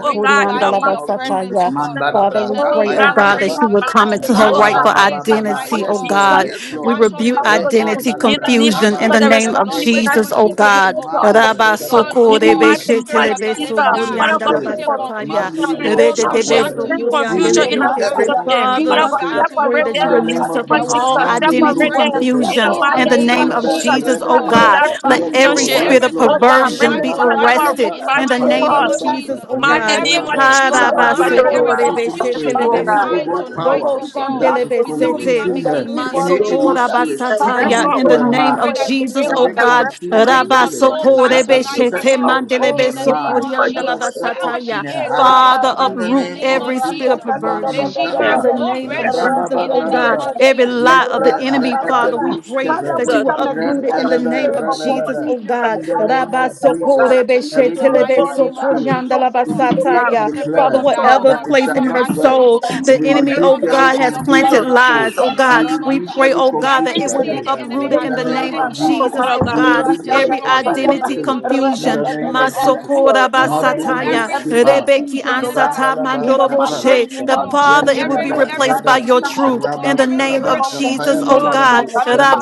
S4: oh God,
S1: in
S4: in the
S1: the name of Jesus, Mandalabra,
S2: we
S4: Oh
S2: pray, oh
S1: Kapaya
S4: God,
S2: God, that
S4: bring
S1: Balaba,
S2: she
S4: our
S2: would
S4: minds
S2: come
S4: to
S2: into
S4: you,
S2: her
S4: oh God.
S2: rightful
S4: God, you
S1: Rabababa.
S4: want
S2: identity, oh
S1: Yes,
S4: Jesus.
S1: Lord,
S2: God.
S1: yes,
S2: We
S1: Lord.
S2: rebuke
S1: Le
S4: you.
S2: identity
S4: In the
S1: Kondalabra,
S4: name of
S2: confusion
S4: Jesus,
S2: in
S1: Rabba.
S2: the
S4: there is
S2: name of
S4: nothing you
S1: Any
S4: cannot do
S2: Jesus, oh
S4: for the
S1: confusion,
S2: God.
S4: rest
S1: Mando
S4: of us.
S1: Stedaba.
S4: In
S1: We rebuke every
S4: Jesus,
S1: confusion
S4: Father God,
S1: spirit.
S4: bring confusion
S1: Mandiribro
S4: relationship,
S1: Shantalaba.
S4: bring
S1: We
S4: confusion in our
S1: rebuke every
S4: relationship.
S1: confusion
S2: Father,
S4: Father God,
S2: I
S1: spirit.
S2: pray
S4: separate
S2: that
S1: In
S2: you
S4: them in
S1: the
S4: the
S1: name
S2: release her
S1: of
S4: name
S2: from
S1: Jesus,
S2: all
S4: Jesus,
S2: identity
S1: Mandiribro
S4: separate them
S1: Stepe,
S4: You know,
S2: confusion
S4: my
S2: in
S4: name
S2: the name of
S1: Mandalaba,
S4: Jesus,
S2: Jesus,
S4: tear
S2: oh
S4: up
S2: God.
S1: Rebelaba.
S4: that
S2: Let
S1: Yes,
S2: every
S1: Lord.
S4: relationship.
S2: spirit
S1: Yes,
S2: of
S4: Oh
S1: Lord.
S4: God, bring
S2: perversion
S4: me
S2: be
S4: God,
S1: Rabban
S4: love our road
S2: arrested
S1: Malabra
S4: back
S2: in
S4: to
S2: the
S4: the
S1: Tapaya
S2: name of
S4: cross.
S1: Balaba
S2: Jesus, oh
S4: Mighty
S2: God.
S4: name of
S1: Nyenkelebe.
S4: Jesus, Father God,
S1: Every
S4: there is not
S1: confusing
S4: thanks,
S1: spirit,
S4: oh
S1: any
S4: God.
S1: evil power
S2: Robo
S1: that is
S2: Shandelebe Sete,
S1: confusing her, any evil spirit
S4: I
S1: speaking
S4: rest, oh
S2: in
S1: into
S2: the
S1: her
S4: God.
S2: name
S1: mind,
S2: of
S4: I rest,
S2: Jesus, oh
S1: every
S4: I
S2: God.
S4: rest, I
S1: confusion
S4: rest, I
S1: spirit that
S4: rest,
S2: Rabasokorebe
S1: has
S4: I
S1: set
S2: Shete,
S4: rest, oh
S1: off
S4: God.
S1: in her
S4: In the name
S1: mind,
S4: of
S1: that has
S4: Jesus,
S1: set off in her heart,
S2: Father,
S1: in the
S2: uproot
S1: name of
S2: every spirit of
S1: Jesus, man,
S2: perversion
S1: he,
S4: I rest,
S2: in the name
S4: I
S2: of
S4: rest,
S2: Jesus, oh
S4: oh
S2: God,
S4: God.
S1: Rabba,
S2: every lie of
S1: Yete
S2: the enemy, Father, we
S1: re'ebedus
S2: pray
S1: kefe.
S2: that you
S4: Jesus,
S2: will
S4: I
S2: uproot
S4: rest, oh
S2: it in
S4: God.
S2: the
S1: Rentelebe
S4: In
S2: name of
S4: the name
S2: Jesus,
S1: rebelebe.
S2: oh God.
S1: In the
S4: of Jesus,
S1: name of
S2: Rabba
S4: I rest, oh
S1: Jesus,
S4: God.
S2: sokorebe
S1: every
S4: Oh,
S2: shetelebe
S4: oh,
S1: confusing
S4: oh,
S1: spirit,
S2: sokorianda laba
S1: we
S4: oh,
S1: decree
S4: God.
S1: and
S2: sataya.
S4: Oh,
S2: Father,
S1: declare
S4: so,
S2: whatever
S1: that it
S2: place
S1: shall
S2: in
S4: I'm
S2: her
S1: not work.
S2: soul,
S4: asking
S2: the
S1: We
S4: for
S2: enemy, oh
S1: rebuke
S4: everything of
S1: every
S2: God,
S4: the
S2: has
S4: people
S2: planted
S1: confusing
S2: lies,
S4: of
S1: spirit.
S2: oh
S1: We
S2: God. We
S1: rebuke
S2: pray,
S1: every
S2: oh God, that
S1: confusing
S2: it would
S4: Israel.
S2: be
S1: spirit.
S2: uprooted
S1: In
S2: in
S1: the
S2: the
S1: name
S2: name of
S1: of
S4: Oh,
S1: Jesus,
S2: Jesus,
S4: Father
S2: oh
S1: we
S4: God.
S2: God.
S1: rebuke every
S2: Every
S4: Oh,
S1: confusing
S2: identity
S1: spirit. In the
S2: confusion,
S1: name
S4: Father
S1: of
S2: Masokora
S1: Jesus,
S4: God.
S1: Mandiri bro skip
S2: basataya,
S1: out.
S2: Rebeki ansata
S1: Randalaba
S2: mandoroboshe. That
S1: Yan
S2: Father, it will be
S1: Yantalaba
S2: replaced by
S1: Reba
S2: your truth. In
S1: Rabam
S2: the name
S1: Alaba
S2: of Jesus, oh
S4: Oh,
S1: Rapayabalaba
S2: God.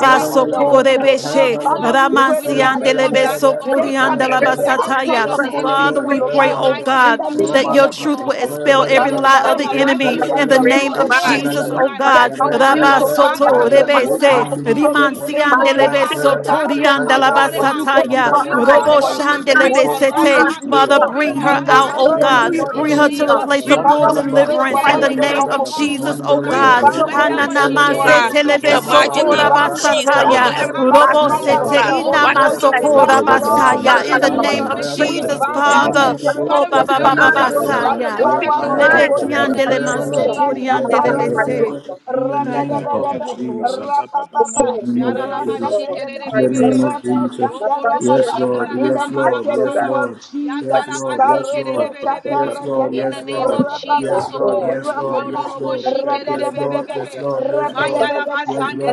S4: God.
S2: soko
S4: Eyes,
S2: rebeshe.
S1: Rapayabalaba
S2: ramansi andelebe
S1: Yantalabalaba
S2: Rabasokorebeshe.
S1: Rapayabalaba
S2: Ramansiandelebesokoriandalabasataya.
S1: Yantalaba
S2: Father, we pray, oh
S1: Rabalaba
S2: God, that your
S1: Rabalaba
S2: truth will expel every
S1: Rapayabalaba
S2: lie of the enemy in the
S1: Yantalabalaba
S2: name of Jesus,
S1: Ipanalaba
S2: oh God. Rabba
S1: Yantalaba
S2: soto
S1: Rabba
S2: rebese,
S1: Upanilibriyapa
S2: rimansian delebe
S1: Yantalaba
S2: soto rianda la
S1: Rapayabalaba
S2: basataya,
S1: Rabba
S2: robo Oh,
S1: Talaba Every
S2: Shandelebesete.
S1: confusion
S2: Father,
S1: spirit
S2: bring her
S1: Mando
S2: out, oh God. Bring
S1: Ipanalaba
S2: her to the place of full
S1: Rantalaba,
S2: deliverance in the name
S1: Payabalaba,
S2: of Jesus, oh
S1: Mandelaba,
S2: God.
S4: oh
S1: Mancoselaba,
S4: God, in the
S1: Rababa,
S4: mighty name
S2: hananamasetelebesokora
S4: of
S1: Talaba,
S4: Jesus, oh
S2: basataya
S4: God, every
S1: Payabalaba,
S4: battle, oh
S1: Mandalaba,
S4: God, why everything that is
S1: Payabalaba,
S4: stressing out is done,
S2: In the
S4: Father
S1: Rantalaba,
S4: God.
S2: name of
S4: We pray in the
S1: Payabalaba,
S2: Jesus,
S4: name of Jesus,
S2: Father.
S4: oh God, if
S1: Mandibros,
S2: Oh,
S4: you open
S2: Baba
S4: our
S2: Baba
S4: eyes, oh
S1: Pandalabalaba,
S4: God,
S2: Basaya.
S4: open our eyes
S1: Yapayabalaba,
S4: in the name of
S1: Payabalaba,
S4: Jesus. Allow her to pray this,
S2: Lebekiandelemasotoriandelebese.
S1: Yantalabalaba,
S4: God.
S1: in
S2: Oh
S1: the
S2: God,
S1: name
S2: do it
S1: of
S2: for your glory.
S1: Jesus.
S2: In
S4: The
S2: the name of
S4: same,
S2: Jesus.
S4: oh God, right there, my first day, my first day, oh God, in the name of Jesus, yes, Lord. Okay, thank you.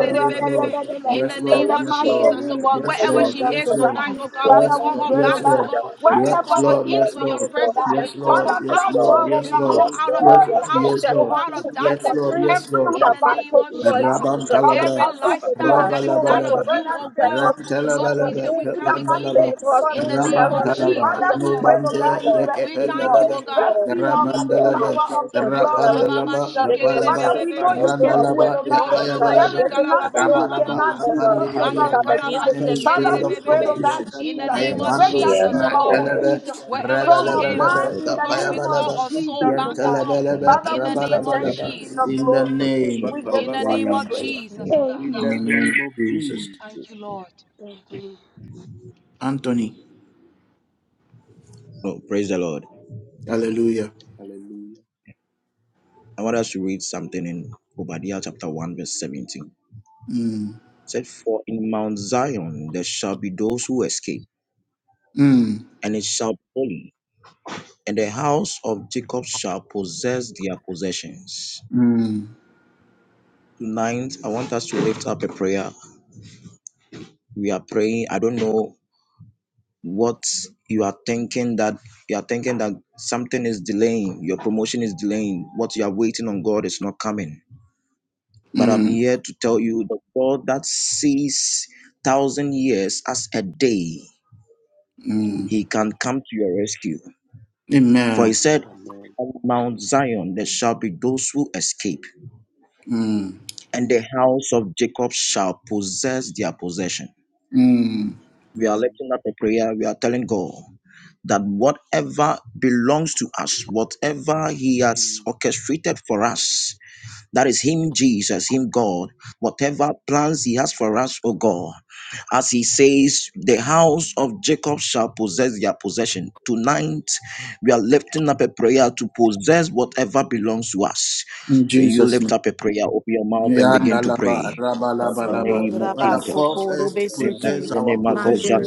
S4: Yes, Lord, yes, Lord, yes, Lord.
S1: Rabam talabra, rabalabalaba, Rantalaba, Pandalaba, Rabantalaba, Nobande, Rekependalaba, the Rabandalaba, the Rapandalaba, Kapalaba, Randalaba, Kapayabalaba, Rabalaba, Kapandibriapa, in the spirit of
S4: Thank you.
S1: confusion. I am Pandus,
S4: Yeah.
S8: Shalom.
S4: Oh.
S1: Natalaba, Rabalabalaba, Kapayabalaba,
S8: Oh,
S1: Yantalabalaba, Rabalabalaba, in the name of Jesus. In the name of Jesus. Anthony.
S8: praise the Lord.
S1: Hallelujah.
S8: I want us to read something in Obadiah chapter 1, verse 17. It
S1: Mm.
S8: said, For in Mount Zion there shall be those who escape,
S1: Mm.
S8: and it shall be holy, and the house of Jacob shall possess their possessions.
S1: Mm.
S8: Tonight, I want us to lift up a prayer. We are praying. I don't know what you are thinking that you are thinking that something is delaying, your promotion is delaying, what you are waiting on God is not coming But I'm
S1: Mm.
S8: here to tell you the God that sees thousand years as a day,
S1: Mm.
S8: he can come to your rescue. For he
S1: Amen.
S8: said, On Mount Zion there shall be those who escape,
S1: Mm.
S8: and the house of Jacob shall possess their possession.
S1: Mm.
S8: We are lifting up a prayer. We are telling God that whatever belongs to us, whatever He has orchestrated for us, That is Him, Jesus, Him, God. Whatever plans He has for us, O God. As He says, the house of Jacob shall possess their possession. Tonight, we are lifting up a prayer to possess whatever belongs to us.
S1: In
S8: When you
S1: Jesus' name.
S8: lift up a prayer, open your mouth and begin to
S1: Yandalaba,
S8: pray.
S2: Yes,
S1: rabalaba,
S8: In the
S1: laba.
S2: Lord,
S8: name of
S1: Father,
S8: Jesus.
S1: cause us to
S2: Rabasokore-beshete,
S1: possess
S8: For
S1: our possessions.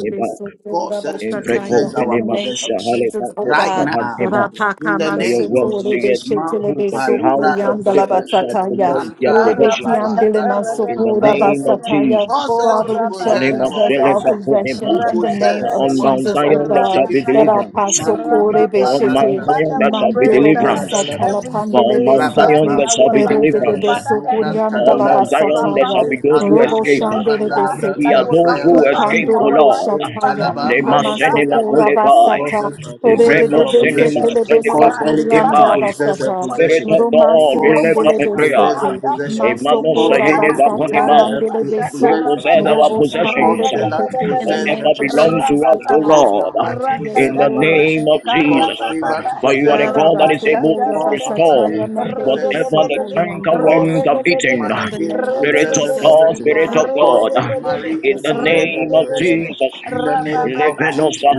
S1: cause us to possess
S2: in the
S1: our
S2: name of
S1: possessions
S2: Jesus, oh
S1: right
S2: God.
S1: now. In the
S8: your
S1: name
S8: word
S1: of
S8: saith
S1: Jesus, Marco
S8: that the house
S1: Palubra
S8: of Jacob
S1: Luzerelebe,
S8: shall
S2: Rapakamansokorebeshetelebesokoreandalabasataya,
S8: possess their
S1: Nanta
S5: Father,
S8: possession
S1: Rababa, Dalabo
S8: in the name
S1: Kapani.
S8: of
S2: Lebekiandelemansokorabasataya.
S8: Jesus.
S1: Cause us
S2: Father,
S1: to
S2: we shall
S1: possess
S8: Anima
S1: our
S2: possess all
S8: celeba
S1: possessions.
S8: kuneba.
S1: We
S2: possessions in the name
S8: For
S1: possess
S2: of
S8: on Mount
S2: Jesus,
S1: whatever
S2: oh
S1: they
S8: Zion there
S1: have
S8: shall
S2: God.
S8: be
S1: taken from us.
S8: deliverance.
S1: Mandi
S2: Rapasoko,
S8: For
S1: Kupa
S8: on Mount
S2: Rebeshete,
S1: Dalabas,
S8: Zion there
S5: we
S8: shall be
S5: pray, oh
S2: Mandorobo
S5: God,
S8: deliverance.
S5: Every.
S2: Satala,
S1: Yantelebelebe,
S8: For on
S2: pandele
S8: Mount Zion
S2: Rapasokorebeshete,
S1: Rababa
S8: there shall be
S1: Kupa
S8: deliverance.
S1: Dalabas,
S2: Mandorobosatalapandelebesete,
S1: Nubran
S8: For on
S1: Talabra,
S8: Mount Zion there
S2: Eredelebesokoriandalabasataya.
S8: shall be those who
S2: Robo
S8: escape.
S1: Pandalabra,
S2: Shandere
S1: Pandalabra,
S8: We are
S2: Besete,
S8: those
S1: Kapaya
S8: who escape,
S1: Balaba.
S8: O
S2: Ikandorobo
S8: Lord.
S1: In
S2: Shataya,
S1: Talaba,
S8: Lema
S1: Mandiri
S8: senema
S1: Briapa,
S2: Ikamasokura
S8: kulebai.
S1: cause
S2: Basata,
S1: us to
S2: Rede
S1: possess
S8: Evremo
S2: de
S1: our
S8: senema
S1: possession.
S2: Besete
S8: senema
S1: Cause Elikem to
S8: kontepai.
S2: Lebesokuriandala
S1: possess their
S2: Basata,
S8: Spirit
S1: possession.
S8: of God, we
S1: Cause
S8: lift
S1: Sid
S8: up
S2: Romansiandele
S8: a
S1: to
S8: prayer.
S1: possess their
S2: Besete,
S1: possession.
S8: Emmanuel
S1: Cause
S2: Masokura
S1: Dennis
S8: seheneva
S1: to
S2: Basata,
S8: konema.
S1: possess her,
S2: Mandele
S1: to
S8: We
S2: Beso,
S1: possess his
S8: possess our
S1: possession.
S2: Robo
S1: Cause
S2: Shandele
S8: possessions.
S1: Stella to
S2: Besete, in the
S1: possess
S8: whatever
S1: her
S2: name of
S8: belongs
S1: possession.
S8: to
S2: Jesus,
S8: us,
S2: O
S8: O
S2: God.
S1: Cause
S8: Lord,
S1: my wife to
S2: Yes,
S8: in
S1: possess
S8: the
S1: her
S2: Lord.
S8: name
S1: possession.
S8: of
S1: Cause
S8: Jesus.
S1: favor to
S5: Rapapapa,
S8: For you are
S1: possess
S8: a
S1: her
S8: God that
S5: rapapapa,
S8: is
S1: possession.
S8: able to
S2: Arabasokura
S1: Cause Pastor
S8: restore
S2: Basataya,
S1: Dave to
S2: Mandele
S1: possess her
S8: whatever the
S1: possession.
S8: canker worms
S1: Cause
S2: Besokuriandaya.
S8: have eaten.
S2: In
S1: Mother
S2: the
S1: Gay to
S2: name of
S8: Spirit
S1: possess
S8: of
S1: her
S2: Jesus,
S8: God,
S2: O
S1: possession.
S8: Spirit of
S2: God.
S1: Cause
S8: God,
S1: the Marie
S8: in
S1: to
S2: Yes,
S8: the
S1: possess
S2: Lord.
S1: her
S8: name of
S1: possession.
S8: Jesus.
S1: In the name of Jesus.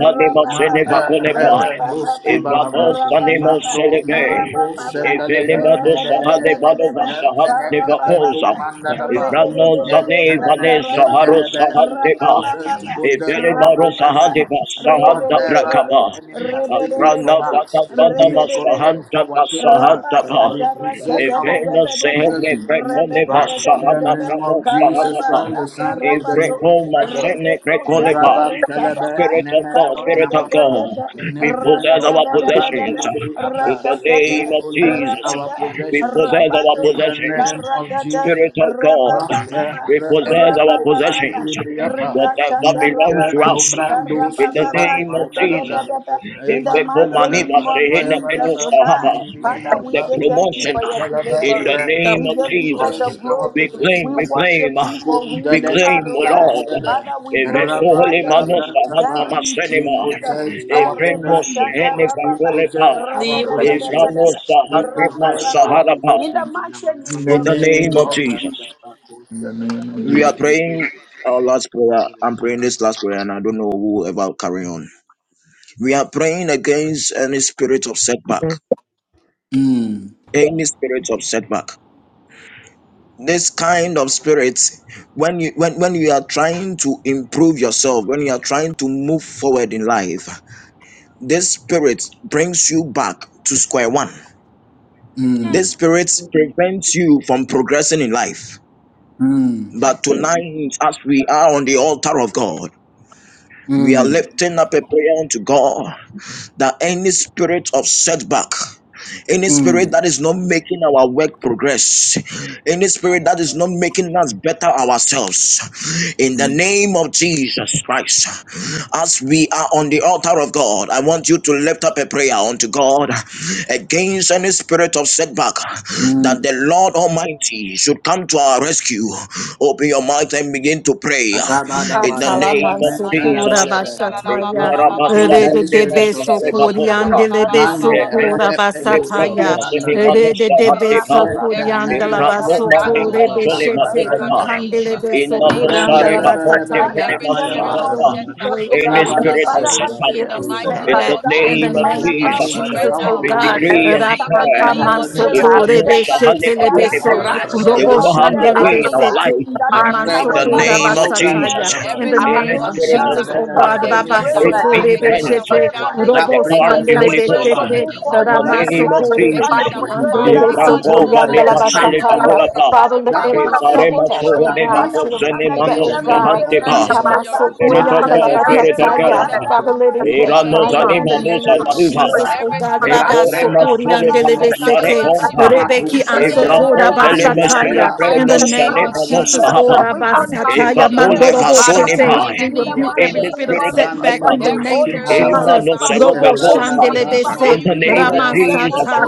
S1: Manda rebe buski bahava.
S8: Ibadan sanimo
S1: Mando
S8: selebe,
S1: nono bo sendelebe
S8: ivilimodo
S1: mendelene.
S8: sahane manova sahan
S1: Nempene kepengu
S8: nevakoza,
S1: mandadaba.
S8: ibranon zane
S1: Nempelene
S8: vane saharo
S1: lentelebe.
S8: sahanteba,
S1: Cause us to possess our
S8: ivilimaro
S1: possession.
S5: rapapapa,
S8: sahadeva
S5: Amen. Amen.
S8: sahanda
S1: Whatever
S8: brakaba,
S1: the enemy has taken
S8: abrana
S1: from
S8: bata
S1: us, we
S8: banama
S1: collect
S8: sahanda
S1: our thing back.
S8: basahanda
S1: We possess our
S8: Eveno sehene
S1: blessing.
S8: prekone
S1: But in the
S8: vasahana
S1: name
S8: prano
S1: of Jesus
S8: sahana ba.
S1: Christ, the Son of the Living Most
S8: Evrekoma
S1: High God.
S8: sene prekole ba.
S1: Rabban Kalebe
S8: Spirit of God,
S1: Nemeno
S8: Spirit of
S1: Namana.
S8: God, we possess
S1: Nemeno
S8: our
S1: Kapan
S8: possessions.
S1: Libri
S8: In
S1: Abba.
S8: the
S1: We
S8: name of
S1: possess
S8: Jesus,
S1: our
S8: we
S1: possessions
S8: possess our
S1: in the
S8: possessions.
S1: name of Jesus.
S8: Spirit of God,
S1: Mante
S8: we
S1: Rebe
S8: possess our
S1: Kapan
S8: possessions.
S1: Libri Abba.
S8: Whatever
S1: Mente
S8: belongs to us,
S1: Nobrando
S8: in the
S1: Skipa
S8: name of Jesus.
S1: Mandalabra.
S8: Evrekoma
S1: Mandalabra
S8: niva sehene
S1: Kapaya
S8: preno
S1: Balaba
S8: sahaba
S1: Mandiri
S8: the
S1: Abba.
S8: promotion uh,
S1: Yantelebe
S8: in the
S1: Rehe.
S4: God,
S8: name of
S1: We
S8: Jesus.
S1: possess our
S8: We claim, we
S1: possessions.
S8: claim, uh, we
S1: Makundele
S8: claim, O Lord.
S1: Infantelebe.
S8: Evesole
S1: Rabatelebra
S8: manosa handa
S1: Tapa. We
S8: masenema.
S1: possess our
S8: Evremos
S1: possessions.
S8: hene
S1: We
S8: vakolepa.
S1: possess our
S4: name of
S1: possessions.
S4: Jesus.
S8: Evranosa
S1: We
S8: hanema
S1: possess our
S8: saharapa.
S1: possessions. In the
S8: In the
S1: name
S8: name of
S1: of
S8: Jesus.
S1: Jesus. In the name of
S8: We are
S1: Jesus.
S8: praying our last prayer. I'm praying this last prayer and I don't know who ever will ever carry on. We are praying against any spirit of setback.
S4: Mm.
S1: Mm,
S8: Any spirit of setback. this kind of spirit when you when, when you are trying to improve yourself when you are trying to move forward in life this spirit brings you back to square one
S1: mm,
S8: this spirit prevents you from progressing in life
S1: mm,
S8: but tonight as we are on the altar of god we are
S1: mm,
S9: Mm.
S8: lifting up a prayer unto god that any spirit of setback Any spirit that
S1: mm,
S8: is not making our work progress, any spirit that is not making us better ourselves, in the name of Jesus Christ, as we are on the altar of God, I want you to lift up a prayer unto God against any spirit of setback
S1: mm.
S8: that the Lord Almighty should come to our rescue. Open your mouth and begin to pray in the
S1: Rabadabadaba.
S8: name of
S2: Satalamasukura
S8: Jesus.
S1: Mentalebelebe. We
S2: Bashataya,
S1: come against
S2: Rede
S1: any
S2: de
S1: spirit of setback.
S2: Besukuriandele
S1: Mande
S8: In
S2: Besukura
S1: reepelo
S2: Basataya,
S1: skipanalabra.
S2: Rede de
S1: Yente
S2: Besukuriandala
S1: melo matalaba.
S2: Basutore Beshete,
S1: Apanalabra.
S2: Ukandele
S8: the Sare
S2: Besukuriandala
S8: Baponte
S1: Randalabadaba,
S2: Basataya. Father,
S8: Penemasahata,
S1: Rapayabalaba,
S2: we break
S8: in the
S2: every
S8: spirit of
S1: Rabalaba, any
S8: Satan,
S2: every
S1: spirit
S2: fear of
S1: of
S8: in
S1: setback,
S8: the
S2: setback. In
S1: we
S2: the
S8: name of
S1: come
S2: name of
S1: against you
S8: Jesus,
S1: by the
S2: Jesus, oh
S1: power of
S8: we
S1: the
S2: God,
S1: Holy
S8: decree
S1: Ghost.
S8: and declare
S1: And in
S2: Rapakaman
S1: the name
S8: if
S1: of
S8: that
S2: Sotore
S8: means
S1: Jesus,
S8: Shahale
S1: we
S2: Beshete
S8: Bakoneba,
S1: crush
S8: they
S1: any
S8: will
S2: Robo
S8: not have
S1: spirit
S8: their
S1: of
S8: way
S2: Shandelebe
S8: in our
S1: setback.
S2: Sete
S8: life.
S2: Ikaman
S8: In the
S2: Sokora
S1: Rebelebe,
S8: name
S1: no
S8: of
S2: Basataya.
S8: Jesus.
S1: brantalaba,
S2: In the
S8: In the
S2: name of
S8: spirit of
S2: Jesus, oh
S8: setback,
S2: God,
S1: mantalabelebe, any
S8: it
S1: spirit
S8: be
S1: of
S2: Rabasotorebe
S8: influenced
S1: setback.
S2: Sete,
S1: And
S8: by the
S2: Robo
S1: that brings
S8: power of
S1: us
S8: the
S1: to
S8: Holy
S2: Sandelebe
S1: square
S8: Ghost
S1: one.
S2: Sete,
S8: in the
S2: Raman
S1: That
S8: name of
S1: brings us
S2: Sokorebe
S1: to,
S8: Jesus.
S2: Siti
S1: to,
S2: Andelebe
S1: to, to, to
S8: Evrakova ne
S1: a, a
S2: Sotoriandala
S8: masele
S1: standpoint.
S2: Basataya.
S8: bakulapa.
S2: Father, let
S1: That
S2: every
S1: brings us
S8: Evarema
S1: to a
S2: setback, oh
S8: soho ne
S2: God, spirit of
S1: stagnation
S8: bakozene
S2: setback,
S1: in
S2: oh
S8: manos
S1: the name
S2: God,
S1: of
S8: sahantepa.
S1: Jesus.
S8: Spirit of God,
S1: Matelebe
S8: Spirit of
S2: Itamasokoriandalabasataya.
S8: God.
S1: kupalaba.
S2: Father, let it
S1: We
S2: catch
S1: come
S8: Eranos
S2: fire
S1: against
S2: in the
S1: any
S8: animanos
S2: name of
S1: spirit of
S8: anaduva.
S2: Jesus,
S1: setback
S2: oh God.
S1: right
S8: Ekore
S1: now in the
S8: masole
S1: name of
S8: panosare
S1: Jesus.
S2: Rabasokoriandelebesete.
S8: kompa.
S1: Matu
S2: Rebeki
S1: sete.
S8: Evrako vele
S1: Meyanta
S8: masele
S2: ansotorabasataya.
S8: pre
S2: In the name
S1: malubra
S8: nosane
S2: of
S8: manos
S2: Jesus,
S1: kapadu
S2: oh
S4: Thank
S8: sahapa.
S1: sete.
S2: Rabasataya,
S8: Evakole
S1: Rabalaba
S8: vasone
S2: mandoroboshete.
S8: bai.
S2: we rebuke
S1: tapandilibriyapa
S8: In
S2: every
S8: the
S2: spirit of
S8: spirit of
S2: setback in
S8: setback.
S2: the
S1: mandilibros
S2: name of
S8: In
S1: kipahava
S8: the
S2: Jesus. Robo
S1: errandalaba
S2: Shandelebese,
S8: name of
S1: mandilibriyapa
S8: Jesus,
S2: Ramasata,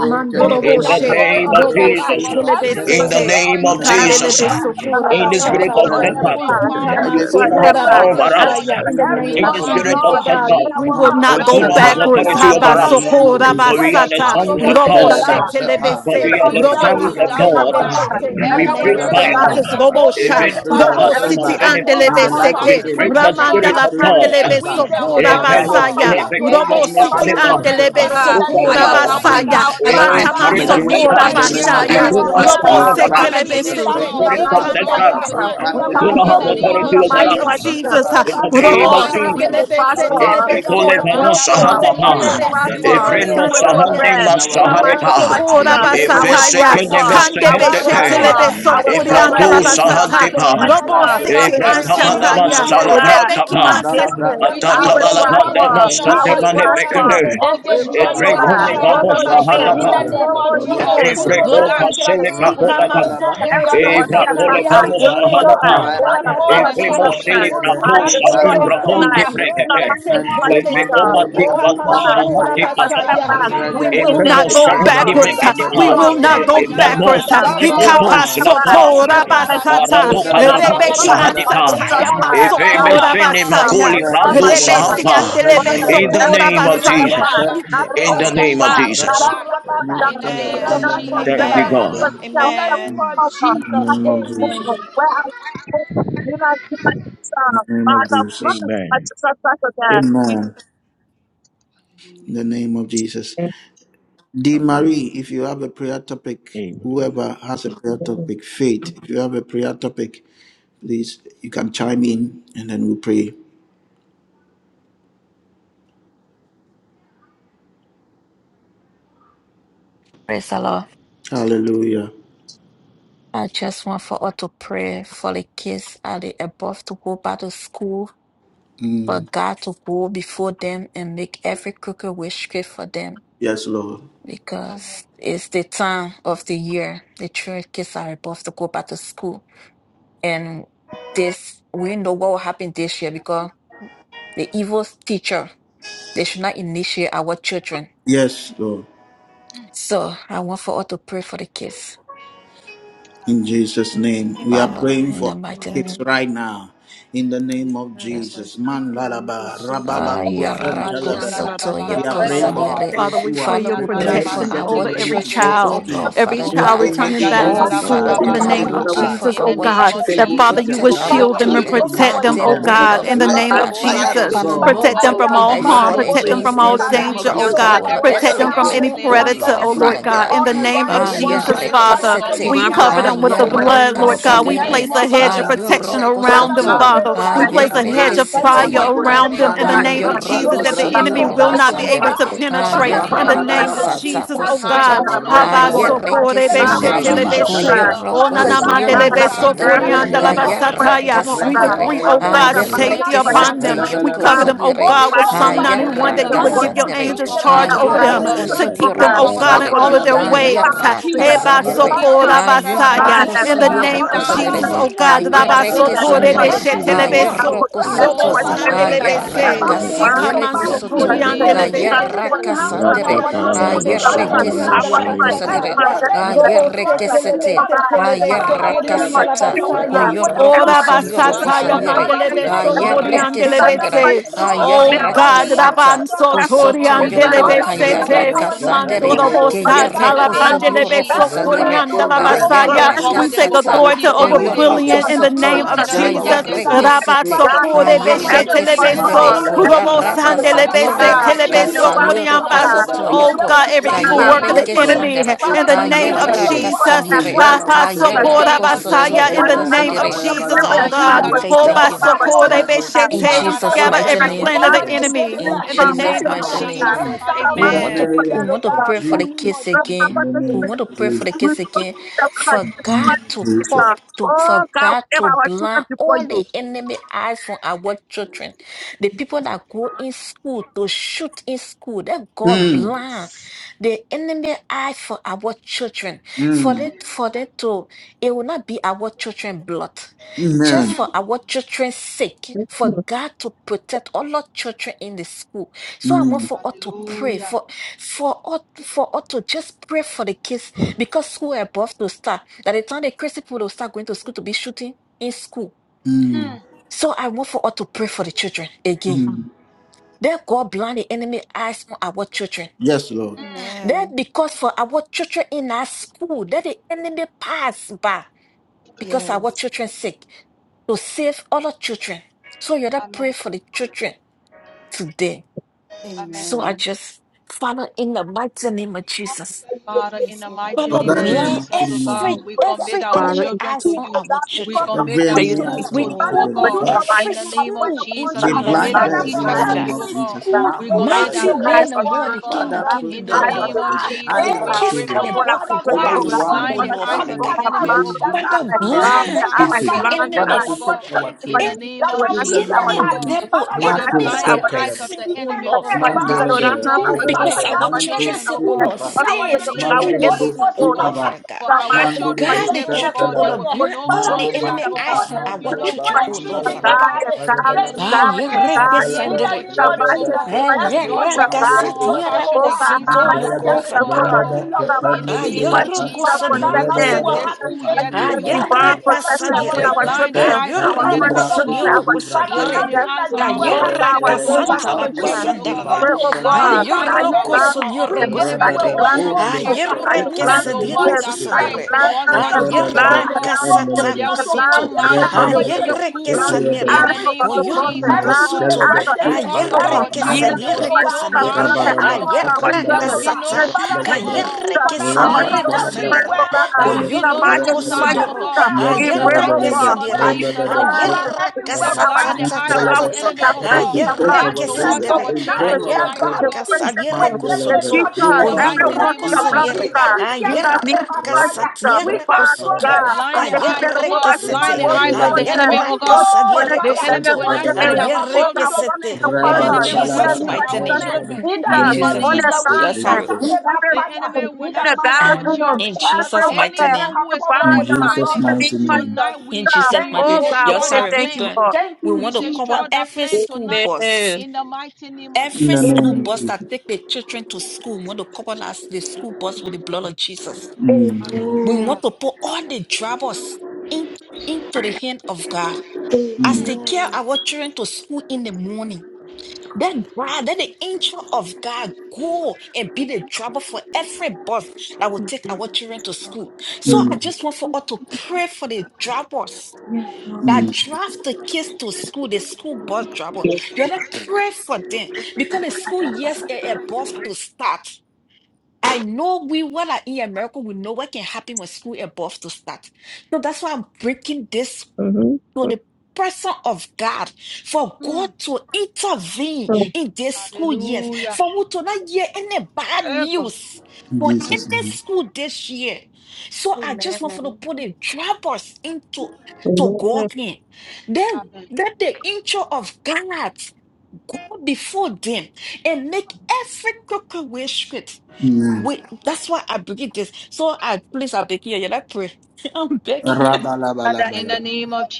S8: in the
S2: Mandoroboshe,
S8: name of
S1: in the
S2: Robo se
S8: Jesus,
S1: spirit of
S2: kelebe
S8: in
S1: setback
S8: the
S2: sete,
S8: name
S1: in
S8: of
S1: the name of
S8: Jesus,
S2: ikandelebe
S1: Jesus
S2: sokora
S8: in the spirit of
S2: basataya,
S1: mantelebe
S8: setback, you
S1: in
S2: ikama
S1: the
S8: do
S1: spirit
S8: not have
S1: of
S2: sokora
S8: power
S1: setback
S8: over us.
S2: basataya. In
S1: in
S2: the
S1: the
S2: name of
S8: In
S1: name
S8: the
S1: of
S8: spirit
S2: Jesus,
S8: of
S2: oh
S1: Jesus
S2: God,
S8: setback,
S2: we
S1: ma
S2: will not
S8: you do
S2: go
S8: not have
S1: shatter
S2: backwards.
S8: authority
S1: in
S2: Haba
S8: over
S1: the
S8: us.
S1: name of
S2: sokora
S8: For
S1: Jesus
S8: we are the
S2: basata,
S8: sons
S1: Yes,
S8: of
S2: robo
S1: telebe,
S8: God,
S2: shetelebe
S1: ah,
S8: for
S2: se,
S8: we are
S1: in
S8: the
S1: the
S2: robo
S8: sons
S1: spirit
S8: of
S1: of
S2: sandelebe
S1: setback,
S8: God.
S2: sete. In the
S8: We
S1: men
S2: name
S8: breathe
S2: of
S8: fire,
S1: telebe,
S2: Jesus, robo
S1: in
S2: sha,
S1: the
S8: even
S1: spirit
S8: for
S1: of
S2: robo
S8: having
S2: city
S1: setback,
S8: a
S1: in
S2: andelebe
S1: the life of
S8: We
S2: seke,
S1: Eli,
S8: break the
S1: in
S2: ramanda
S1: the
S8: spirit
S4: you.
S2: la
S8: of
S1: spirit of
S8: God.
S2: pandelebe
S1: setback, in
S2: sokora
S1: the life
S8: Epelos
S1: of
S2: basaya,
S1: Stella,
S2: robo
S8: elepekonos
S1: in the
S2: city
S1: spirit
S8: kapaneta.
S1: of
S2: andelebe
S1: setback,
S4: God,
S8: So
S1: in the
S4: by
S2: sokora
S4: your
S1: life
S4: power,
S1: of
S8: therefore,
S4: by power,
S1: Dennis.
S4: by
S2: basaya,
S4: your
S8: eh,
S1: We
S4: mind.
S2: Mantaman
S1: come
S8: Spirit
S4: In
S8: of
S4: the
S1: against
S4: name
S1: it
S8: Setap,
S2: Sokora
S1: in
S4: of
S1: the
S4: Jesus,
S1: name of
S8: we
S4: every
S2: Bashaya,
S8: do
S1: Jesus.
S4: spirit
S8: not
S4: of
S8: have power
S1: We
S4: Satan,
S8: over
S4: we
S2: Robose
S4: come
S8: us.
S1: crush
S4: against
S1: any
S4: you.
S1: spirit
S2: Telebesete,
S4: In
S1: of
S4: the
S8: Spirit
S4: mighty
S8: of
S1: setback.
S4: name of
S8: Setap,
S2: Ikandelebe
S4: Jesus, we
S8: we
S4: come
S2: Sokora
S8: do not
S4: against
S1: Repandelabra,
S8: have
S4: you.
S2: Basaya,
S4: In
S2: in
S8: authority
S2: the
S4: the
S1: any
S8: over
S4: mighty
S2: name
S4: name
S8: us.
S1: spirit
S2: of
S4: of
S1: of
S4: Jesus,
S2: Jesus,
S1: setback
S2: uh,
S8: In the
S1: in our
S8: name
S2: Robo
S8: of
S4: Oh, we
S8: Jesus,
S1: finances,
S4: will
S2: Shandelebese
S1: any
S4: prosper.
S1: spirit
S4: We
S1: of
S2: Telebeso,
S4: will
S8: Ekolevano
S1: setback in
S4: prosper.
S1: our
S2: Robose
S8: sahandapa,
S4: We will
S1: marriage, any
S2: Telebesiki
S4: prosper.
S1: spirit of
S8: evreno
S4: We will
S1: setback
S8: sahandi
S2: Ansataya.
S4: progress.
S1: in
S4: In
S1: our
S4: the mighty
S8: masaharepa,
S4: name
S1: relationship,
S4: of
S2: Unamasokora
S4: Jesus,
S1: any
S4: I
S1: spirit
S4: will
S1: of
S2: basataya,
S8: evesekene
S4: prosper.
S1: setback,
S4: I
S1: we
S4: will
S2: kandebe
S8: mesehendepe,
S1: crush
S4: prosper.
S1: it
S2: shetelebe
S4: I
S1: by the
S4: will
S2: sokori
S1: power of
S8: evratu
S1: the
S2: andala
S4: progress.
S1: Holy
S4: In the
S1: Ghost.
S2: basata,
S4: mighty
S8: sahandepa,
S4: name
S1: We
S4: of
S2: robo
S4: Jesus,
S1: crush it
S2: siti
S4: flourish.
S1: by the
S4: In
S1: power
S8: evrakabada
S1: of the
S2: anshataya,
S4: ministry,
S1: Holy
S4: oh
S1: Ghost.
S4: God,
S2: rebeki
S4: in
S8: masalabratapa,
S4: my
S1: Mandala bra,
S4: business,
S2: ansataya,
S4: I
S1: apaya
S4: will
S2: randelebe
S1: balabra,
S8: atatabalabada
S4: prosper.
S2: sokora
S1: any
S4: I will
S1: spirit
S8: masatemane
S2: basiti
S1: of
S4: prosper.
S8: pekene,
S1: setback.
S4: Go
S2: andelebe
S4: for limits, oh God.
S1: Epalabalaba,
S8: ebrengone
S2: so,
S4: Go
S8: vano
S4: for limits.
S8: sahandapa,
S1: yatalabalaba,
S2: Sataya,
S4: Go for
S2: Robo
S4: limits. Go
S8: Evreko
S4: for
S1: yapandalaba.
S2: Sekelebese,
S8: pasele
S4: limits. In the name of
S8: prahodaba.
S2: Ikama
S1: Rabalabalaba,
S4: Jesus,
S2: Sotora
S4: extra
S1: in the
S4: or yes,
S1: spirit
S4: my
S8: Evrakole
S1: of
S2: Basataya,
S4: God,
S8: vano
S4: so
S1: setback,
S4: good,
S2: Rebo
S8: sahanaba.
S4: by
S2: Tiandala
S4: the
S1: Arabada,
S4: blood of Jesus
S8: Evremo
S2: Basotore,
S4: Christ.
S8: sele
S1: Yentelebe,
S8: prato
S4: I destroy
S8: sanim
S1: Kumbali
S4: you
S2: Andelebeso,
S1: Ralu
S8: brakonte
S4: tonight.
S1: Sete,
S4: Come
S8: prekepe.
S2: Robo
S4: back to fight
S1: Mentum
S8: Evreko
S4: Peter.
S2: Sekelebese,
S8: mati
S4: Oh
S1: Mantelebe,
S8: vato
S2: Ikama
S1: Kupam
S4: God.
S2: Sotora
S8: sahati
S4: I
S1: Midibriapa,
S8: patata.
S4: step
S2: Basaya.
S4: back. We
S2: We
S4: give
S2: will
S4: the
S1: Redelebe,
S8: Emeno
S2: not
S4: pit
S2: go
S4: of
S8: sehendi
S4: God.
S2: backwards.
S1: Redelebe,
S4: Let it
S8: mekedipa.
S1: in
S2: We
S1: the
S4: go.
S2: will not
S1: spirit
S2: go
S1: of
S4: And fight
S8: Emanos
S1: setback,
S2: backwards.
S4: Peter. You throw us
S8: nipatos
S2: Ikapa
S1: Emano,
S4: step
S8: lapa.
S4: back. We
S2: Sotora
S1: Sentelebe,
S4: fight against
S2: Basata,
S4: you.
S8: Arato
S1: Nibra
S4: Father
S8: kalabato
S2: Rebeki
S4: God,
S1: Kapanalabra,
S4: by
S8: sahadipa.
S4: Jesus
S2: Ansataya
S4: Christ.
S1: Kapanalabra,
S8: Evreme
S4: Father,
S1: Kapa,
S2: Masokora
S8: sene
S4: Father,
S2: Basaya,
S8: makoli
S4: Father, Father,
S8: prando
S4: Father,
S2: Rebesi
S1: Redelebe,
S8: sahapa.
S4: we thank you. We thank you. Jesus. So we thank you. We thank you for the
S8: In
S2: Andelebeso
S1: Kependelebe,
S8: the
S2: Kora
S8: name of Jesus.
S2: Basaya.
S1: Nekente,
S8: In the name of
S1: Nekependuma,
S8: Jesus.
S1: Kapa, Nekelebe, in the
S2: Amen.
S1: name
S8: Thank
S1: of
S8: you,
S1: Jesus.
S8: God.
S2: Amen. Amen.
S1: In the name of Jesus. In the name of Jesus.
S8: Amen.
S1: Amen. In the name of Jesus. D. Marie, if you have a prayer topic,
S8: Amen.
S1: whoever has a prayer topic, faith, if you have a prayer topic, please, you can chime in and then we pray.
S6: Praise the Lord.
S1: Hallelujah.
S6: I just want for us to pray for the kids at the above to go back to school, for
S1: Mm.
S6: God to go before them and make every crooked way straight for them.
S1: Yes, Lord.
S6: Because it's the time of the year the children kids are above to go back to school. And this we know what will happen this year because the evil teacher they should not initiate our children.
S1: Yes, Lord.
S6: So I want for us to pray for the kids,
S1: In Jesus' name, we are
S6: Father,
S1: praying
S2: Amen.
S6: in the
S1: for our
S6: mighty
S1: kids
S6: name.
S2: Amen.
S1: right now. In the name of
S6: Yes.
S1: Jesus, man lalaba rababa
S6: Ah,
S1: Kushan, talaba.
S6: Yarakosoto,
S1: We are praying for our
S6: Yokosadire.
S2: Father,
S1: kids
S2: we
S1: who
S2: pray
S1: are
S6: Father,
S2: your
S6: we pray
S1: preparing
S6: for
S1: and
S2: protection
S6: our
S1: getting
S2: over
S1: ready
S2: every
S1: to go
S6: children,
S1: to
S6: oh
S2: child.
S1: school.
S6: Lord,
S2: every
S6: Father
S2: child
S6: God.
S1: Any
S2: returning back
S1: evil
S8: Sir.
S2: to
S6: Oh,
S1: teacher,
S2: school
S6: Father
S2: in the
S1: any
S6: God,
S2: name
S6: we
S2: of
S1: evil
S6: pray
S1: eye,
S6: for
S2: Jesus, oh
S6: our
S1: any
S2: God.
S6: children,
S2: That
S1: evil
S2: Father,
S1: teacher
S2: you will
S6: protect
S1: that
S6: our
S1: will
S2: shield them
S1: try
S2: and
S1: to
S6: children,
S2: protect
S6: guard
S2: them,
S1: initiate
S6: them,
S2: oh
S1: them,
S6: oh
S2: God,
S6: Lord,
S2: in the
S6: Father
S1: let
S2: name
S1: the
S2: of
S6: God.
S4: life of our
S1: fire of
S2: Jesus.
S4: kids.
S6: Father,
S1: God
S6: no
S2: Protect
S4: So
S2: them
S4: we
S2: from
S4: thank
S6: weapon
S2: all
S4: you
S6: that
S4: for
S2: harm,
S6: fought
S4: this
S1: blind
S2: protect
S4: way.
S2: them
S1: them.
S2: from
S4: We
S6: against
S1: In
S6: them
S2: all
S4: thank
S1: the
S6: for
S1: name
S4: you
S1: of
S2: danger, oh
S1: Jesus,
S6: prosper,
S2: God.
S1: let
S6: oh
S1: the
S6: Lord.
S4: for
S2: Protect
S1: fire
S6: Every
S2: them
S1: of
S2: from any
S1: God
S6: tongue, oh
S2: predator,
S6: Lord,
S4: this.
S2: oh Lord
S6: Father
S1: Drive them
S2: God,
S6: God.
S2: in the
S1: away.
S2: name of
S6: Ah,
S1: Let the
S2: Jesus,
S1: fire of God
S2: Father.
S6: Yarekesete.
S2: We
S4: divine
S1: pursue
S2: cover
S1: them
S6: Ah,
S2: them
S4: protection
S2: with the
S1: in
S4: over
S1: the
S4: his
S1: name
S2: blood,
S1: of
S2: Lord
S4: spirit,
S2: God. We
S1: Jesus.
S6: Yarakasadire.
S2: place a hedge
S6: Ah,
S2: of
S1: Father,
S2: protection
S1: protect our
S2: around them,
S6: Yorokosoto.
S4: God,
S1: children
S4: and
S2: Father.
S6: Ah,
S1: as
S2: We
S4: protect
S1: they
S4: him,
S2: place
S1: are
S4: oh
S2: a
S4: God.
S2: hedge
S1: going
S2: of
S1: to
S4: One of
S6: Yarekesete,
S1: school.
S4: the
S2: fire
S6: Yaka.
S2: around
S4: protection,
S2: them in
S4: oh
S2: the
S6: Ah,
S4: God,
S1: Mande
S2: name of
S4: God, protect
S2: Jesus
S6: yoroko
S4: him,
S1: opalu
S2: that the
S4: God,
S1: branta
S4: from
S2: enemy
S4: the
S2: will
S6: sodioroko
S2: not
S1: labra
S4: devil,
S2: not be
S4: from
S2: able
S4: God,
S6: sandere.
S1: papa.
S2: to
S4: from
S6: Ah,
S4: Satan.
S2: penetrate in
S4: One
S2: the
S4: of
S1: Rababada
S4: God,
S6: yeraka
S2: name
S4: you
S2: of
S4: can
S1: labad.
S2: Jesus,
S6: satako
S2: oh
S4: force him, God,
S6: soto.
S2: God.
S4: but I pray,
S6: Ah,
S4: oh Lord,
S1: Rebelebe.
S4: God, I
S6: yereke
S4: bow and
S6: sandere.
S4: still,
S6: Ko
S1: Rababanta
S2: Habasokorebeshetelebese.
S4: God.
S1: labra
S6: yoroko
S1: papa.
S4: Bless him, God, and
S6: sodioroko
S4: I preserve
S6: sandara.
S4: him, and I
S6: Ka
S4: protect
S1: Rebelebelebe.
S4: him, the
S6: yeraka
S2: Onanamandelebesokoriandalabasataya.
S4: Lord,
S2: We
S4: God.
S6: sadire.
S2: decree,
S4: I
S2: oh
S6: Ah,
S4: pray
S2: God,
S4: that
S1: Rependelebelebe.
S4: my good
S2: safety
S6: yereke
S2: upon
S4: questions,
S6: sete
S2: them.
S4: like,
S2: We
S6: yoko
S1: Repelebelebe.
S2: cover
S4: God,
S2: them, oh
S4: take
S6: sadire.
S2: God, with
S6: Ah,
S2: Psalm
S4: the
S2: 91 that you
S6: yeraka
S4: the
S2: would
S1: Rependelebelebe.
S2: give your
S4: watch,
S6: sandere.
S2: angels
S6: Ah,
S2: charge over them
S6: yoroko
S1: Mantalabalaba,
S2: to keep them,
S6: sodioroko
S2: oh God, in
S6: sadire.
S2: all of their
S6: Ah,
S1: Rabalabalaba,
S2: ways.
S6: yeraka sadire.
S1: Rabalaba,
S6: Ah,
S2: Hebasokorabasaya.
S6: yoroko
S2: In the
S1: Rabalaba,
S2: name
S6: sodioroko
S2: of
S6: sadire.
S2: Jesus,
S1: Rabalaba,
S2: oh
S6: Ah,
S2: God.
S6: yereke
S1: Rabalaba, Rabalaba,
S6: sandere. Ah,
S2: Rabasotorebeshetelebeso.
S6: yoroko
S2: Robo
S6: soto.
S1: Rabalaba,
S2: sandele bese,
S6: Ayeraka
S1: Rabalaba,
S6: sadireko
S2: Ikamanso
S6: soto.
S1: Yantalabalaba,
S6: Kayeraka
S1: Rabalaba,
S6: sandere.
S2: anana la
S1: Rabalaba,
S2: la
S6: Ayereke
S2: basataya.
S1: Rabalaba, Rabalaba,
S6: sodioroko sadire.
S2: Robo Ikamansokoryandelebesete. Ananamandelebesokoriandelabasataya.
S1: Rabalaba,
S6: Ayereke sete. Ayeraka sata.
S2: Robosetelebesetelebesokoryandelabasaya.
S6: Koyoroko sodioroko
S1: Rabalaba,
S2: Orabasataya
S1: Rabalaba,
S6: sadire. Ayereke
S1: Rabalaba,
S2: mandelebesokoriandelebese.
S6: sandere.
S1: Rabalaba,
S2: Oh
S6: Ayeraka
S2: God,
S1: Rabalaba,
S6: sata.
S2: Raban
S4: Everybody
S6: Kosoto
S2: Sotorian
S1: Preserve
S6: yoko
S2: Delebesete,
S6: kayaraka sandere.
S2: Mandorobosa,
S6: Kayereko
S2: Talapan
S6: sodioroko sadire.
S2: la
S1: our
S2: basaya.
S6: Ayeraka
S2: We
S1: children.
S2: take
S6: sata.
S2: authority to
S1: Protect
S2: over
S1: our
S6: Koyoroko
S2: bullying
S1: children.
S2: in the
S6: soto.
S2: name of
S1: Preserve our
S2: Jesus.
S1: children.
S6: Ayereke sete.
S1: Protect our children.
S6: Ayereke sandere
S2: Rabatsokorebeshetelebeso,
S6: ko
S1: Mantelebe
S6: yaraka
S1: rababa.
S6: sadire
S1: Mantelebelebe
S6: kasadioro
S2: urobosandelebesetelebesokoriamba.
S6: kosoto
S1: kapayabelebe.
S2: Oh
S6: yoko
S2: God, every
S1: Yes,
S2: evil
S1: Lord.
S2: work of the
S1: Yes,
S6: kayereke
S1: Lord.
S2: enemy
S6: sandere
S2: in the
S1: Protect
S2: name
S1: our
S2: of
S6: ayeraka
S1: children.
S2: Jesus.
S6: sadire
S1: Preserve our children.
S6: ayerako soto
S2: Ahasokorabasaya, In the
S6: yoko
S1: Rentelebe
S2: name of
S6: sadire.
S2: Jesus,
S1: kapayabelebe.
S2: oh
S6: Ah, Father,
S2: God.
S6: we say
S1: Yenta
S6: thank you
S1: na
S4: Thank
S1: no
S4: you.
S6: in
S1: skipa.
S2: Obasokorebeshete, We
S6: Jesus'
S2: scatter
S6: mighty
S1: Protect
S2: every
S4: అది
S6: name.
S1: our
S2: plan of the
S1: children
S4: నాకు
S2: enemy
S6: In
S1: from
S4: సిగ్గుపడి
S2: in the
S1: any
S6: Jesus'
S2: name of
S1: plan
S4: పాపం
S1: of
S6: mighty
S1: the
S6: name.
S4: ఒకసారి
S2: Jesus.
S1: enemy.
S6: We
S1: In the
S6: want
S2: Amen.
S6: to we
S1: name
S6: want to
S1: of
S6: pray for the kids
S1: Jesus.
S6: again.
S1: In the
S6: We
S1: name
S6: want to
S1: of
S6: pray for
S1: Jesus.
S6: the kids again. For
S1: In the
S6: God
S1: name
S6: to
S1: of Jesus.
S6: cop to
S4: Oh
S6: for
S4: God,
S6: God
S4: whatever I
S6: to
S4: was
S6: blind
S4: talking before
S6: all
S4: you.
S6: the enemy eyes from our children. The people that go in school to shoot in school, that God
S1: Mm,
S6: blind the enemy eye for our children. For
S1: mm,
S6: it for them to it will not be our children blood. Just
S1: amen.
S6: for our children's sake, for God to protect all our children in the school so I want
S1: Mm,
S6: for us to pray for for us for us to just pray for the kids because school above to start. By the time the crazy people will start going to school to be shooting in school.
S1: mm,
S6: So I want for us to pray for the children again.
S1: mm.
S6: That God blind the enemy eyes on our children.
S1: Yes, Lord.
S6: That
S2: Amen.
S6: because for our children in our school, that the enemy pass by because
S2: Yeah.
S6: our children sick to save all our children. So you gotta pray for the children today.
S2: Amen.
S6: So I just Father in the mighty name of Jesus.
S2: Yes, Lord.
S6: Father,
S1: Father, in
S4: Mm.
S1: the
S6: blind
S1: mighty name of
S6: every
S1: Jesus.
S6: every
S4: Father,
S6: enemy eyes on our children.
S1: Every enemy
S4: you.
S2: Yes,
S1: eyes on
S6: We
S1: our
S2: Lord.
S4: Blind to eyes. When I see our
S6: cover
S1: children.
S6: every school into
S1: We
S6: your
S1: blind
S6: hand,
S1: them in the
S6: Father
S1: name
S4: children,
S6: God.
S1: of Jesus. Marco
S6: Mighty
S1: Shetelebe.
S6: men of war, the king, the
S1: Father,
S6: king, the door, the
S1: protect
S6: door.
S1: our children. Hide
S6: Our
S1: our
S6: kids are
S1: children.
S6: about to go back to school, oh
S1: Anyone
S6: Lord,
S1: that
S6: Father
S1: will
S6: God.
S1: even do a
S6: Father,
S1: finished
S6: blind
S1: shooting.
S6: every
S1: Father,
S6: enemy,
S1: protect our
S6: any,
S1: children. In the name
S6: any
S1: of Jesus.
S6: devil,
S4: when I
S1: Marco
S6: any
S4: see our
S1: Shetelebe.
S6: person, oh
S4: I'm a
S6: Lord, Father God.
S4: little
S1: Mandelebe.
S6: That's because
S1: Rebelebe.
S6: our
S1: Manco
S6: children say, oh Lord,
S1: Skipaba.
S6: save children in
S1: Mandelibo
S6: school, oh Lord,
S1: Skipaba.
S6: Father God.
S1: Mandelibo
S6: God, the children, O
S1: Shetelebe.
S6: Lord, blind all
S1: Mama,
S6: the enemy
S1: mama,
S6: eyes from
S1: mama,
S6: our children,
S1: mandalaba,
S6: O Lord, Father
S1: mandalaba,
S6: God.
S1: mandalaba.
S6: Ah, yereke
S1: Mandalaba,
S6: sandere.
S1: Rababa,
S6: Ah,
S4: bit
S1: Kepandu,
S6: yeraka
S4: nervous.
S1: Mandiribriapa,
S6: satiara
S4: Oh God,
S6: kosoto
S4: I speak
S1: Mandalaba,
S6: yoko
S4: to the
S6: sandere.
S4: cross.
S1: Rababa,
S4: Put up on deep on
S1: Kepandiribriapa,
S4: Jesus
S6: Ayerroko sodioroko
S4: possession.
S1: Rebelaba,
S6: sadiri.
S1: Kepandu,
S4: Let you born
S1: Mandalaba,
S6: Ayerraka
S4: possession upon
S6: sadiri.
S4: our
S1: Nebenta,
S4: children, our
S6: Ayerroko
S1: Libra
S4: friends' children,
S1: cupa
S4: our
S6: sodioroko
S1: lubra
S6: sadiri.
S1: dente,
S4: children. Oh God,
S1: lebrente
S4: our
S6: Ayerraka
S1: le
S4: dangerous
S6: santarako
S1: kibamba
S4: children.
S1: le
S4: We
S1: kiba
S6: sandarara.
S4: pray, oh
S1: lubrante
S4: God, that you
S1: kubando,
S6: Ayerroko
S4: plan them,
S6: sodioroko
S4: that you
S1: rebebe
S6: sadiri.
S4: plan
S1: munde
S4: them,
S1: le be
S4: that you
S6: Ayerreke
S4: plan
S1: epande le
S4: them,
S6: sadireko
S1: dulce
S4: that you
S1: tele,
S6: sadiri.
S4: plan them,
S1: rebebe le
S4: plan
S1: be
S4: the
S6: Ayerraka
S1: epande
S4: eyes,
S1: le be,
S6: satako
S4: the plan
S6: soto.
S1: rebebe
S4: of the wicked,
S1: le be
S6: Ayerreke
S4: plan the
S1: epande le
S6: sanire.
S4: eyes
S1: be,
S6: Koyoroko
S1: Protect
S6: soto. Ayerreke sadireko sadiri. Ayerraka sata. Kayerre que sadierre cosandere, coyorro cosudiro, ayerre que sadire, ayerra casatatatatata, ayerre
S1: our
S6: que
S1: children,
S6: sandere,
S1: preserve our
S6: ayerra
S1: children.
S6: casadiere
S1: Mandela
S4: the
S1: Bra,
S6: cosotso,
S4: Jesus,
S1: Blue Mandela,
S6: coyorro
S4: everyone, your
S1: Two
S4: blood of
S6: cosadiere,
S1: Pandela Bra,
S4: God, in the name to
S6: ayerra
S1: Rapa
S4: Jesus,
S1: Bra, Rapa
S6: casatierre
S4: Father
S6: cosotso,
S1: Bra,
S4: God, I say, prepare the
S6: cayerre
S4: world, I
S6: que
S4: say,
S6: sete,
S4: for
S1: Rapa
S4: the
S1: Bra,
S4: fortune,
S6: ayerra
S4: Lord, for the
S6: casadiere
S4: success,
S6: cosotso,
S4: for
S1: Rapa Bra,
S6: ayerre que
S4: the
S6: sete,
S4: so, Father
S6: in
S4: God, you know,
S6: Jesus'
S4: you like
S6: mighty name,
S4: us to
S1: Rabalabalabakapayabalaba.
S4: speak
S1: In the
S6: in
S4: up
S6: Jesus'
S4: on
S6: name.
S1: name
S4: the
S1: of
S6: Yes,
S4: sometime. You
S1: Jesus.
S4: never in the
S6: uh,
S4: bathroom,
S6: in Jesus' mighty
S4: everywhere,
S6: name.
S4: the
S1: In
S4: bathroom,
S1: Jesus'
S4: to be
S1: mighty
S4: like
S1: name.
S6: In
S4: stuff.
S6: Jesus' mighty
S4: Oh,
S6: name.
S4: God,
S6: Your
S4: we said
S6: sorry, me
S4: thank you,
S6: done.
S4: Lord.
S6: We want to cover every school bus.
S4: Amen.
S1: In
S6: Every
S1: the
S6: school
S1: name of
S6: bus that
S1: Jesus.
S6: take the children to school, we want to cover us the school bus with the blood of Jesus.
S1: Mm,
S6: We want to put all the drivers in, into the hand of God. As
S1: mm,
S6: they carry
S5: Amen.
S6: our children to school in the morning, That God, that the angel of God go and be the driver for every bus that will take our children to school. So I
S1: mm,
S6: just want for all to pray for the drivers that
S1: mm.
S6: drive the kids to school, the school bus driver. You gotta pray for them because the school years are about to start. I know we what are in America, we know what can happen when school above to start. So that's why I'm breaking this
S4: Mm-hmm.
S6: to the person of God, for God to intervene in these school years, for we to not hear any bad news
S1: In
S6: for
S1: Jesus'
S6: any
S1: name.
S6: school this year. So I just want for to
S2: Amen.
S6: put the droppers into to
S4: Amen.
S6: God in. Then let the angel of God go before them and make every crooked way straight.
S1: Amen.
S6: Wait, that's why I believe this. So I please I beg you, yeah, I pray. I'm begging. you.
S1: Rabalabalabala.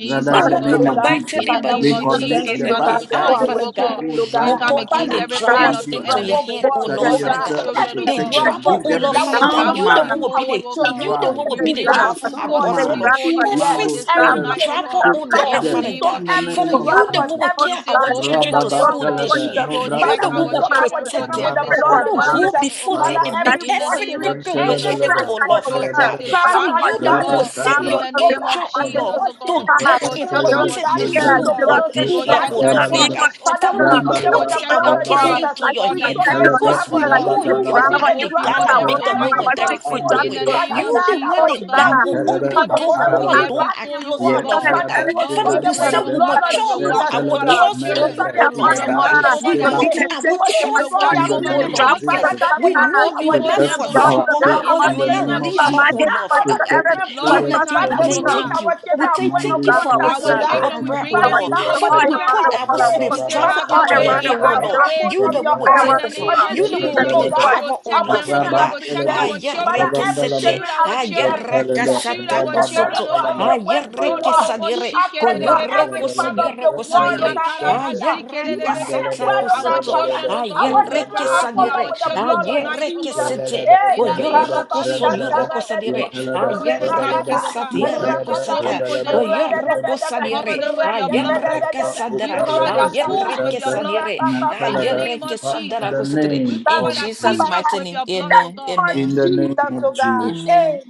S1: Rather, in
S4: Father,
S1: the
S6: Father,
S4: for
S6: in
S4: the
S1: name
S6: the
S4: first
S1: of
S6: mighty
S1: Jesus,
S6: name of
S1: we
S4: time,
S6: Jesus,
S1: commit
S6: King
S1: the
S6: of King,
S1: bus
S4: for
S6: ah,
S4: the
S6: Father
S1: drivers
S4: first
S6: God,
S4: time,
S1: who will
S6: we
S1: drive
S6: pour
S1: our
S6: all the
S1: children to school
S4: God is
S6: troubles
S1: into your
S6: into
S4: strong.
S6: your
S1: hand.
S4: For
S6: hand,
S4: the
S6: oh
S1: That
S6: Lord,
S1: you
S4: first time,
S6: Father God.
S4: for
S1: yourself
S4: the
S1: will
S4: first time,
S6: The
S1: protect
S4: for
S1: them,
S6: trouble,
S4: the
S1: give
S6: oh
S4: first time, for the
S1: them
S6: Lord,
S1: the
S4: first
S6: Father God,
S1: sound
S6: you the one
S4: time,
S1: mind
S6: will be the
S1: to
S6: you the
S1: drive,
S6: one
S4: for
S6: will be
S4: the first time, for the first time,
S1: give
S6: the
S4: for
S1: them
S6: job
S1: the
S6: for that
S1: sound
S4: the
S6: boss, oh Lord.
S1: mind.
S4: first
S6: Every
S1: Mando
S6: school
S1: shadow,
S6: trouble,
S4: time,
S6: oh
S4: for the
S1: protect
S6: Lord,
S4: first
S1: them
S4: time.
S6: Father God.
S1: in the
S6: Father,
S1: name
S4: for
S1: of
S6: you
S4: God,
S6: the one
S1: Jesus.
S6: will
S4: Lord
S6: care our
S4: God,
S6: children to
S1: Rababa
S4: Lord,
S6: school
S4: Lord,
S1: Talaba,
S6: this year.
S1: Mobram
S6: You
S4: whatever
S6: the one
S4: the
S6: will
S1: Talaba,
S4: pastor,
S6: protect them.
S1: Rababa
S4: prayer for
S6: Father,
S1: Talaba,
S6: go
S4: wellness,
S6: before them
S4: music,
S6: and
S1: Payabalaba,
S6: make
S4: united
S6: every
S4: victory,
S1: Yem
S6: crooked
S4: a
S6: way
S4: woman
S6: straight,
S1: Talabalaba,
S4: and
S6: oh
S4: kind
S6: Lord,
S4: of
S6: Father
S4: her.
S6: God.
S1: Payabalaba,
S4: But I
S6: Father,
S4: want
S6: you
S4: you
S6: the one will
S1: Rabab
S4: to God,
S6: send
S1: Talaba,
S6: your
S4: a real
S6: angel, oh
S4: pastor,
S1: Payabalaba,
S6: Lord.
S4: to the
S6: So guide
S4: past,
S1: Rabab
S4: a
S6: and
S4: real,
S1: Talaba,
S6: protect the
S1: Mobram
S4: yeah,
S6: school
S4: the
S6: board
S4: rock, the
S6: this year,
S4: internet,
S6: oh
S4: the
S6: Lord, Father
S4: need
S1: Payabalaba,
S4: for
S6: God. Father, we
S4: Jesus.
S1: Yam
S4: And we
S1: Balaba,
S6: putting
S4: pray,
S6: our
S4: oh
S6: case
S4: God,
S1: Rababa,
S6: into
S4: I
S6: your
S4: just put
S1: Yam
S6: hand
S4: that on.
S1: Talaba,
S6: because we
S4: That I do
S6: know
S4: this
S6: you
S4: round
S1: Rabatalaba,
S4: about
S6: are
S4: you
S6: the God
S4: because
S1: Yam
S4: I
S6: that
S4: will
S6: make a
S4: not
S6: way
S4: allow
S6: when
S4: my
S6: there
S4: six
S6: is
S4: with
S1: Mokapam,
S6: no
S4: John
S6: way.
S4: for
S6: You
S1: Biblia,
S4: you.
S6: the one
S4: Oh
S6: that
S1: Yan
S6: that
S4: God,
S6: will
S1: talaba
S4: because
S6: open
S4: I'm
S6: door when
S4: never
S6: all
S4: asked
S1: atayabalaba.
S6: door are closed, oh
S1: Yan
S6: Lord,
S4: on it,
S6: Father
S1: talaba
S6: God. Father,
S1: ubran
S6: you say
S1: talaba.
S6: we
S4: never
S6: mature
S1: Yan
S6: for our
S1: talaba
S4: God.
S6: trust
S4: Lord,
S6: in you,
S4: we
S1: melevre
S6: oh
S4: have
S6: Lord,
S4: asked
S6: Father God.
S1: ilebadus
S4: God
S6: We
S4: for
S1: keba.
S4: being
S6: putting our
S4: attentive, my
S6: trust
S4: God,
S6: in
S1: In
S6: you,
S1: the
S6: oh
S4: to
S1: name of
S6: Lord,
S4: drop you of
S6: because
S1: Jesus.
S4: the
S6: we know
S4: to
S6: you will
S4: put
S6: not
S4: you to
S1: Protect
S4: drop
S6: forsake
S4: you
S1: our
S4: of
S6: us
S4: the God,
S1: kids
S6: or you
S1: in
S6: will
S1: the
S6: not
S1: name of
S6: leave
S4: uh,
S6: us,
S4: my
S1: Jesus.
S6: oh
S4: dear,
S6: Lord, Father God.
S4: whatsoever,
S1: Protect the
S4: but
S6: King
S1: children
S4: trust
S1: in
S6: again,
S4: the
S1: the
S6: we say
S1: name of
S4: system.
S6: thank
S1: Jesus.
S6: you. We say thank you
S1: Monday,
S6: for
S4: Oh,
S1: posted
S6: answering
S4: God.
S6: our
S1: that
S4: So,
S6: prayer, oh
S4: all
S1: Monday,
S6: Lord.
S1: day
S6: Father,
S1: after,
S4: around
S6: we
S4: the
S6: put
S4: world,
S1: and
S4: all
S6: our
S4: around
S1: rabba,
S6: slaves,
S1: rabba,
S6: driver into your
S1: rabba,
S4: the
S6: hand,
S4: world, all
S6: oh
S1: rabba,
S6: Lord. You the
S1: then
S6: one will
S1: that,
S6: take
S4: around
S1: that,
S4: the
S6: over.
S1: oh,
S4: world.
S6: You
S1: that,
S6: the one
S1: that,
S6: will
S4: But,
S1: la,
S6: be
S1: la,
S6: the
S1: la,
S4: but,
S6: driver, oh
S1: and
S4: Jesus,
S6: Lord, Father
S1: rabba,
S6: God. Ah,
S1: elebe, rabba, la, la, la,
S6: yerekesete. Ah,
S1: yes, elebe,
S6: yerakasata
S1: rabba, ba,
S6: kosoto.
S1: la, la, ba,
S6: Ah,
S1: fire, la, la, la.
S6: yerekesadire.
S1: In
S6: Koyoroko
S1: the
S6: sonyoroko sadire. Ah, yerakasata kosoto. Ah, yerekesadire. Ah, yerekesete. O yoroko son yoroko sadire. Ayaraka satirako sata. O yoroko sadire. Ayaraka sadara. Ayareke sadire. Ayareke sadara kosatire.
S1: name
S6: In
S1: of
S6: Jesus'
S1: Jesus.
S6: mighty name. Amen.
S1: In
S6: Amen.
S1: the name of Jesus.
S6: Amen.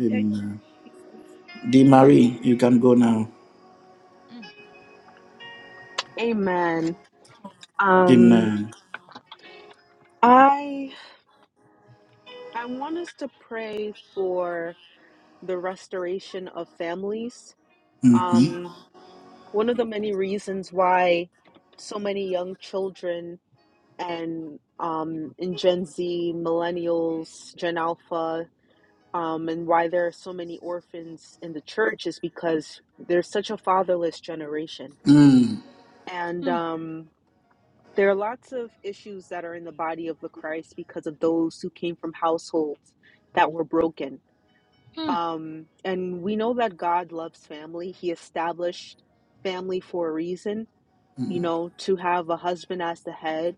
S1: Amen. Dee Marie, you can go now.
S7: Amen. Um,
S1: Amen.
S7: I I want us to pray for the restoration of families. Um, one of the many reasons why so many young children and um, in Gen Z, millennials, Gen Alpha, um, and why there are so many orphans in the church is because there's such a fatherless generation. And um, there are lots of issues that are in the body of the Christ because of those who came from households that were broken. Um, and we know that God loves family, He established family for a reason, you know, to have a husband as the head,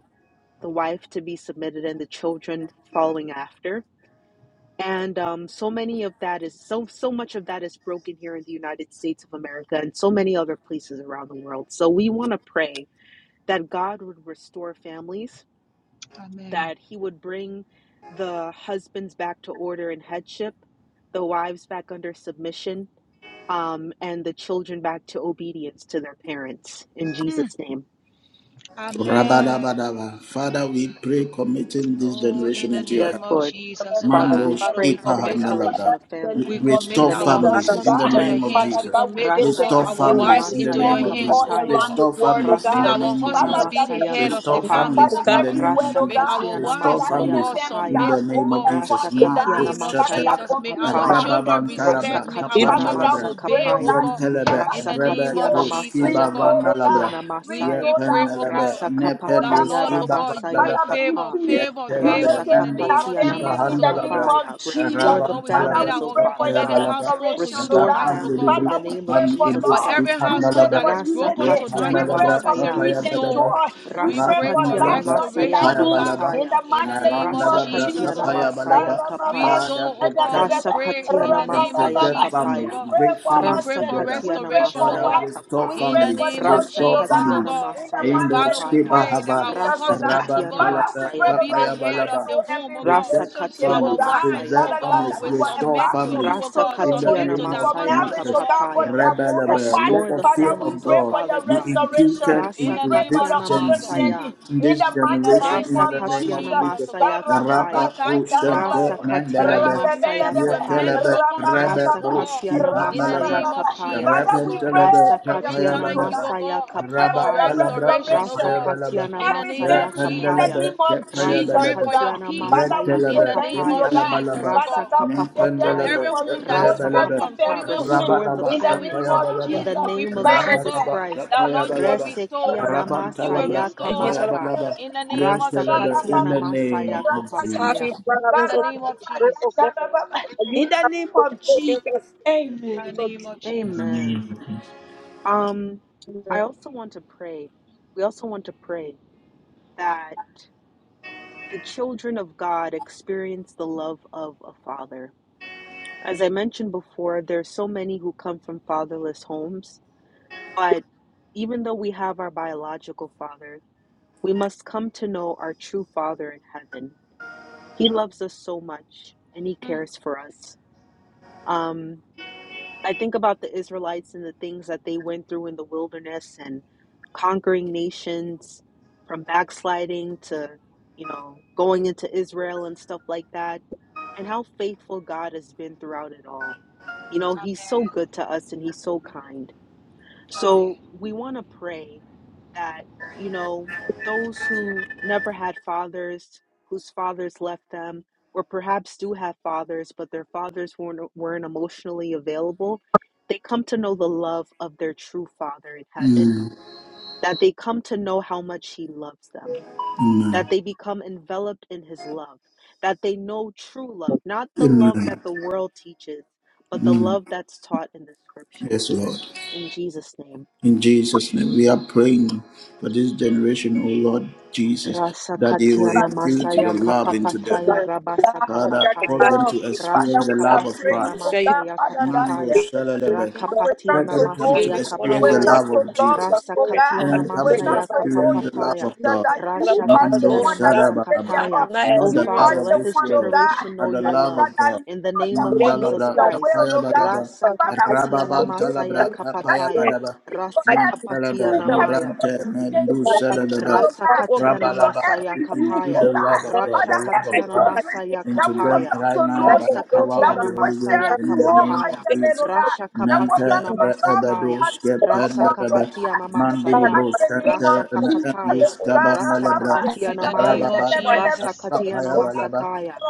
S7: the wife to be submitted, and the children following after and um, so many of that is so so much of that is broken here in the united states of america and so many other places around the world so we want to pray that god would restore families that he would bring the husbands back to order and headship the wives back under submission um, and the children back to obedience to their parents in jesus name
S1: Rabadabadaba. Father, we pray committing this generation into your
S7: yes
S1: hands.
S7: lord father we
S1: Mandos
S7: pray for the
S1: Ipahandalada.
S7: restoration of families in
S1: Restore
S7: the name of
S4: Father,
S1: families
S7: jesus
S1: in the name
S7: christ
S1: of Jesus.
S7: Rasa
S1: Restore
S4: we will
S7: Katiana
S1: families
S4: give
S1: in the
S4: you
S7: Masaya
S1: name of Jesus.
S7: Kapataya.
S1: Restore families in
S7: Rasa
S1: the name of
S7: Katiana
S1: Jesus.
S7: Masaya
S1: Restore
S7: Kapapa.
S4: the
S1: families in
S4: God.
S1: the name of
S7: Rasa
S1: Jesus.
S7: Katiana
S1: Restore
S7: Masaya
S1: families in
S7: Kapaya.
S1: the name of
S7: Rasa
S1: Jesus. Mako
S7: Katiana Masaya
S1: Shatak.
S7: Kapapaya.
S1: Rababan
S7: Rasa
S1: Talabra.
S7: Katiana
S1: Kapandalabra.
S7: Masa Kapaya.
S1: Yen Telebe.
S7: Rasa
S1: Rebe
S7: Katiana
S1: Tuski
S7: Masaya
S1: Bavandalabra.
S7: Kapatiana
S1: Yen
S7: Masaya.
S1: Telebe.
S7: Rasa
S1: Nepen
S7: Kapataya
S1: Uski
S7: Rabasaya
S1: Bavandalabra.
S7: Kapa.
S1: Yes, Telebe,
S7: Rasa
S1: Mando,
S7: Kapatiana
S1: Super
S7: Masa
S1: Handalaba,
S7: Kafaya. Restore the
S1: Rabban Talaba,
S7: families, O Father
S1: Tapaya
S7: God.
S1: Balaba, and
S7: Restore
S1: Rapan
S7: families in
S1: Libri,
S7: the name
S1: Pan
S7: of Jesus
S1: Libri, Skip
S7: Christ.
S1: Handalaba,
S7: Rasa
S1: Yep
S7: Katiana
S1: Handalabra,
S7: Masaya.
S1: Tapaya Balaba,
S7: Rasa
S1: Rapan
S7: Katiana
S1: Labra,
S7: Masaya
S1: Tapaya Balaba,
S7: Kapapaya. Rasa
S1: Randalabra,
S7: Katiana
S1: Tapaya Balaba,
S7: Masaya Kapaya.
S1: Father protect
S7: Rasa Katiana
S1: and, and
S7: Masaya
S1: preserve families,
S7: Kapaya.
S1: bring families
S7: Rasa
S1: together.
S7: Katiana
S1: Father,
S7: Masaya
S1: restore
S7: Kapa.
S1: families,
S7: Rasa
S1: restore
S7: Katiana
S1: families.
S7: Masaya
S1: Indo
S7: Kapaya.
S1: Skiba Hava,
S7: Rasa
S1: Rabban
S7: Katiana
S1: Talaba,
S7: Masaya
S1: Papaya
S7: Kapataya.
S1: Balaba.
S7: Rasa
S1: Protect
S7: Katiana
S1: families,
S7: Masaya
S1: preserve families,
S7: Kapataya.
S1: restore families.
S7: Rasa
S1: In the
S7: Katiana
S1: name of
S7: Masaya
S1: Jesus,
S7: Kapapaya.
S1: Rebelaba, let
S7: Restore the
S1: the fear of
S7: families, O
S1: God
S7: Father
S1: be
S7: God.
S1: imputed
S7: Rasa
S1: into this
S7: Katiana
S1: Gen Z,
S7: Masaya.
S1: in this generation,
S7: Rasa
S1: in the name of
S7: Katiana
S1: Jesus.
S7: Masaya
S1: Rapa
S7: Kapaya. Rasa
S1: Pushante
S7: Katiana
S1: Mandalaba.
S7: Masaya Kapaya.
S1: Yetelebe rebe
S7: Rasa
S1: boşki
S7: Katiana
S1: panalabra
S7: Masaya Kapaya.
S1: rebe telebe
S7: Rasa
S1: yapaya
S7: Katiana
S1: balaba
S7: Masaya
S1: raba
S7: Kapataya.
S1: kalabra
S7: Rasa
S1: yapaya balaba
S7: Katiana
S1: ne
S7: Masaya Kapaya.
S1: kandelebe yapaya
S7: Rasa
S1: balaba
S7: Katiana
S1: red
S7: Masaya
S1: telebe
S7: Kapapaya.
S1: yapaya balaba
S7: Rasa
S1: ne kandelebe
S7: Kapapataya.
S1: yapaya
S7: Rasa
S1: balaba
S7: Kapata.
S1: raba
S7: Restore the
S1: laba yapaya
S7: families
S1: balaba
S7: in the name of
S1: raba
S7: Jesus
S1: laba
S7: Christ.
S1: yapaya balaba
S7: Resekia
S1: raba kalabra
S7: Namasaya
S1: yapaya
S7: Kamataya.
S1: balaba yetelebe in
S7: Rasakatiana
S1: the name
S7: Masaya
S1: of
S4: It's Harvey
S7: Kapataya.
S1: Jesus.
S4: Robbins or Bert O'Gorman. Are you that you
S7: Amen. Um, I also want to pray. We also want to pray that the children of God experience the love of a father. As I mentioned before, there's so many who come from fatherless homes, but even though we have our biological father, we must come to know our true father in heaven. He loves us so much and he cares for us. Um, I think about the Israelites and the things that they went through in the wilderness and conquering nations from backsliding to, you know, going into Israel and stuff like that, and how faithful God has been throughout it all. You know, He's so good to us and He's so kind. So we want to pray that, you know, those who never had fathers, whose fathers left them, or perhaps do have fathers, but their fathers weren't, weren't emotionally available, they come to know the love of their true father in heaven, that they come to know how much he loves them, that
S1: Amen.
S7: they become enveloped in his love, that they know true love, not the love that
S1: Amen.
S7: the world teaches, but the
S1: Mm.
S7: love that's taught in the scripture.
S1: Yes, Lord.
S7: In Jesus' name.
S1: In Jesus' name, we are praying for this generation, O Lord Jesus,
S7: Rasa
S1: that you
S7: Rasakatia
S1: will infuse
S7: masaya
S1: your love into them.
S7: kapapataya rabasa
S1: Father, cause
S7: kapataya.
S1: them to experience
S7: Rasha
S1: the love of
S7: kapatia
S1: Christ.
S7: namasaya
S1: Mando
S7: kapapaya.
S1: shalalebe.
S7: Rakapatia
S1: Let them
S4: we
S1: come
S4: give
S1: to
S7: namasaya
S4: you honor,
S1: experience
S4: we
S1: the
S7: kapataya.
S4: worship
S1: love
S4: and
S1: of
S4: we give you
S1: Jesus.
S7: Rasa
S4: glory.
S7: katia
S4: That we
S1: and come
S4: pray in
S1: to
S4: the
S7: namasaya
S4: Bible,
S1: experience
S4: we
S1: the love
S7: kapapapaya.
S4: worship
S1: of God.
S4: you, Father
S7: Rasha
S4: God, for
S7: katia
S1: Mando
S4: those God
S1: Shadabaraba.
S4: that
S7: namasakataya.
S4: have not
S7: O
S1: Not the
S4: experienced,
S1: love
S7: Father,
S1: of
S7: let
S1: this
S7: this
S1: world,
S7: generation
S1: but
S7: know
S1: the
S7: your
S4: they
S1: love
S7: love.
S1: of God.
S7: In the name of
S4: didn't know
S7: Jesus
S1: Mandalabra
S4: God.
S7: Christ.
S1: Kapaya Balaba.
S7: Rasa
S4: I
S7: kapatia
S4: thank you
S1: Rababantalabra
S4: that
S7: namasaya
S4: you
S1: Kapaya
S4: are
S7: kapataya.
S4: there.
S1: Balaba.
S4: I
S7: Rasa
S4: thank you
S7: kapatia
S1: Mentalaba
S4: that
S7: namaya.
S1: Nubrante
S4: you
S1: Mendu
S4: are
S1: Shadalaba.
S4: there. God,
S7: Rasakatiana
S1: Rabalaba.
S7: Masaya
S1: We include
S7: Kapaya,
S1: the love of God, the love of
S7: Rashakatiana
S1: Christ
S7: Masaya
S1: into them
S7: Kapaya,
S1: right now by the power of
S7: Rasakatiana
S1: the Holy Ghost
S7: Masaya
S1: and in the name
S7: Kapapaya,
S1: of Jesus. Nanta
S7: Rashakapatiana Masakaya,
S1: Rabados Kepanaba
S7: Rasakapatiana
S1: Mandiri
S7: Masaya,
S1: Bros Santa Andus
S7: Rasakapataya,
S1: Kabanalabra
S4: God,
S7: Rasakapatiana Maya,
S1: Rababa
S7: Rasakatiana
S1: Kapayabalaba
S7: Masakaya,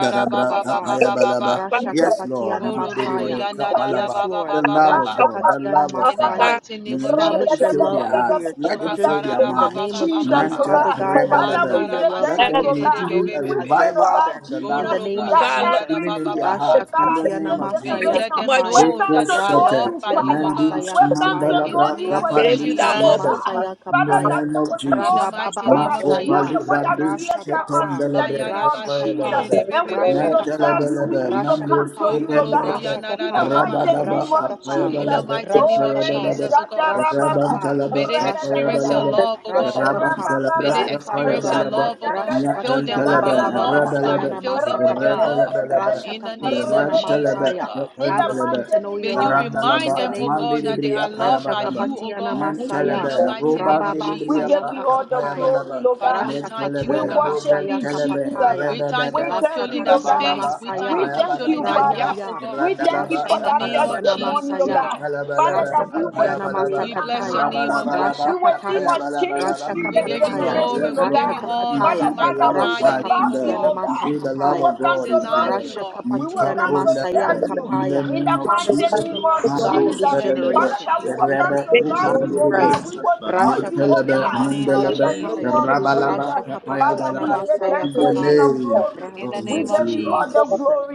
S1: Darabra Kapayabalaba. Yes, Lord,
S7: Rashakapatiana
S1: Mandiri Bre
S7: Mataya.
S1: Kapalaba.
S7: Yes,
S1: The
S7: Lord,
S1: love of God, the
S7: Rashakatiana
S1: love of Christ.
S7: Masaya,
S1: Let
S7: establish
S1: it
S7: your
S1: fill
S7: love
S1: their
S7: over
S1: hearts,
S7: your
S1: let it
S7: children
S1: fill their
S7: in the
S1: minds.
S7: name of Jesus,
S1: Manta
S7: Father God, have them know
S1: Rebelebe.
S7: your love.
S1: Let
S7: Have
S1: there
S7: them
S1: be
S7: come to know
S1: even a
S7: you as their
S1: revival
S7: Father.
S1: of the
S7: In
S1: love
S7: the
S1: of
S7: name of
S1: Christ,
S4: Lord,
S7: Jesus.
S1: even in their
S7: Rasha
S1: hearts, in the
S4: I
S7: Katiana
S1: name of Jesus.
S7: Masaya
S4: think much
S7: Kapaya. Rasha
S1: Dekusate,
S7: Katiana
S1: Mandus,
S7: Masaya Kapaya.
S1: Mandalabra,
S7: Rasa
S4: if you
S1: Kapandus,
S4: that
S7: Katiana
S4: love
S1: Nebe,
S4: for God.
S7: Masaya
S1: in the
S7: Kapaya.
S1: name of Jesus.
S4: thank
S7: Rabababa
S1: Mako
S4: you,
S7: Saya.
S1: Palibrandus,
S7: Rasha Kapa.
S1: Ketendelebe,
S7: Rasha Kapa.
S1: Kepaebelebe,
S7: Rasha
S4: Lord.
S7: Kapa.
S1: Nantelebelebe,
S7: Rasha
S1: Mandus,
S7: Kapa.
S1: Kependelebe,
S7: Rasha Kapa.
S1: Rabalaba,
S7: Rasha Kapa.
S1: Kapaebelebe,
S7: Rasha Kapa.
S1: Kepaebelebe,
S7: Rasha
S1: Rabam
S7: Kapa.
S1: talaba
S7: Rasha
S1: kapaya
S7: Kapa.
S1: balaba.
S4: Thank you,
S1: the
S4: Lord. Thank
S1: Rabam
S7: Rashakapa.
S1: talabra
S7: O Father
S1: kapaya
S7: God,
S1: balaba. Nyatan
S7: Rashakataya
S1: talaba
S7: Rabababa
S1: rabalaba.
S7: Sayana Masakata,
S1: Rabalabalaba. the
S7: Rashakapatia
S1: Ram talaba
S7: Namataya.
S1: kapan
S7: Have us
S1: talaba.
S7: come to know your love in the
S1: Rabalaba
S7: name of
S1: mandi
S7: Jesus.
S1: dibri apaya balaba.
S7: Rashakapatia Namasaya,
S1: Mentelebe, Ruban
S7: Rababa
S1: Delibria
S7: Saya
S1: Capaya
S7: Kapataya,
S1: Balaba, Mentelebe,
S7: Rashakatia
S1: Nobren
S7: Namasaya
S1: Telebe,
S7: Kapataya,
S1: Rebebe,
S7: Rasakatia
S1: Rababa,
S7: Namasaya,
S1: Capaya
S7: Ya Ya
S1: Balaba,
S7: Ya,
S1: Randalaba, Capaya
S7: Rashakapatia
S1: Balaba,
S7: Namasaya,
S1: Yentelabalaba,
S7: Rasakatia
S1: Capaya Balaba,
S7: Namasakataya,
S1: Rabalabalaba,
S7: Rashapataya.
S1: Capaya
S7: Rasha
S1: Balabalaba. Yes,
S7: kapataya,
S1: Lord, yes,
S7: rasha
S1: Lord.
S7: kapataya,
S1: Into the love of
S7: rasha
S1: Christ in them,
S7: kapatia namata
S1: into the love
S7: kapaya,
S1: of God into them.
S7: rasha
S1: Meet
S7: kapatia
S1: up on
S7: namasaya
S1: the In
S7: kapaya.
S1: the name of
S7: Father, we need
S1: Jesus,
S7: the love
S4: you,
S7: of
S4: Lord.
S7: God
S1: Mando
S7: in this
S1: Selebe,
S7: generation. In the
S1: Rebe
S7: name of
S4: Thank you,
S7: Jesus
S4: Lord.
S7: Christ,
S1: Kupandibriata,
S7: rasha katia
S1: Nirkelebe,
S7: namasaya
S1: Mundelebe,
S7: kapaya,
S1: Rabalaba,
S7: rasha kapatia
S1: Payabalaba,
S7: namasaya
S1: in the
S7: kapaya.
S1: name
S7: Ra-
S1: of Jesus,
S7: Jesus,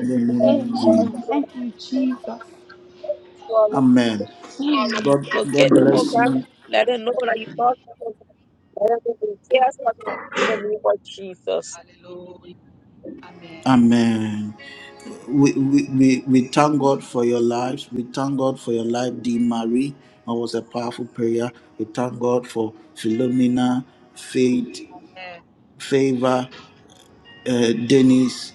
S1: in the name of Jesus. Amen. God,
S4: Locate
S1: God
S4: them, oh
S1: bless
S4: God.
S1: you.
S4: Let them know that you brought them. oh Let them be tears of In the name of Jesus.
S1: Amen. We, we, we, we thank God for your lives. We thank God for your life, Dee Marie. That was a powerful prayer. We thank God for Philomena, faith, favor. uh, Dennis,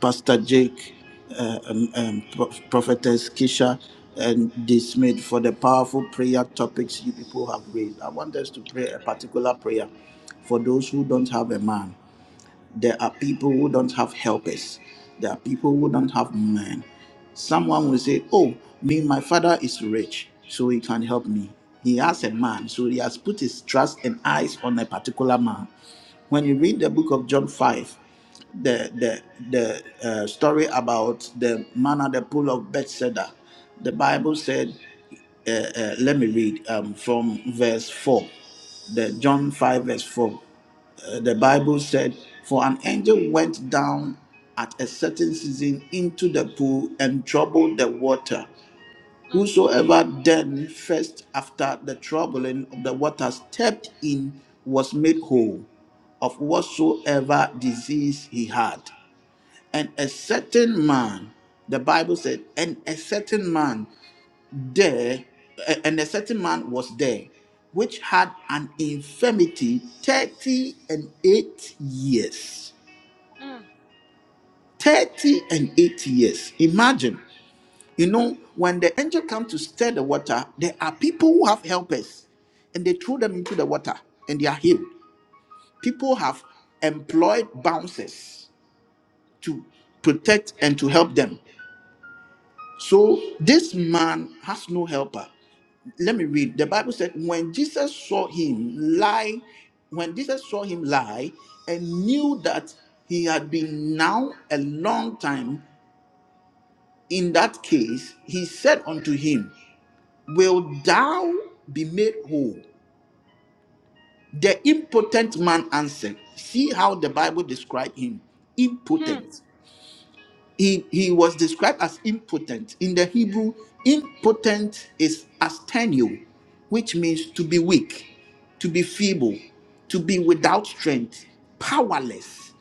S1: Pastor Jake, uh, um, um, Pro- Prophetess Kisha, and D. Smith for the powerful prayer topics you people have raised. I want us to pray a particular prayer for those who don't have a man. There are people who don't have helpers. There are people who don't have men. Someone will say, Oh, me, my father is rich, so he can help me. He has a man, so he has put his trust and eyes on a particular man when you read the book of John 5, the the the uh, story about the man at the pool of Bethesda, the Bible said, uh, uh, let me read um, from verse four, the John five verse four. Uh, the Bible said, for an angel went down at a certain season into the pool and troubled the water. Whosoever then first after the troubling of the water stepped in was made whole of whatsoever disease he had. And a certain man, the Bible said, and a certain man there, a- and a certain man was there, which had an infirmity 30 and 8 years. 30 and 8 years. Imagine, you know, when the angel comes to stir the water, there are people who have helpers and they throw them into the water and they are healed. People have employed bouncers to protect and to help them. So this man has no helper. Let me read. The Bible said, when Jesus saw him lie, when Jesus saw him lie and knew that he had been now a long time in that case, he said unto him, Will thou be made whole? The impotent man answered. See how the Bible described him impotent. he he was described as impotent in the hebrew impotent is asthenio which means to be weak to be feeble to be without strength powerless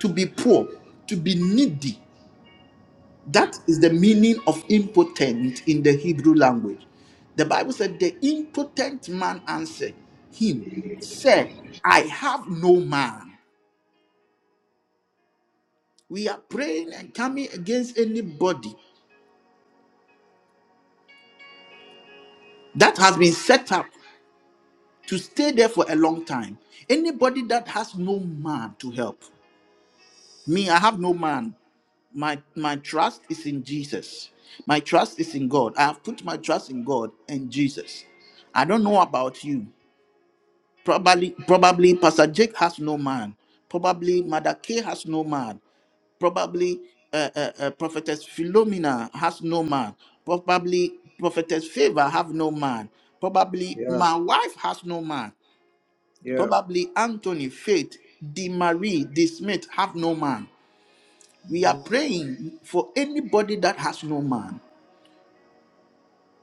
S1: to be poor to be needy that is the meaning of impotent in the hebrew language the bible said the impotent man answered him said i have no man we are praying and coming against anybody that has been set up to stay there for a long time. Anybody that has no man to help, me, I have no man. My my trust is in Jesus. My trust is in God. I have put my trust in God and Jesus. I don't know about you. Probably, probably Pastor Jake has no man. Probably Mother K has no man. Probably uh, uh, uh, Prophetess Philomena has no man. Probably Prophetess Favor have no man. Probably my wife has no man. Probably Anthony, Faith, D. Marie, D. Smith have no man. We are praying for anybody that has no man,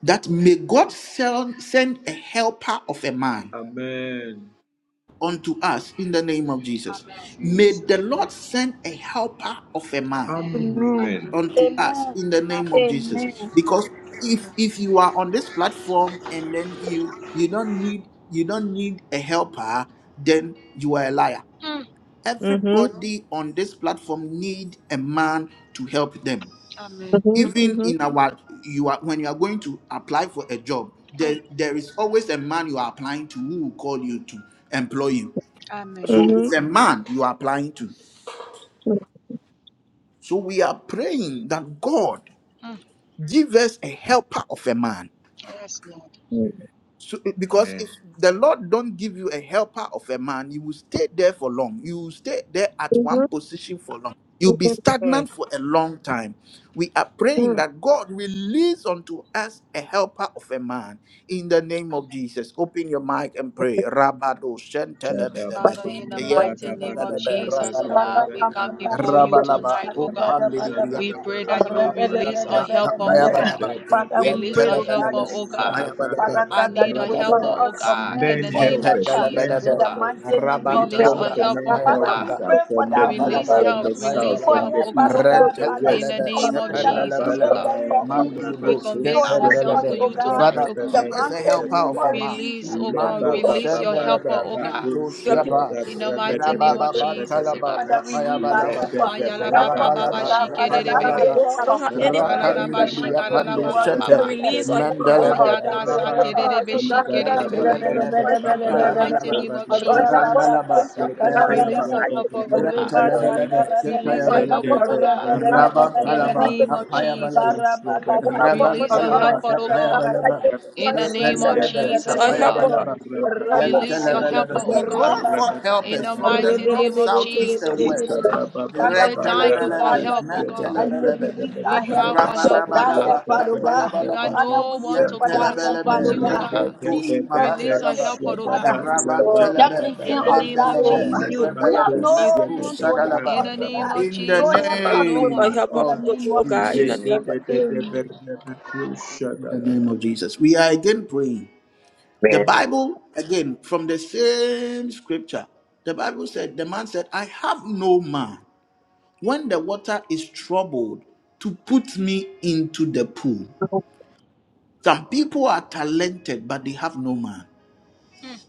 S1: that may God sel- send a helper of a man unto us in the name of Jesus. May the Lord send a helper of a man unto us in the name of Jesus. Because if if you are on this platform and then you you don't need you don't need a helper, then you are a liar
S4: Mm-hmm.
S1: Everybody on this platform need a man to help them.
S4: Mm-hmm.
S1: Even
S4: Mm-hmm.
S1: in our you are when you are going to apply for a job, there, there is always a man you are applying to who will call you to employ you. So
S4: Mm-hmm.
S1: it's a man you are applying to. So we are praying that God give us a helper of a man
S4: Mm-hmm.
S1: So, eh, because if the Lord don't give you a helper of a man, you will stay there for long. You will stay there at
S4: Mm-hmm.
S1: one position for long. You'll be
S4: Mm-hmm.
S1: stagnant for a long time. We are praying
S4: Mm-hmm.
S1: that God release unto us a helper of a man in the name of Jesus. Open your mic and pray. Rabado shentelebelebe, yentelebelebe, rabalaba, rabalaba, kopandelibriyapa. Rabanalabrahapayabalaba. Yantalabalaba. Hapayabalaba. Rabalaba. Yependalabalaba. Rabantalabra. Hapayabalaba. Rabalaba. Hapayabalaba. Rentalabalaba. Yependalabalaba. Mandiri Bruce. Yependalaba. Father, give us a helper of a man. Mando, Shendelebe, Mento,
S4: Your people,
S1: Shepa, Rababantalaba, Kapayabalaba. Rabalaba, Rapandalaba,
S4: I don't have anyone.
S1: Rapandibria Pandu
S4: Sister,
S1: Shete,
S4: release or help us, uh,
S1: Mandalaba,
S4: help us,
S1: Rabalaba,
S4: oh God, oh God, oh God, oh
S1: Yantalabalaba,
S4: God, Jesus.
S1: Apayabalaba,
S4: Release or help us,
S1: Randalaba,
S4: oh God, oh God, in the
S1: Apayabalaba,
S4: mighty name of
S1: Yantalabalaba,
S4: Or help
S1: Apayabalaba,
S4: us, oh God, oh God, in the
S1: Rabatalaba,
S4: mighty name of
S1: Apayabalaba.
S4: Or help
S1: Rabban
S4: us, oh God,
S1: Talaba,
S4: in the mighty
S1: Tapayabalaba,
S4: name of Jesus.
S1: Nependelebe,
S4: Release or help us,
S1: Tapayabalaba,
S4: in the mighty name of
S1: Yantelebelebe. We
S4: Jesus.
S1: call forth helpers from the north, south, east, and west.
S4: But,
S1: Red Telebelebe, Mantelebelebe,
S4: uh,
S1: Rabadabadaba, Tapayabalaba, Yantelebelebe, Rebetush, Mahandalaba, Rabban
S4: uh, uh,
S1: Telebe,
S4: we will be so
S1: Tependelebe,
S4: you,
S1: Rebelebe,
S4: Jesus,
S1: Mantush, Sadalaba. In the
S4: or
S1: name
S4: help us,
S1: of
S4: oh God, in the
S1: Jesus.
S4: name of
S1: In the name of Jesus. We are again praying. The
S4: Amen.
S1: Bible, again, from the same scripture, the Bible said, The man said, I have no man when the water is troubled to put me into the pool. Some people are talented, but they have no man.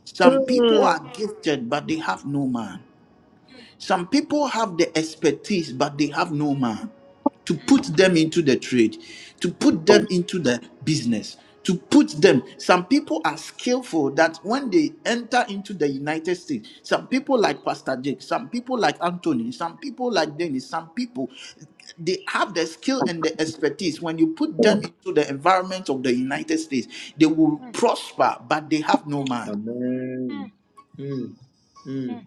S1: Some people are
S4: Mm,
S1: gifted, but they have no man. Some people have the expertise, but they have no man to put them into the trade, to put them into the business, to put them. Some people are skillful that when they enter into the United States, some people like Pastor Jake, some people like Anthony, some people like Dennis, some people they have the skill and the expertise. When you put them into the environment of the United States, they will prosper, but they have no man.
S9: Amen. Mm, mm.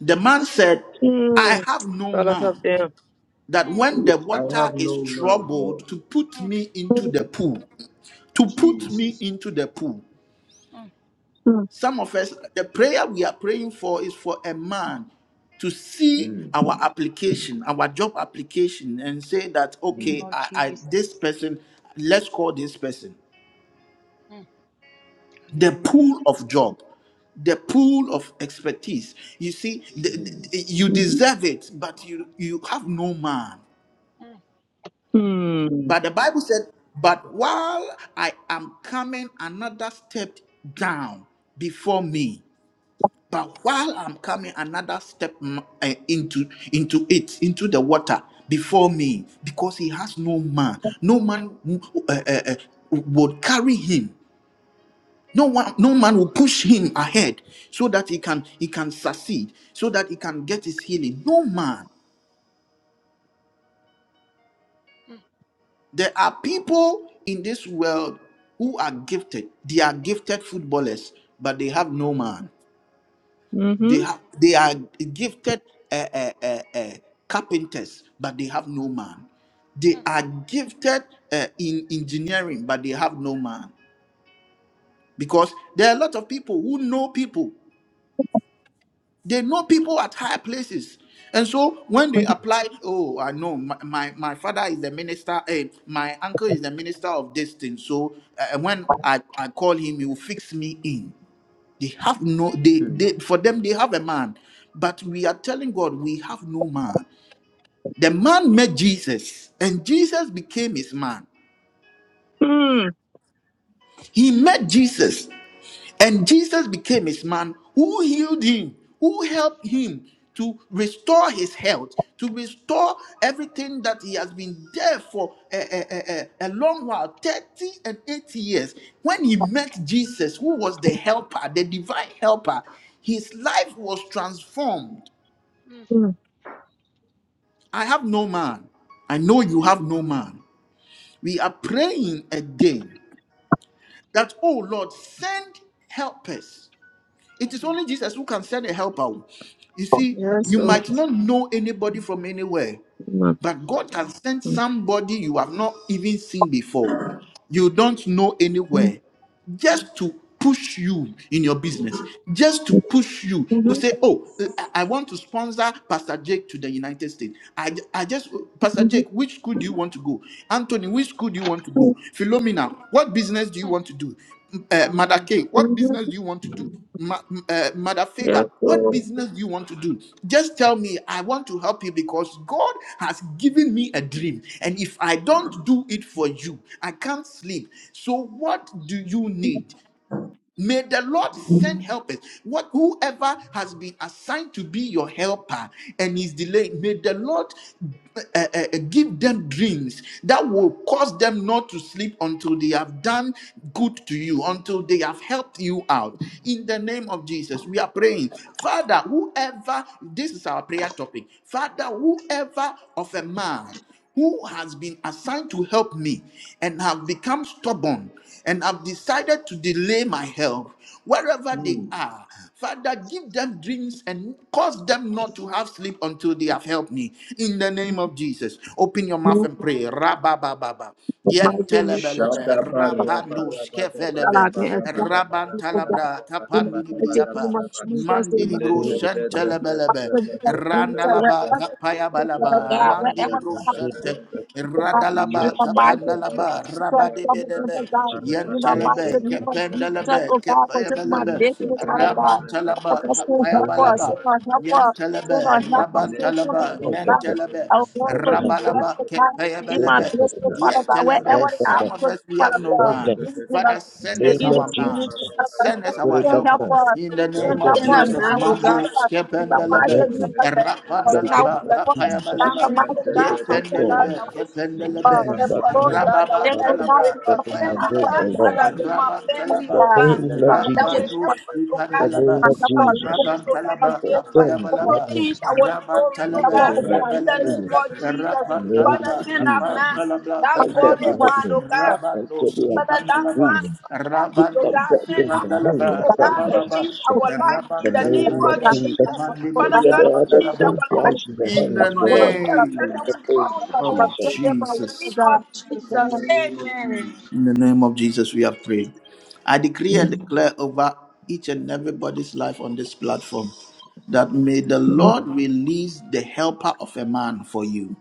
S1: The man said, I
S4: mm.
S1: have no
S4: Gotta help
S1: man.
S4: them.
S1: that when the
S9: I have
S1: water is
S9: no man, Lord.
S1: troubled, to put me into the
S4: Mm,
S1: pool, to put me
S9: Jesus.
S1: into the pool. Some of us, the prayer we are praying for is for a man to see
S9: Mm,
S1: our application, our job application, and say that,
S9: mm,
S1: okay, I, I this person, let's call this person the pool of job the pool of expertise. You see, the,
S9: mm.
S1: the- you
S4: mm-hmm.
S1: deserve it, but you you have no man. But the Bible said, But while I am coming another step down before me, but while I'm coming another step mm, eh, into into it, into the water before me, because he has no man, no man mm, eh, eh, eh, would carry him. No one, no man will push him ahead so that he can he can succeed, so that he can get his healing. No man. There are people in this world who are gifted. They are gifted footballers, but they have no man. They
S4: Mm,
S1: have they are gifted uh, uh, uh, uh, carpenters, but they have no man. They are gifted uh, in engineering, but they have no man. Because there are a lot of people who know people. They know people at higher places. And so when they apply, oh, I know my, my, my father is the minister, eh, my uncle is the minister of this thing. So uh, when I, I call him, he will fix me in. They have no, they, they for them, they have a man. But we are telling God we have no man. The man met Jesus, and Jesus became his man. He met Jesus. And Jesus became his man who healed him, who helped him to restore his health, to restore everything that he has been there for a, a, a, a long while 30 and 80 years. When he met Jesus, who was the helper, the divine helper, his life was transformed.
S4: mm.
S1: I have no man. I know you have no man. We are praying again that, oh Lord, send helpers It is only Jesus who can send a helper. You see,
S4: Yes,
S1: you
S4: Lord.
S1: might not know anybody from anywhere,
S4: Mm,
S1: but God can send
S4: mm,
S1: somebody you have not even seen before, you don't know
S4: mm,
S1: anywhere, just to push you in your business, just to push you. You
S4: mhm,
S1: say, Oh, I I want to sponsor Pastor Jake to the United States. I, I just, Pastor
S4: mhm,
S1: Jake, which school do you want to go? Anthony, which school do you want to
S4: mhm,
S1: go? Philomena, what business do you want to do? Uh, Mother K, what
S4: mhm.
S1: business do you want to do? Ma- uh, Mother
S4: Yes,
S1: Favor, what
S4: Lord.
S1: business do you want to do? Just tell me, I want to help you because God has given me a dream. And if I don't do it for you, I can't sleep. So, what do you need? May the Lord send helpers. What whoever has been assigned to be your helper and is delayed, may the Lord uh, uh, uh, give them dreams that will cause them not to sleep until they have done good to you, until they have helped you out. In the name of Jesus, we are praying, Father. Whoever this is our prayer topic, Father. Whoever of a man who has been assigned to help me and have become stubborn and have decided to delay my help wherever they are father give them dreams and cause them not to have sleep until they have helped me in the name of jesus open your mouth
S4: Lord,
S1: and pray rabababa
S4: the mighty name of
S1: yentelebelebe
S4: Jesus.
S1: rapandoskefelebe
S4: God, may I thank you for that.
S1: rabantalabra
S4: In the mighty name
S1: kapandilibriyapa
S4: of Jesus, we
S1: Mandiri
S4: love
S1: bro
S8: Hold
S4: you.
S8: them,
S1: sente
S8: help
S1: lebelebe.
S4: After this, I thank you have answered,
S8: us.
S1: Randalaba
S4: wherever,
S1: kapaya
S4: you are,
S1: balaba.
S4: God,
S1: Mandiri
S4: wherever,
S1: bro
S4: God,
S8: Hold them,
S1: sente.
S8: help
S4: In
S1: Radalaba
S8: Jesus.
S4: the mighty name of
S8: Help them,
S1: kapandalaba.
S4: Jesus, come again, oh
S1: Rabadebedebe.
S4: God. In
S8: Jesus.
S4: the
S8: Help
S4: mighty
S8: them,
S1: Yentelebe.
S4: name
S8: help
S4: of
S8: us. Help
S4: Jesus,
S1: Kependelebe.
S4: oh God,
S1: Kepaya
S4: continue my
S1: belebe.
S8: them,
S4: business,
S8: help
S4: Father
S8: them.
S4: God. Help
S1: Rabantalaba
S4: us, Lord,
S1: kapaya
S8: No
S4: help
S8: name
S4: us,
S1: balaba.
S8: of
S4: Lord,
S8: Jesus.
S4: help us, Lord,
S1: Yentelebe.
S8: Help
S4: help
S8: them,
S4: us, Lord, somebody,
S1: Rabantalaba.
S4: oh
S8: cause them,
S4: God.
S1: Mentelebe.
S4: Our Lord,
S8: not
S4: for
S8: to have
S4: you,
S8: faith.
S4: bless
S1: Rabalaba
S4: the God.
S1: kepaya
S4: In
S8: Save
S4: my
S1: belebe.
S8: them, help
S4: business,
S8: them.
S4: Father God, wherever
S1: Yentelebe.
S8: Cause
S4: they
S8: them,
S4: are,
S1: Some of
S4: for
S1: us
S4: me,
S1: we have
S4: Father
S1: no
S4: God,
S8: cause
S1: man.
S8: them.
S4: in, in the
S1: Father, send
S4: ministry,
S1: us
S4: in
S8: Name of
S1: our
S4: this
S8: Jesus.
S4: ministry,
S1: man.
S4: Father God,
S1: Send us
S4: just
S1: our
S8: Spirit
S4: Lord,
S8: of
S4: help
S1: helper
S8: God.
S4: us,
S1: in the
S4: Lord,
S8: Cause
S1: name of
S8: them,
S4: help
S8: not
S4: us,
S8: to have
S1: Jesus.
S4: Lord,
S8: faith.
S4: help
S1: Mando
S4: us. In the
S8: Save them,
S4: mighty
S1: skependelebe,
S8: help
S4: name
S8: them.
S4: of Jesus,
S8: The
S4: Lord,
S1: erapandelebe,
S8: name of
S4: help us.
S8: Jesus.
S4: In the
S1: kapayabalaba,
S4: mighty name of
S8: Spirit of
S4: Jesus,
S8: God.
S1: yependelebe,
S8: Cause
S1: kependelebe,
S4: uh,
S8: them, that
S4: Lord,
S8: man.
S1: rababa
S4: there
S8: That
S4: will
S8: was
S4: not be
S1: talabra,
S4: much
S8: in my word
S4: much
S1: kapayabalaba,
S4: much
S8: alone.
S4: other
S1: raban
S4: of
S8: The
S1: talaba,
S4: that.
S8: name
S4: If I
S8: of
S4: imagine
S8: Jesus.
S1: rabandu
S4: what
S8: the
S1: skipandelebe,
S8: name
S4: my
S8: of
S4: father is
S8: Jesus.
S4: doing,
S1: raban
S4: I just
S1: talaba,
S4: want
S8: For
S4: to say,
S8: them to help
S1: kapayabalaba,
S8: me
S1: raban
S4: if I
S8: for
S1: talabe,
S4: thought
S8: their
S4: that I could
S1: rebelebe,
S4: have
S8: freedom.
S4: done it, I
S8: In the
S4: could
S8: name
S1: rapandelebe,
S8: of Jesus.
S1: kapandelebe,
S8: Cause them to
S4: have
S1: kapayaba,
S4: done
S8: help me
S4: it myself.
S1: rabando
S8: until they are
S1: skipandalaba,
S8: freedom. Put up
S1: rabando
S8: that
S1: Mandalaba,
S8: dominion
S4: But,
S8: upon that
S4: you know,
S1: Rabababa,
S8: house.
S4: it's
S8: In The name of
S1: Rabantelebelebe,
S4: not that I can have it,
S8: Jesus.
S4: but what- what
S8: Until
S4: God
S1: Mandilibriya,
S8: they
S4: does
S8: have a
S4: is,
S1: Pandalaba.
S8: full
S4: uh,
S8: price in the
S1: In the
S8: hands of
S4: what I-
S8: all.
S4: what I do,
S1: name
S8: In The name of
S4: I just
S8: Jesus.
S1: of
S4: send them out to
S1: Jesus.
S4: God, and then,
S1: In the name of Jesus, we are praying. I decree and declare over each and everybody's life on this platform that may the
S4: you know,
S1: Lord release the helper of a man for you.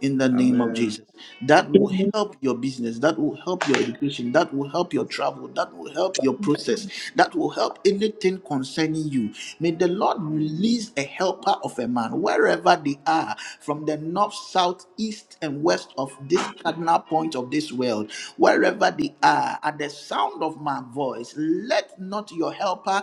S1: in the name of Jesus. That
S4: give
S1: will
S4: me
S1: help your business, that will help your education, that will help your travel, that will help your
S4: some
S1: process, that will help anything concerning you. May the Lord release a helper of a man wherever they are, from the north, south, east, and west of this cardinal point of this world, wherever they are, at the sound of my voice, let not your helper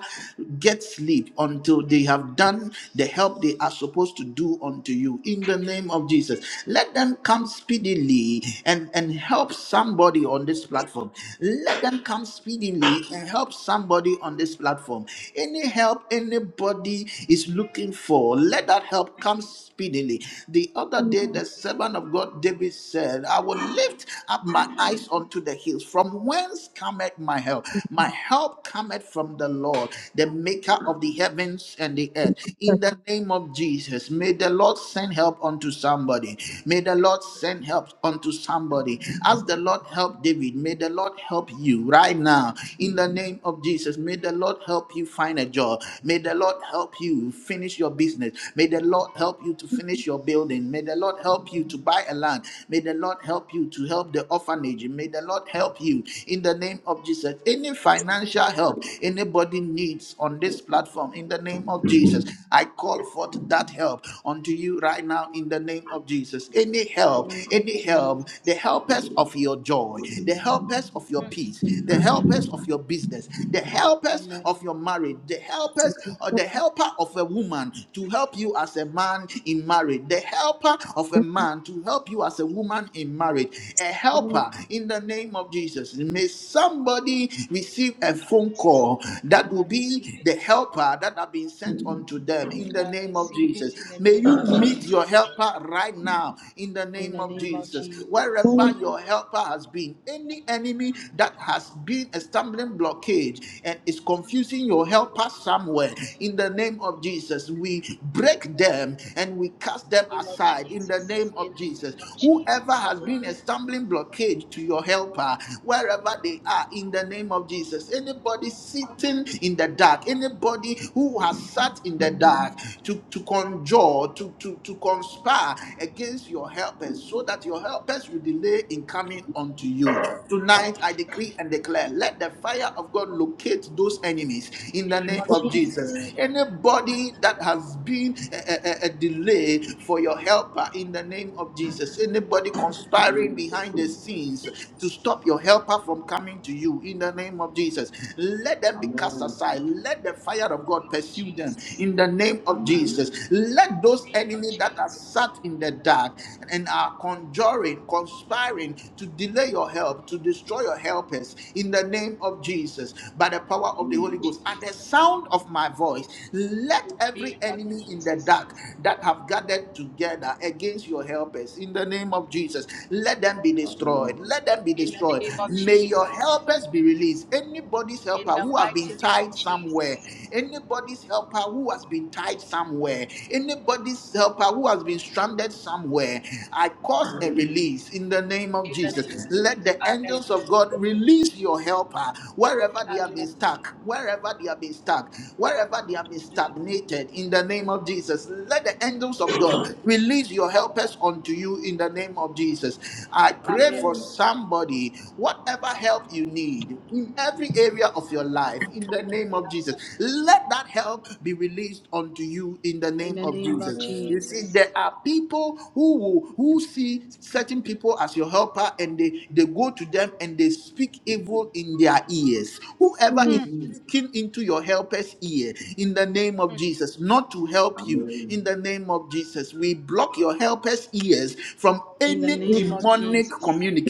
S1: get sleep until they have done the help they are supposed to do unto you you in the name of Jesus. Let them come speedily and, and help somebody on this platform. Let them come speedily and help somebody on this platform. Any help anybody is looking for, let that help come speedily. The other
S4: peace,
S1: day, the servant of God David said, I will lift up my eyes unto the hills. From whence cometh my help? My help cometh from the Lord, the maker of the heavens and the earth.
S4: I
S1: In
S4: can't
S1: the name of of Jesus. May the Lord send help unto somebody. May the Lord send help unto somebody. As the Lord helped David, may the Lord help you right now. In the name of Jesus, may the Lord help you find a job. May the Lord help you finish your business. May the Lord help you to finish your building. May the Lord help you to buy a land. May the Lord help you to help the orphanage. May the Lord help you in the name of Jesus. Any financial help anybody needs on this platform, in the name of name of Jesus. I call forth that help unto you right now in the name of Jesus. Any help, any help, the helpers of your joy, the helpers of your peace, the helpers of your business, the helpers of your marriage, the helpers or the helper of a woman to help you as a man in marriage, the helper of a man to help you as a woman in marriage, a
S4: get there,
S1: helper in the name of Jesus. May somebody receive a phone call that will be be the helper that have been sent unto them in the name of Jesus. May you meet your helper right now in the name of Jesus. Wherever your helper has been, any enemy that has been a stumbling blockade and is confusing your helper somewhere in the name of Jesus, we break them and we cast them aside in the name of Jesus. Whoever has been a stumbling blockade to your helper, wherever they are, in the name of Jesus, anybody sitting in the dark, anybody who has sat in the dark to, to conjure, to, to, to conspire against your helpers, so that your helpers will delay in coming unto you. Tonight, I decree and declare let the fire of God locate those enemies in the name of
S4: I
S1: Jesus. Anybody that has been a, a a- a delay for your helper in the name of Jesus, anybody conspiring behind the scenes to stop your helper from coming to you to you in the name of Jesus. Let them be cast aside. Let the fire of God pursue them in the name of Jesus. Let those enemies that are sat in the dark and are conjuring, conspiring to delay your help, to destroy your helpers in the name of Jesus. By the power of the Holy Ghost, at the sound of my voice, let every enemy in the dark that have gathered together against your helpers in the name of Jesus, let them be destroyed. Let them be destroyed. May your helpers be released. Anybody's helper who have been tied somewhere, anybody's helper who has been tied somewhere, anybody's helper who has been stranded somewhere, I cause a release in the name of Jesus. Let the angels of God release your helper wherever they have been stuck, wherever they have been stuck, wherever they have been stagnated. In the name of Jesus, let the angels of God release your helpers unto you in the name of Jesus. I pray for somebody, whatever help you need in every area of your life, in the name of Jesus, let that help be released unto you in the name of Jesus. You see, there are people who will, who see certain people as your helper and they, they go to them and they speak evil in their ears. Whoever
S4: can't
S1: is speaking into your helper's ear in the name of Jesus, not to help you in the name of Jesus. We block your helper's ears from any
S4: think,
S1: demonic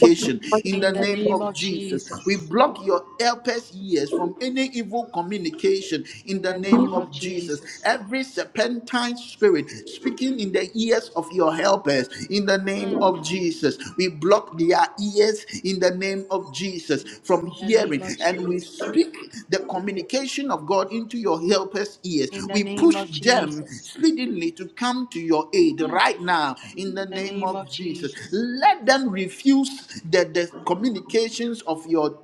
S4: Amen,
S1: in the name of Jesus. We block your helper's ears from any evil communication in the name of Jesus. Every serpentine spirit speaking in the ears of your helpers in the name of Jesus. We block their ears in the name of Jesus from hearing and we speak the communication of God into your helpers' ears. We push them speedily to come to your aid right now in the name of Jesus. Let them refuse the, the communications of your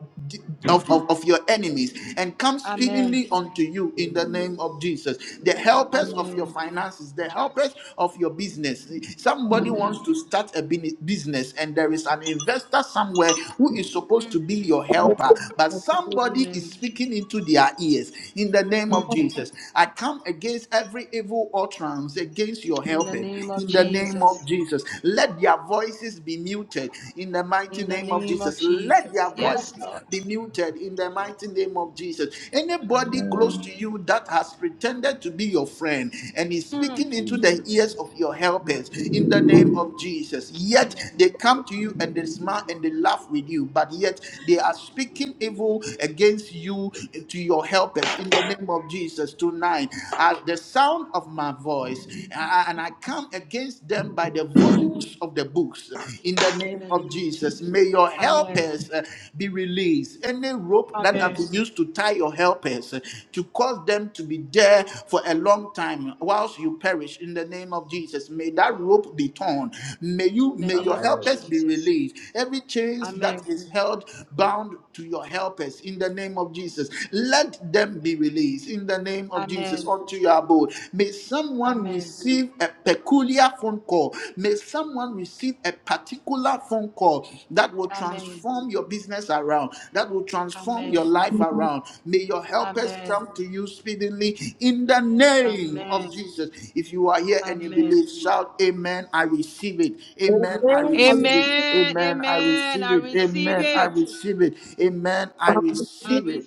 S1: of, of, of your enemies and come speedily unto you in the name of Jesus. The helpers of your finances, the helpers of your business. Somebody wants to start a bini- business and there is an investor somewhere who is supposed to be your helper, but somebody is speaking speaking into their ears in the name of Jesus. I come against every evil utterance against your helpers in the name of Jesus. Let their voices be muted in the mighty name of Jesus. Let their voices be muted in the mighty name of Jesus. Anybody close to you that has pretended to be your friend and is speaking into the ears of your helpers in the name of Jesus, yet they come to you and they smile and they laugh with you, but yet they are speaking evil against you you to your helpers in the name of Jesus tonight. At the sound of my voice, I- and I come against them by the volumes of the books in the name of Jesus. May your helpers uh, be released. Any rope that have been used to tie your helpers uh, to cause them to be there for a long time whilst you perish in the name of Jesus. May that rope be torn. May you may your helpers be released. Every chains that is held bound to your helpers in the name of Jesus. Jesus. Let them be released in the name of Jesus unto your abode. May someone receive a peculiar phone call. May someone receive a particular phone call that will transform your business around, that will transform your life around. May your helpers come to you speedily in the name of Jesus. If you are here and you believe, shout, Amen. I receive it. Amen. I receive it. Amen. I receive it. Amen. I receive it. Amen. I receive it.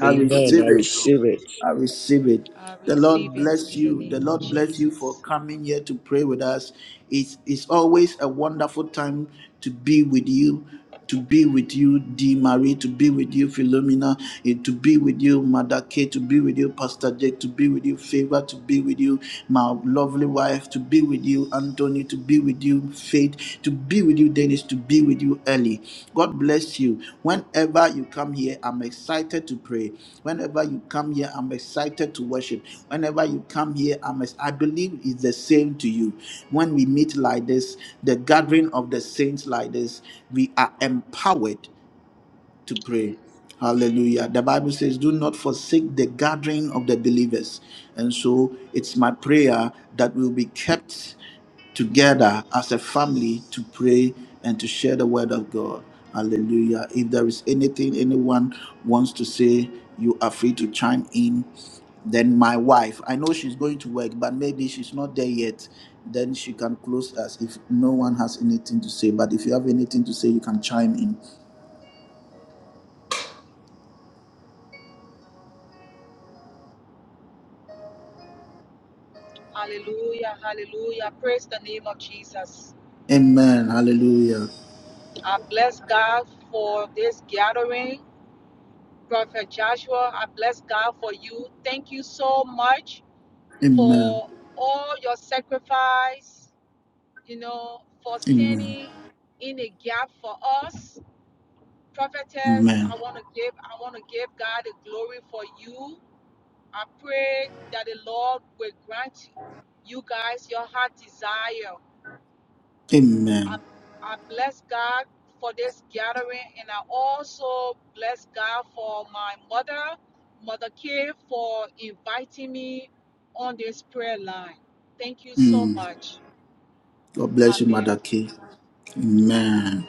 S1: I receive it. I receive it. The Lord bless you. The Lord bless you for coming here to pray with us. It's it's always a wonderful time to be with you, to be with you, D Marie, to be with you, Philomena, eh, to be with you, Mother K, to be with you, Pastor Jake, to be with you, Favor, to be with you, my lovely wife, to be with you, Anthony, to be with you, Faith, to be with you, Dennis, to be with you Ellie. God bless you. Whenever you come here, I'm excited to pray. Whenever you come here, I'm excited to worship. Whenever you come here, I'm ex- I believe it's the same to you. When we meet like this, the gathering of the saints like this, we are empowered to pray. Hallelujah. The Bible says, Do not forsake the gathering of the believers. And so it's my prayer that we'll be kept together as a family to pray and to share the word of God. Hallelujah. If there is anything anyone wants to say, you are free to chime in. Then my wife, I know she's going to work, but maybe she's not there yet. Then she can close us if no one has anything to say. But if you have anything to say, you can chime in. Amen. Hallelujah. Amen. Amen. Amen. Amen. God bless you, Mother Kay. Amen.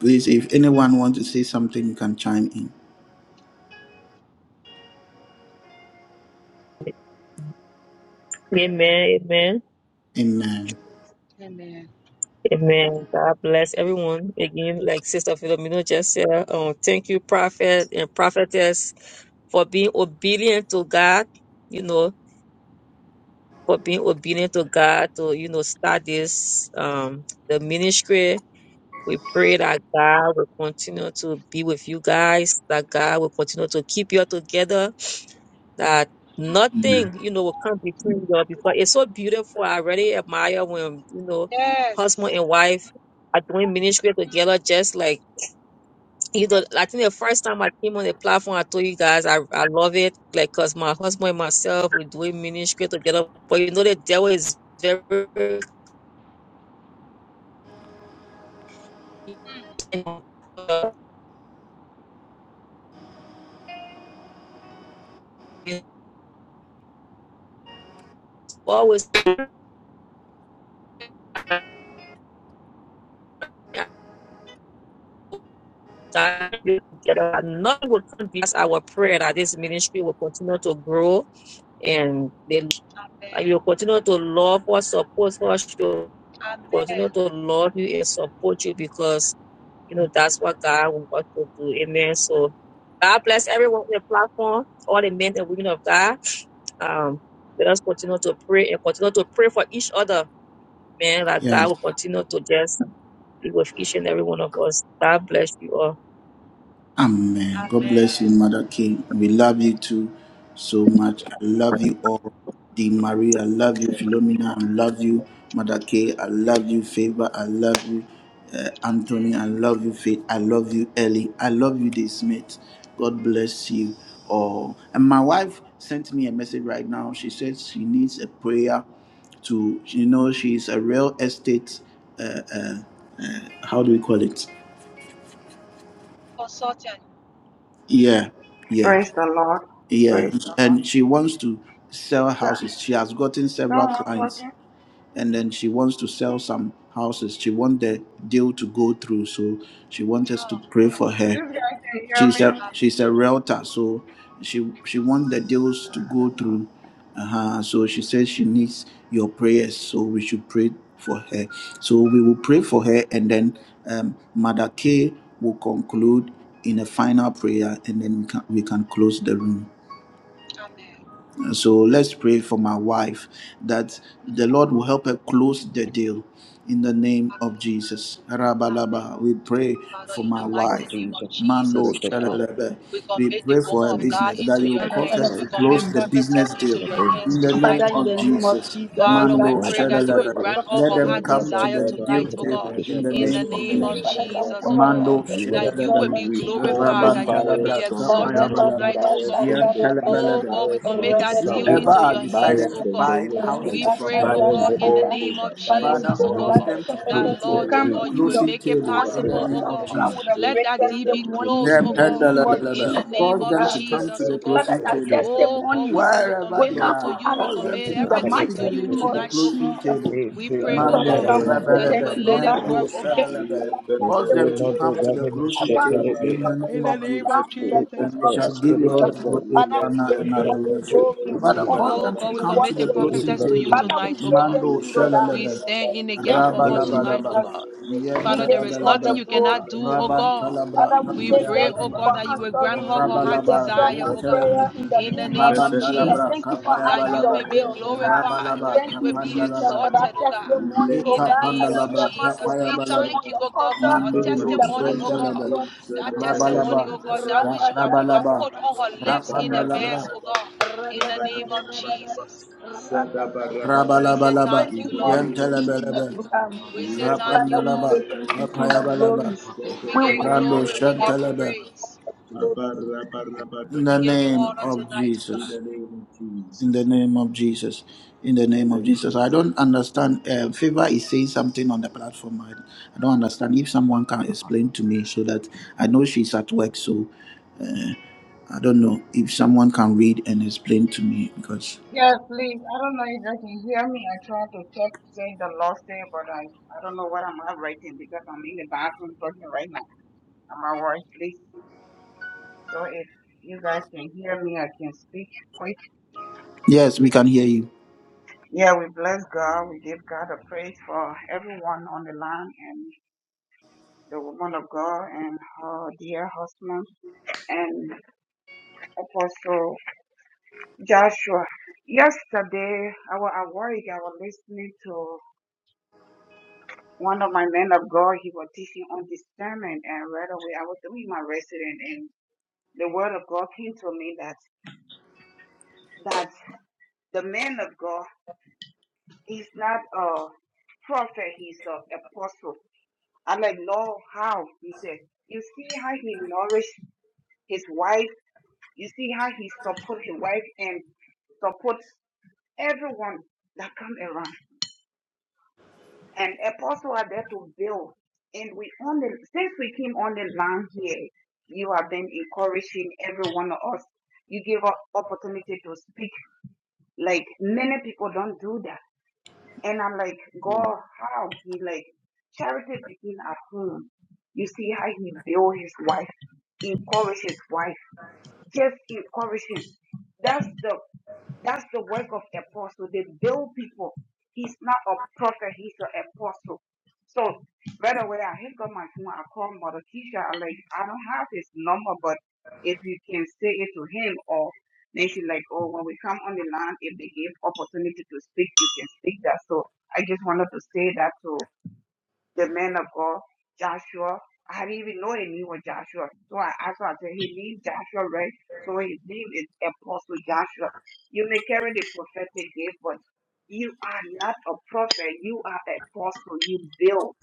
S1: Please, if anyone wants to say something, you can chime in.
S4: amen,
S1: Amen.
S4: amen. God bless everyone again. Like Sister Philomena just said, um, thank you, prophet and prophetess, for being obedient to God. You know, for being obedient to God to you know start this um the ministry. We pray that God will continue to be with you guys, that God will continue to keep you all together, that nothing, you know, will come between you all because it's so beautiful. I really admire when, you know, husband and wife are doing ministry together just like you know, I think the first time I came on the platform, I told you guys I, I love it, like, cause my husband and myself we're doing ministry together. But you know, the devil is very always time together. That none would come because our prayer that this ministry will continue to grow and they and you continue to love us, support us, show. continue to love you and support you because you know that's what God wants to do. Amen. So God bless everyone on the platform, all the men and women of God. Um, let us continue to pray and continue to pray for each other. Man, That God
S1: Yes.
S4: will continue to just be with each and every one of us. God bless you all.
S1: Amen. God bless you, Mother King. We love you too so much. I love you all. Dee Marie, I love you. Philomena, I love you. Mother K, I love you. Favor, I love you. Uh, Anthony, I love you. Faith, I love you. Ellie, I love you. This Smith, God bless you all. And my wife sent me a message right now. She says she needs a prayer to, you know, she's a real estate, uh, uh, how do we call it? Yeah, yeah.
S11: Praise the Lord.
S1: Yeah,
S11: Praise the
S1: and she wants to sell
S11: Lord.
S1: houses. She has gotten several
S11: Someone talking?
S1: clients, and then she wants to sell some houses. She wants the deal to go through, so she wants us to pray for her.
S11: This guy can hear
S1: She's
S11: me.
S1: a she's a realtor, so she she wants the deals to
S11: I
S1: go
S11: don't know.
S1: through. Uh-huh. So she says she needs your prayers, so we should pray for her. So we will pray for her, and then um, Mother K will conclude in a final prayer, and then we can we can close the room. So let's pray for my wife that the Lord will help her close the deal in the name of Jesus. Rabalaba, we pray for my wife. Mando shalalaba. We pray for her business that you cause her to close the business deal in the name of Jesus. Mando shalalaba. Let them come to the deal table in the name of Jesus. Mando shalalaba. Rabantalabra kapayabalaba. Yan Whoever has decided to buy houses from her, Father, cause them to come to the closing table in the name of Jesus. Cause them to come to the closing table wherever they are, cause them to come speedily to the closing table. Mande, rebelebe, mento, sebelebe. Cause them to come to the closing table in the name of Jesus. And we shall give you all the glory, honor, and adoration. Father, cause them to come to the closing table. Mando, sebelebe, rabalabalaba, yentalabalaba, rabantalabra, tapayabalaba, rabalaba, yentelebe. Rabandalabra, Kapayabalaba, Rabalaba, Kapandalaba, Ekapandalabra, Kapayabalaba, Mandiribu, Shentalaba, Rabalaba, Rabalaba, Rapandalabra, Rabalabalaba, Yentalabalaba, Rapandalaba, Kapayabalaba, Rando Shentalaba, in the name of Jesus. In the name of Jesus. In the name of Jesus. I don't understand. Uh, Favor is saying something on the platform. I, I don't understand. If someone can explain to me so that I know she's at work. So I don't know if someone can read and explain to me because,
S11: Yes, please. I don't know if I can hear me. I try to check say the lost there, but I I don't know what I'm writing because I'm in the bathroom talking right now. I'm at work, please. So if you guys can hear me, I can speak quick.
S1: yes, we can hear you.
S11: Yeah, we bless God. We give God a praise for everyone on the line and the woman of God and her dear husband and Apostle Joshua. Yesterday, I was at work. I was listening to one of my men of God, he was teaching on discernment, and right away I was doing my resident, and the word of God came to me that that the man of God, he's not a prophet, he's an apostle. I'm like, no, how? He said, you see how he nourished his wife, you see how he support his wife and support everyone that come around. and apostles are there to build. And we on the since we came on the land here, you have been encouraging every one of us. You give us opportunity to speak. Like many people don't do that. And I'm like, God, how he like charity begin at home. You see how he build his wife, encourage his wife, just encourage him. That's the that's the work of apostle. They build people. He's not a prophet, he's an apostle. So right away I hit up my phone, I call Mother Keisha, I'm like, I don't have his number, but if you can say it to him or then she's like, Oh, when we come on the line, if they give opportunity to speak, you can speak that. So I just wanted to say that to the man of God, Joshua. I didn't even know the name was Joshua. So I asked her, I said, his name Joshua, right? So his name is Apostle Joshua. You may carry the prophetic gift, but you are not a prophet. You are an apostle. You build.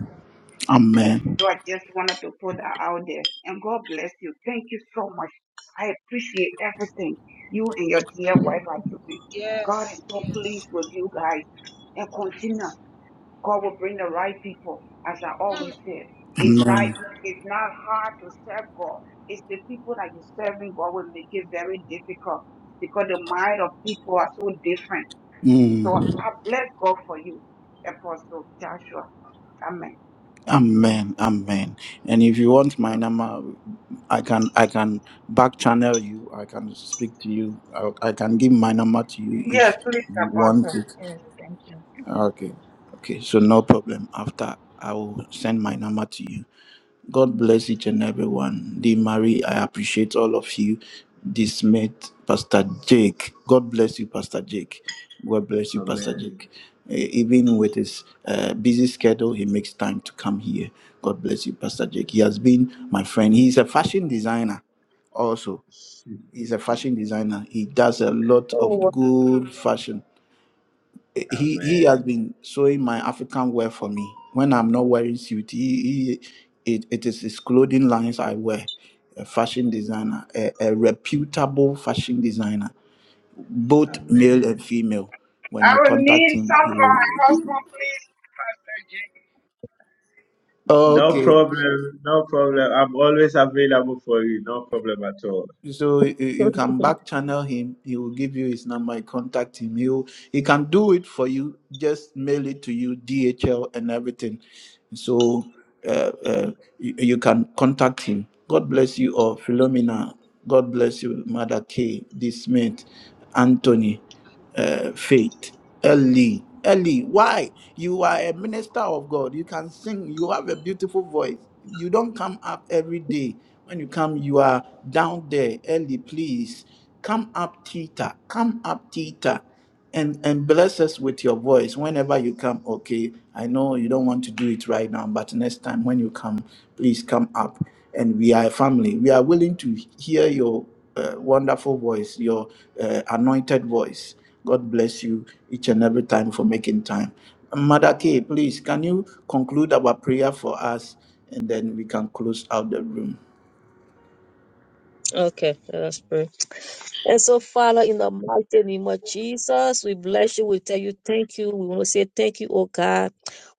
S1: Amen.
S11: So I just wanted to put that out there. And God bless you. Thank you so much. I appreciate everything you and your dear wife are doing. God is so pleased with you guys. And continue. God will bring the right people, as I always said. It's not
S1: Amen.
S11: it's not hard to serve God. It's the people that you serving God will make it very difficult because the mind of people are so different. So
S1: Mm.
S11: I bless God for you, Apostle Joshua. Amen.
S1: Amen. Amen. And if you want my number, I can I can back channel you. I can speak to you. I, I can give my number to you
S11: Yes,
S1: if
S11: please,
S1: you want
S11: Apostle.
S1: to.
S11: Yes, thank you.
S1: Okay. Okay. So no problem. After I will send my number to you. God bless each and everyone. Dee Marie, I appreciate all of you. This mate, Pastor Jake. God bless you, Pastor Jake. God bless you, Pastor Jake. Eh, Even with his uh, busy schedule, he makes time to come here. God bless you, Pastor Jake. He has been my friend. He's a fashion designer also. He's a fashion designer. He does a lot of
S4: Oh,
S1: good fashion he he has been sewing my African wear for me. When I'm not wearing suit, he, he it, it is his clothing lines I wear. A fashion designer, a, a reputable fashion designer, both male and female. When
S11: I
S1: you
S11: will
S1: contact
S11: need
S1: him,
S11: some
S1: he
S11: for my
S1: will.
S11: husband, please.
S1: Okay, So you,
S4: wow.
S1: you can back channel him. He will give you his number. You contact him. He will, he can do it for you. Just mail it to you, DHL and everything. So uh, uh, you, you can contact him. God bless you all, Philomena. God bless you, Mother K, D. Smith, Anthony uh, faith. Early, early. Why? You are a minister of God. You can sing. You have a beautiful voice. You don't come up every day. When you come, you are down there early. Please come up, Tita. Come up, Tita and and bless us with your voice whenever you come okay i know you don't want to do it right now but next time when you come please come up and we are a family we are willing to hear your uh, wonderful voice your uh, anointed voice god bless you each and every time for making time mother k please can you conclude our prayer for us and then we can close out the room
S4: Okay, let us pray. And so, Father, in the mighty name of Jesus, we bless you. We tell you thank you. We want to say thank you, oh God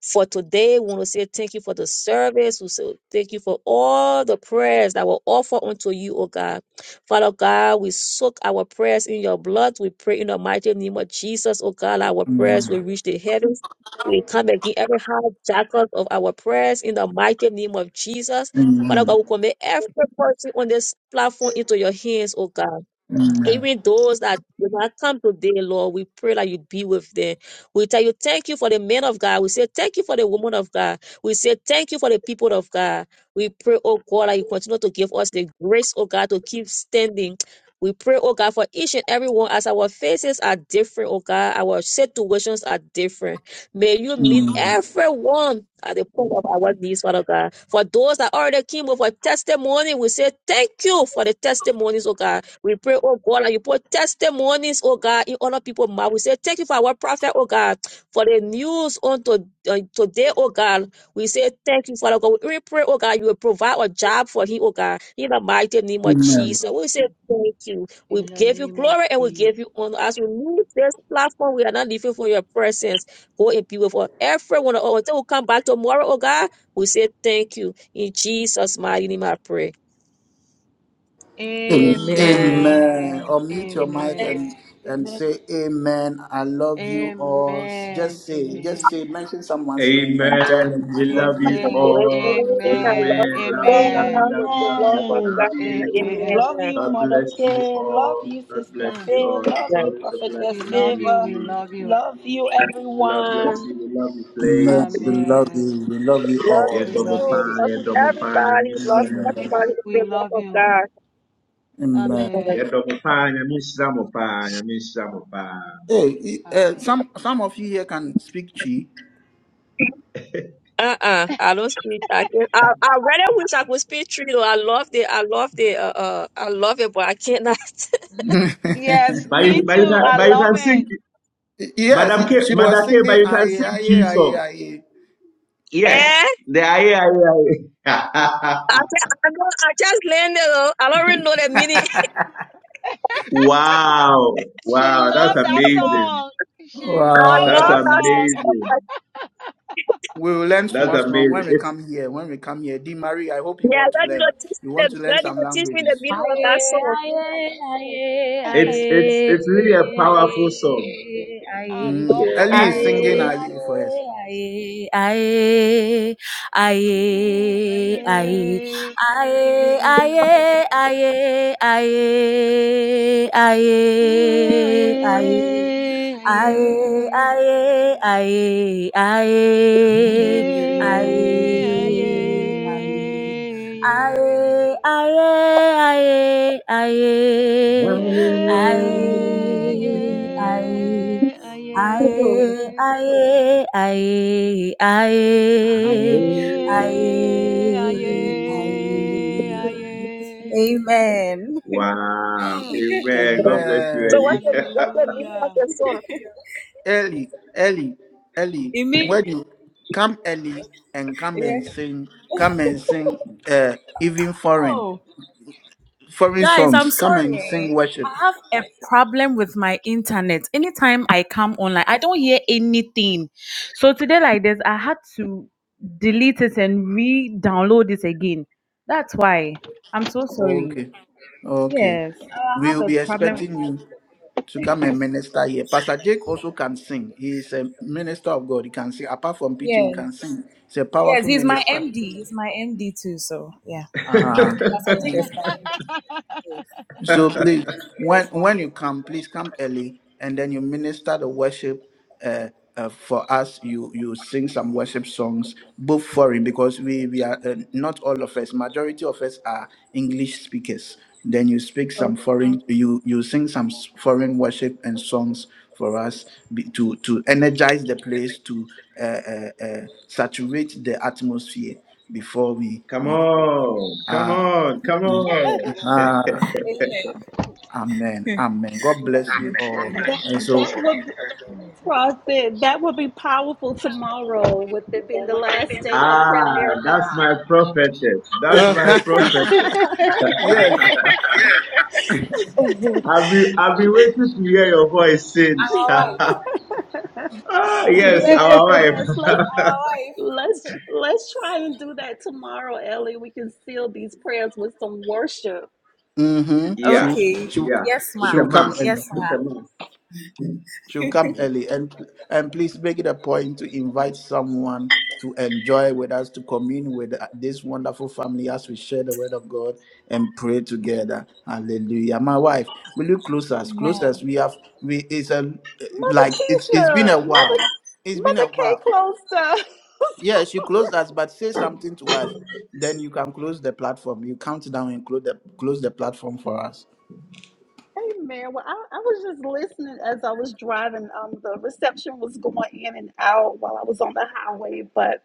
S4: for today. We want to say thank you for the service. We say thank you for all the prayers that were offered unto you, O God. Father God, we soak our prayers in your blood. We pray in the mighty name of Jesus, O God, our prayers will reach the heavens. We come again every jackals of our prayers in the mighty name of Jesus. Father God,
S1: Amen.
S4: we commit every person on this platform into your hands, O God.
S1: Amen.
S4: Even those that did not come today, Lord, we pray that you be with them. We tell you thank you for the men of God. We say thank you for the woman of God. We say thank you for the people of God. We pray, oh God, that you continue to give us the grace, oh God, to keep standing. We pray, oh God, for each and every one as our faces are different, oh God, our situations are different. May you meet everyone at the point of our needs, Father God. For those that already came with a testimony, we say thank you for the testimonies, oh God. We pray, oh God, that you put testimonies, oh God, in other people's mouth. We say, thank you for our prophet, oh God, for the news on to, uh, today, oh God. We say, thank you, Father God. We pray, oh God, you will provide a job for him, oh God, in the mighty name of
S1: Amen.
S4: Jesus. We say, thank you. We give you glory and we give you honor. As we move this platform, we are not leaving for your presence. Go and be with us. Everyone, oh, until we come back tomorrow, oh God, we say, thank you. In Jesus' mighty name, I pray. Amen.
S1: Amen. Or mute your mic and and say amen. I love you all. Just say, just say, mention someone's name and tell them I love
S4: I
S1: you.
S4: love you all with
S5: Amen.
S4: the love of God. Amen. Love
S1: Amen. We love you. We love you all.
S4: you too. Love you, everybody. Love everybody with the love of God.
S1: Amen. Hey, uh, some some of you here can speak Chi.
S4: Uh uh I don't speak. I can, I I rather wish I could speak tree though. I love it. I love it. Uh, uh I love it, but I can't. Okay.
S1: Yes, she was singing aye aye aye aye.
S4: eh, I just, I know I just learned it though. I don't really know the meaning. I love
S1: Wow.
S4: that song.
S1: We will learn small small when we come here. When we come here, Di Marie, I hope you
S4: Yeah,
S1: want to
S4: let me
S1: learn.
S4: not teach
S1: You
S4: me
S1: want
S4: the
S1: to learn
S4: let me
S1: some
S4: not teach me the
S1: languages.
S12: Aye,
S4: meaning of that
S12: aye, aye, aye, aye, aye,
S4: song.
S12: aye,
S1: Mm.
S4: So
S1: Ellie is singing aye for us.
S12: aye, aye, aye, aye. Aye, aye, aye, aye, aye, aye. Aye, aye, aye, aye, aye, aye. Aye, aye, aye, aye, aye, aye.
S4: what's
S12: Aye, aye, aye, aye, aye, aye. Amen.
S1: Amen.
S4: the what's the meaning of the song?
S1: Early, early, early.
S12: You mean?
S1: When you come early and come
S12: Yeah.
S1: and sing, come and sing uh, even foreign,
S12: Oh.
S1: foreign
S12: Guys, I'm
S1: songs. Come and sing
S12: sorry.
S1: worship.
S12: I have a problem with my internet. Anytime I come online, I don't hear anything. So today, like this, I had to delete it and re download it again. That's why. I'm so sorry.
S1: Okay, okay.
S12: Yes,
S1: We
S12: I
S1: will
S12: have a
S1: be
S12: problem. with
S1: expecting
S12: my-
S1: you to come and minister here. Pastor Jake also can sing. He is a minister of God. He can sing. Apart from
S12: Yes,
S1: preaching, he can sing. He's a
S12: yes,
S1: powerful minister.
S12: MD is my MD too. So yeah, Dick is my MD.
S1: So please, when when you come, please come early, and then you minister the worship uh, uh, for us. You you sing some worship songs, both foreign because we we are uh, not all of us. Majority of us are English speakers. Then you speak some
S12: Okay.
S1: foreign. Mm. You you sing some s- foreign worship and songs for us be- to to energize the place to uh, uh, uh, saturate the atmosphere before we we Amen. Amen. God bless you all.
S2: That
S1: And so
S2: that would be, prophet. That would be powerful tomorrow, with it being the last day of prayer marathon.
S1: Uh, yes.
S12: Our wife.
S2: Yes, yes. Let's
S12: Our
S2: let's let's try and do that tomorrow, Ellie. We can seal these prayers with some worship.
S1: Mm-hmm.
S12: wife.
S1: She'll
S12: Okay.
S1: she'll
S12: Yes, ma.
S1: she'll come early.
S12: Yes, ma.
S1: She'll come early and and please make it a point to invite someone to enjoy with us, to commune with this wonderful family as we share the word of God and pray together. Hallelujah. My wife, will you close us?
S12: Amen.
S1: Close us. We have we it's a
S2: Mother
S1: like it's it's been
S2: Keisha,
S1: a
S2: Mother
S1: while. It's been
S2: Mother
S1: a
S2: K
S1: while.
S2: closed up.
S1: Yes, you close that, but say something to us. Then you can close the platform. You count down and close the close the platform for us.
S2: Amen. Well, I, I was just listening as I was driving. Um, the reception was going in and out while I was on the highway, but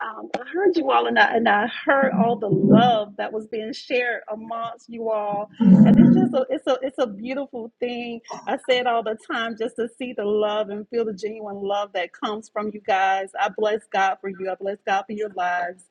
S2: um, I heard you all, and I and I heard all the love that was being shared amongst you all, and it's just a it's a it's a beautiful thing. I say it all the time, just to see the love and feel the genuine love that comes from you guys. I bless God for you. I bless God for your lives.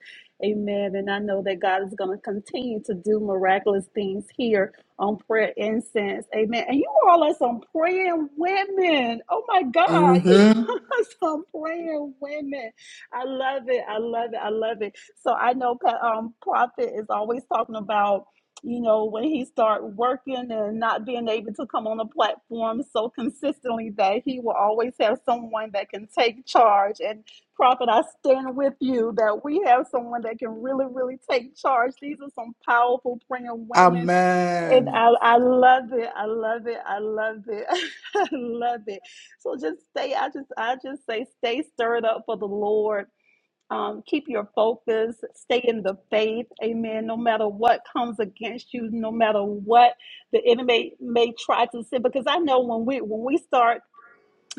S2: Amen. And I know that God is going to continue to do miraculous things here on prayer incense. Amen. And you all are some praying women. Oh my God. You
S1: Mm-hmm.
S2: are some praying women. I love it. I love it. I love it. So I know um, Prophet is always talking about, you know, when he start working and not being able to come on the platform so consistently that he will always have someone that can take charge. And Prophet, I stand with you that we have someone that can really, really take charge. These are some powerful praying women and
S1: Amen.
S2: I, I love it. I love it. I love it. I love it. So just stay. I just I just say stay stirred up for the Lord. Um, keep your focus. Stay in the faith. Amen. No matter what comes against you, no matter what the enemy may try to send, because I know when we when we start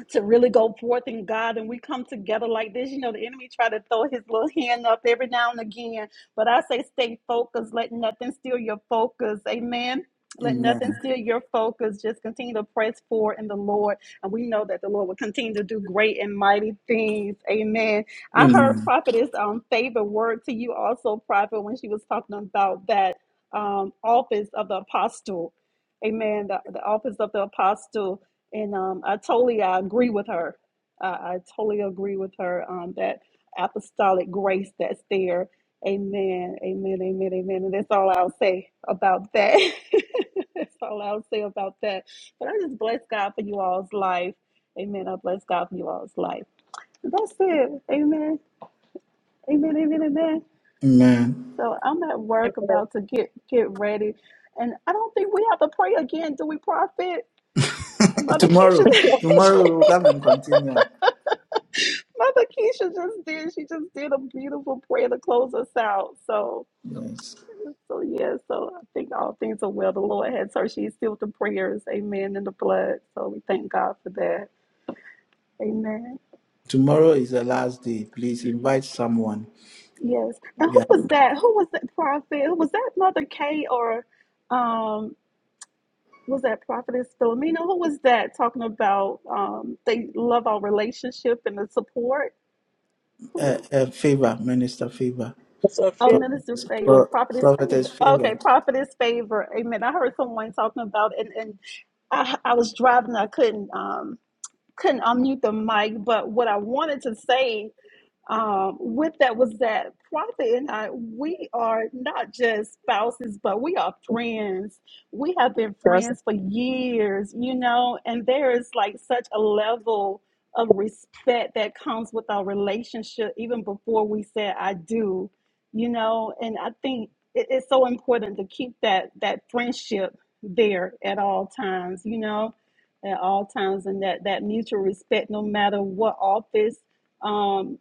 S2: to really go forth in God and we come together like this. You know, the enemy try to throw his little hand up every now and again, but I say stay focused. Let nothing steal your focus. Amen. Let nothing
S1: Amen.
S2: steal your focus. Just continue to press forward in the Lord. And we know that the Lord will continue to do great and mighty things. Amen. I heard
S1: Amen.
S2: Prophetess um favorite word to you also, Prophet, when she was talking about that um office of the apostle. Amen. The, the office of the apostle and um, I totally I agree with her. I, I totally agree with her um, that apostolic grace that's there. Amen. Amen. Amen. Amen. And that's all I'll say about that. that's all I'll say about that. But I just bless God for you all's life. Amen. I bless God for you all's life. that's it. Amen. Amen. Amen. Amen.
S1: Amen.
S2: So I'm at work
S4: Amen.
S2: about to get get ready. And I don't think we have to pray again, do we, Prophet? Mother Keisha.
S1: Tomorrow. Tomorrow we'll come and continue.
S2: Mother Keisha just did. She just did a beautiful prayer to close us out. So,
S1: Yes.
S2: so yeah. So I think all things are well. The Lord has her. She is still with the prayers. Amen. In the blood. So we thank God for that. Amen.
S1: Tomorrow is the last day. Please invite someone.
S2: Yes. And
S1: Yeah.
S2: who was that? Who was that prophet? Was that Mother Kay or um was that Prophetess Philomena? Who was that talking about um they love our relationship and the support? Who was?
S1: Uh, uh, favor, minister favor.
S2: Oh, minister
S1: Prophetess,
S2: favor,
S1: pro-
S2: prophetess
S1: prophetess
S2: favor. Okay,
S1: favor.
S2: prophetess favor. Amen. I heard someone talking about and and I I was driving. I couldn't um couldn't unmute the mic, but what I wanted to say um, with that was that Prophet and I, we are not just spouses, but we are friends. We have been friends for years, you know, and there is like such a level of respect that comes with our relationship even before we said I do, you know, and I think it, it's so important to keep that that friendship there at all times, you know, at all times, and that that mutual respect, no matter what office. Um,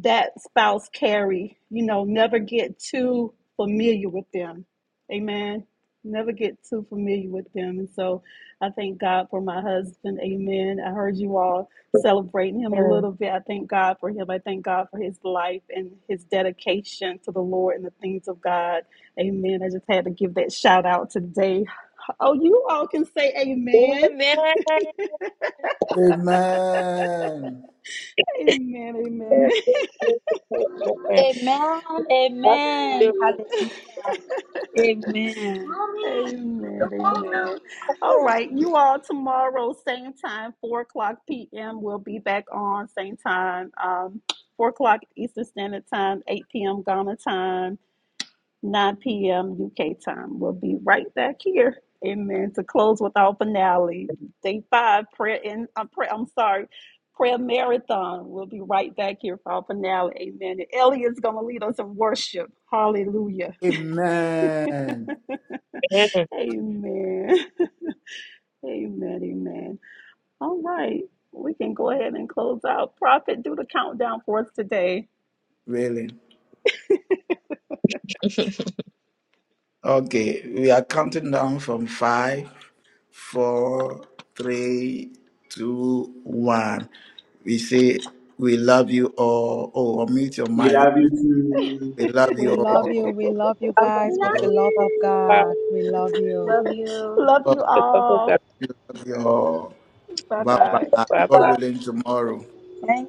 S2: that spouse carry. You know, never get too familiar with them. Amen. Never get too familiar with them. And so I thank God for my husband. Amen. I heard you all celebrating him a little bit. I thank God for him. I thank God for his life and his dedication to the Lord and the things of God. Amen. I just had to give that shout out today. Oh, you all can say amen.
S1: Amen.
S2: Amen.
S4: Amen.
S2: Amen.
S4: That's beautiful.
S2: Amen. Amen. All right. You all tomorrow, same time, 4 o'clock p.m. We'll be back on same time, um, 4 o'clock Eastern Standard Time, 8 p.m. Ghana time, 9 p.m. UK time. We'll be right back here. Amen. To close with our finale, day five, prayer in, uh, prayer, I'm sorry, prayer marathon. We'll be right back here for our finale. Amen. And Elliot's going to lead us in worship. Hallelujah.
S1: Amen.
S2: Amen. Amen. All right. We can go ahead and close out. Prophet, do the countdown for us today.
S1: Really. Okay, we are counting down from five, four, three, two, one. We say, We love you all. Oh, unmute your mic. We love
S13: We
S1: you
S13: love you.
S1: all.
S13: We
S1: God,
S13: love you
S12: I
S13: guys
S12: love
S13: with the love of God.
S12: you.
S13: We love you.
S2: Love you
S4: Amen.
S2: all.
S1: we love you all.
S2: Bye
S1: Bye
S2: bye.
S1: bye. God willing, tomorrow.
S5: Thank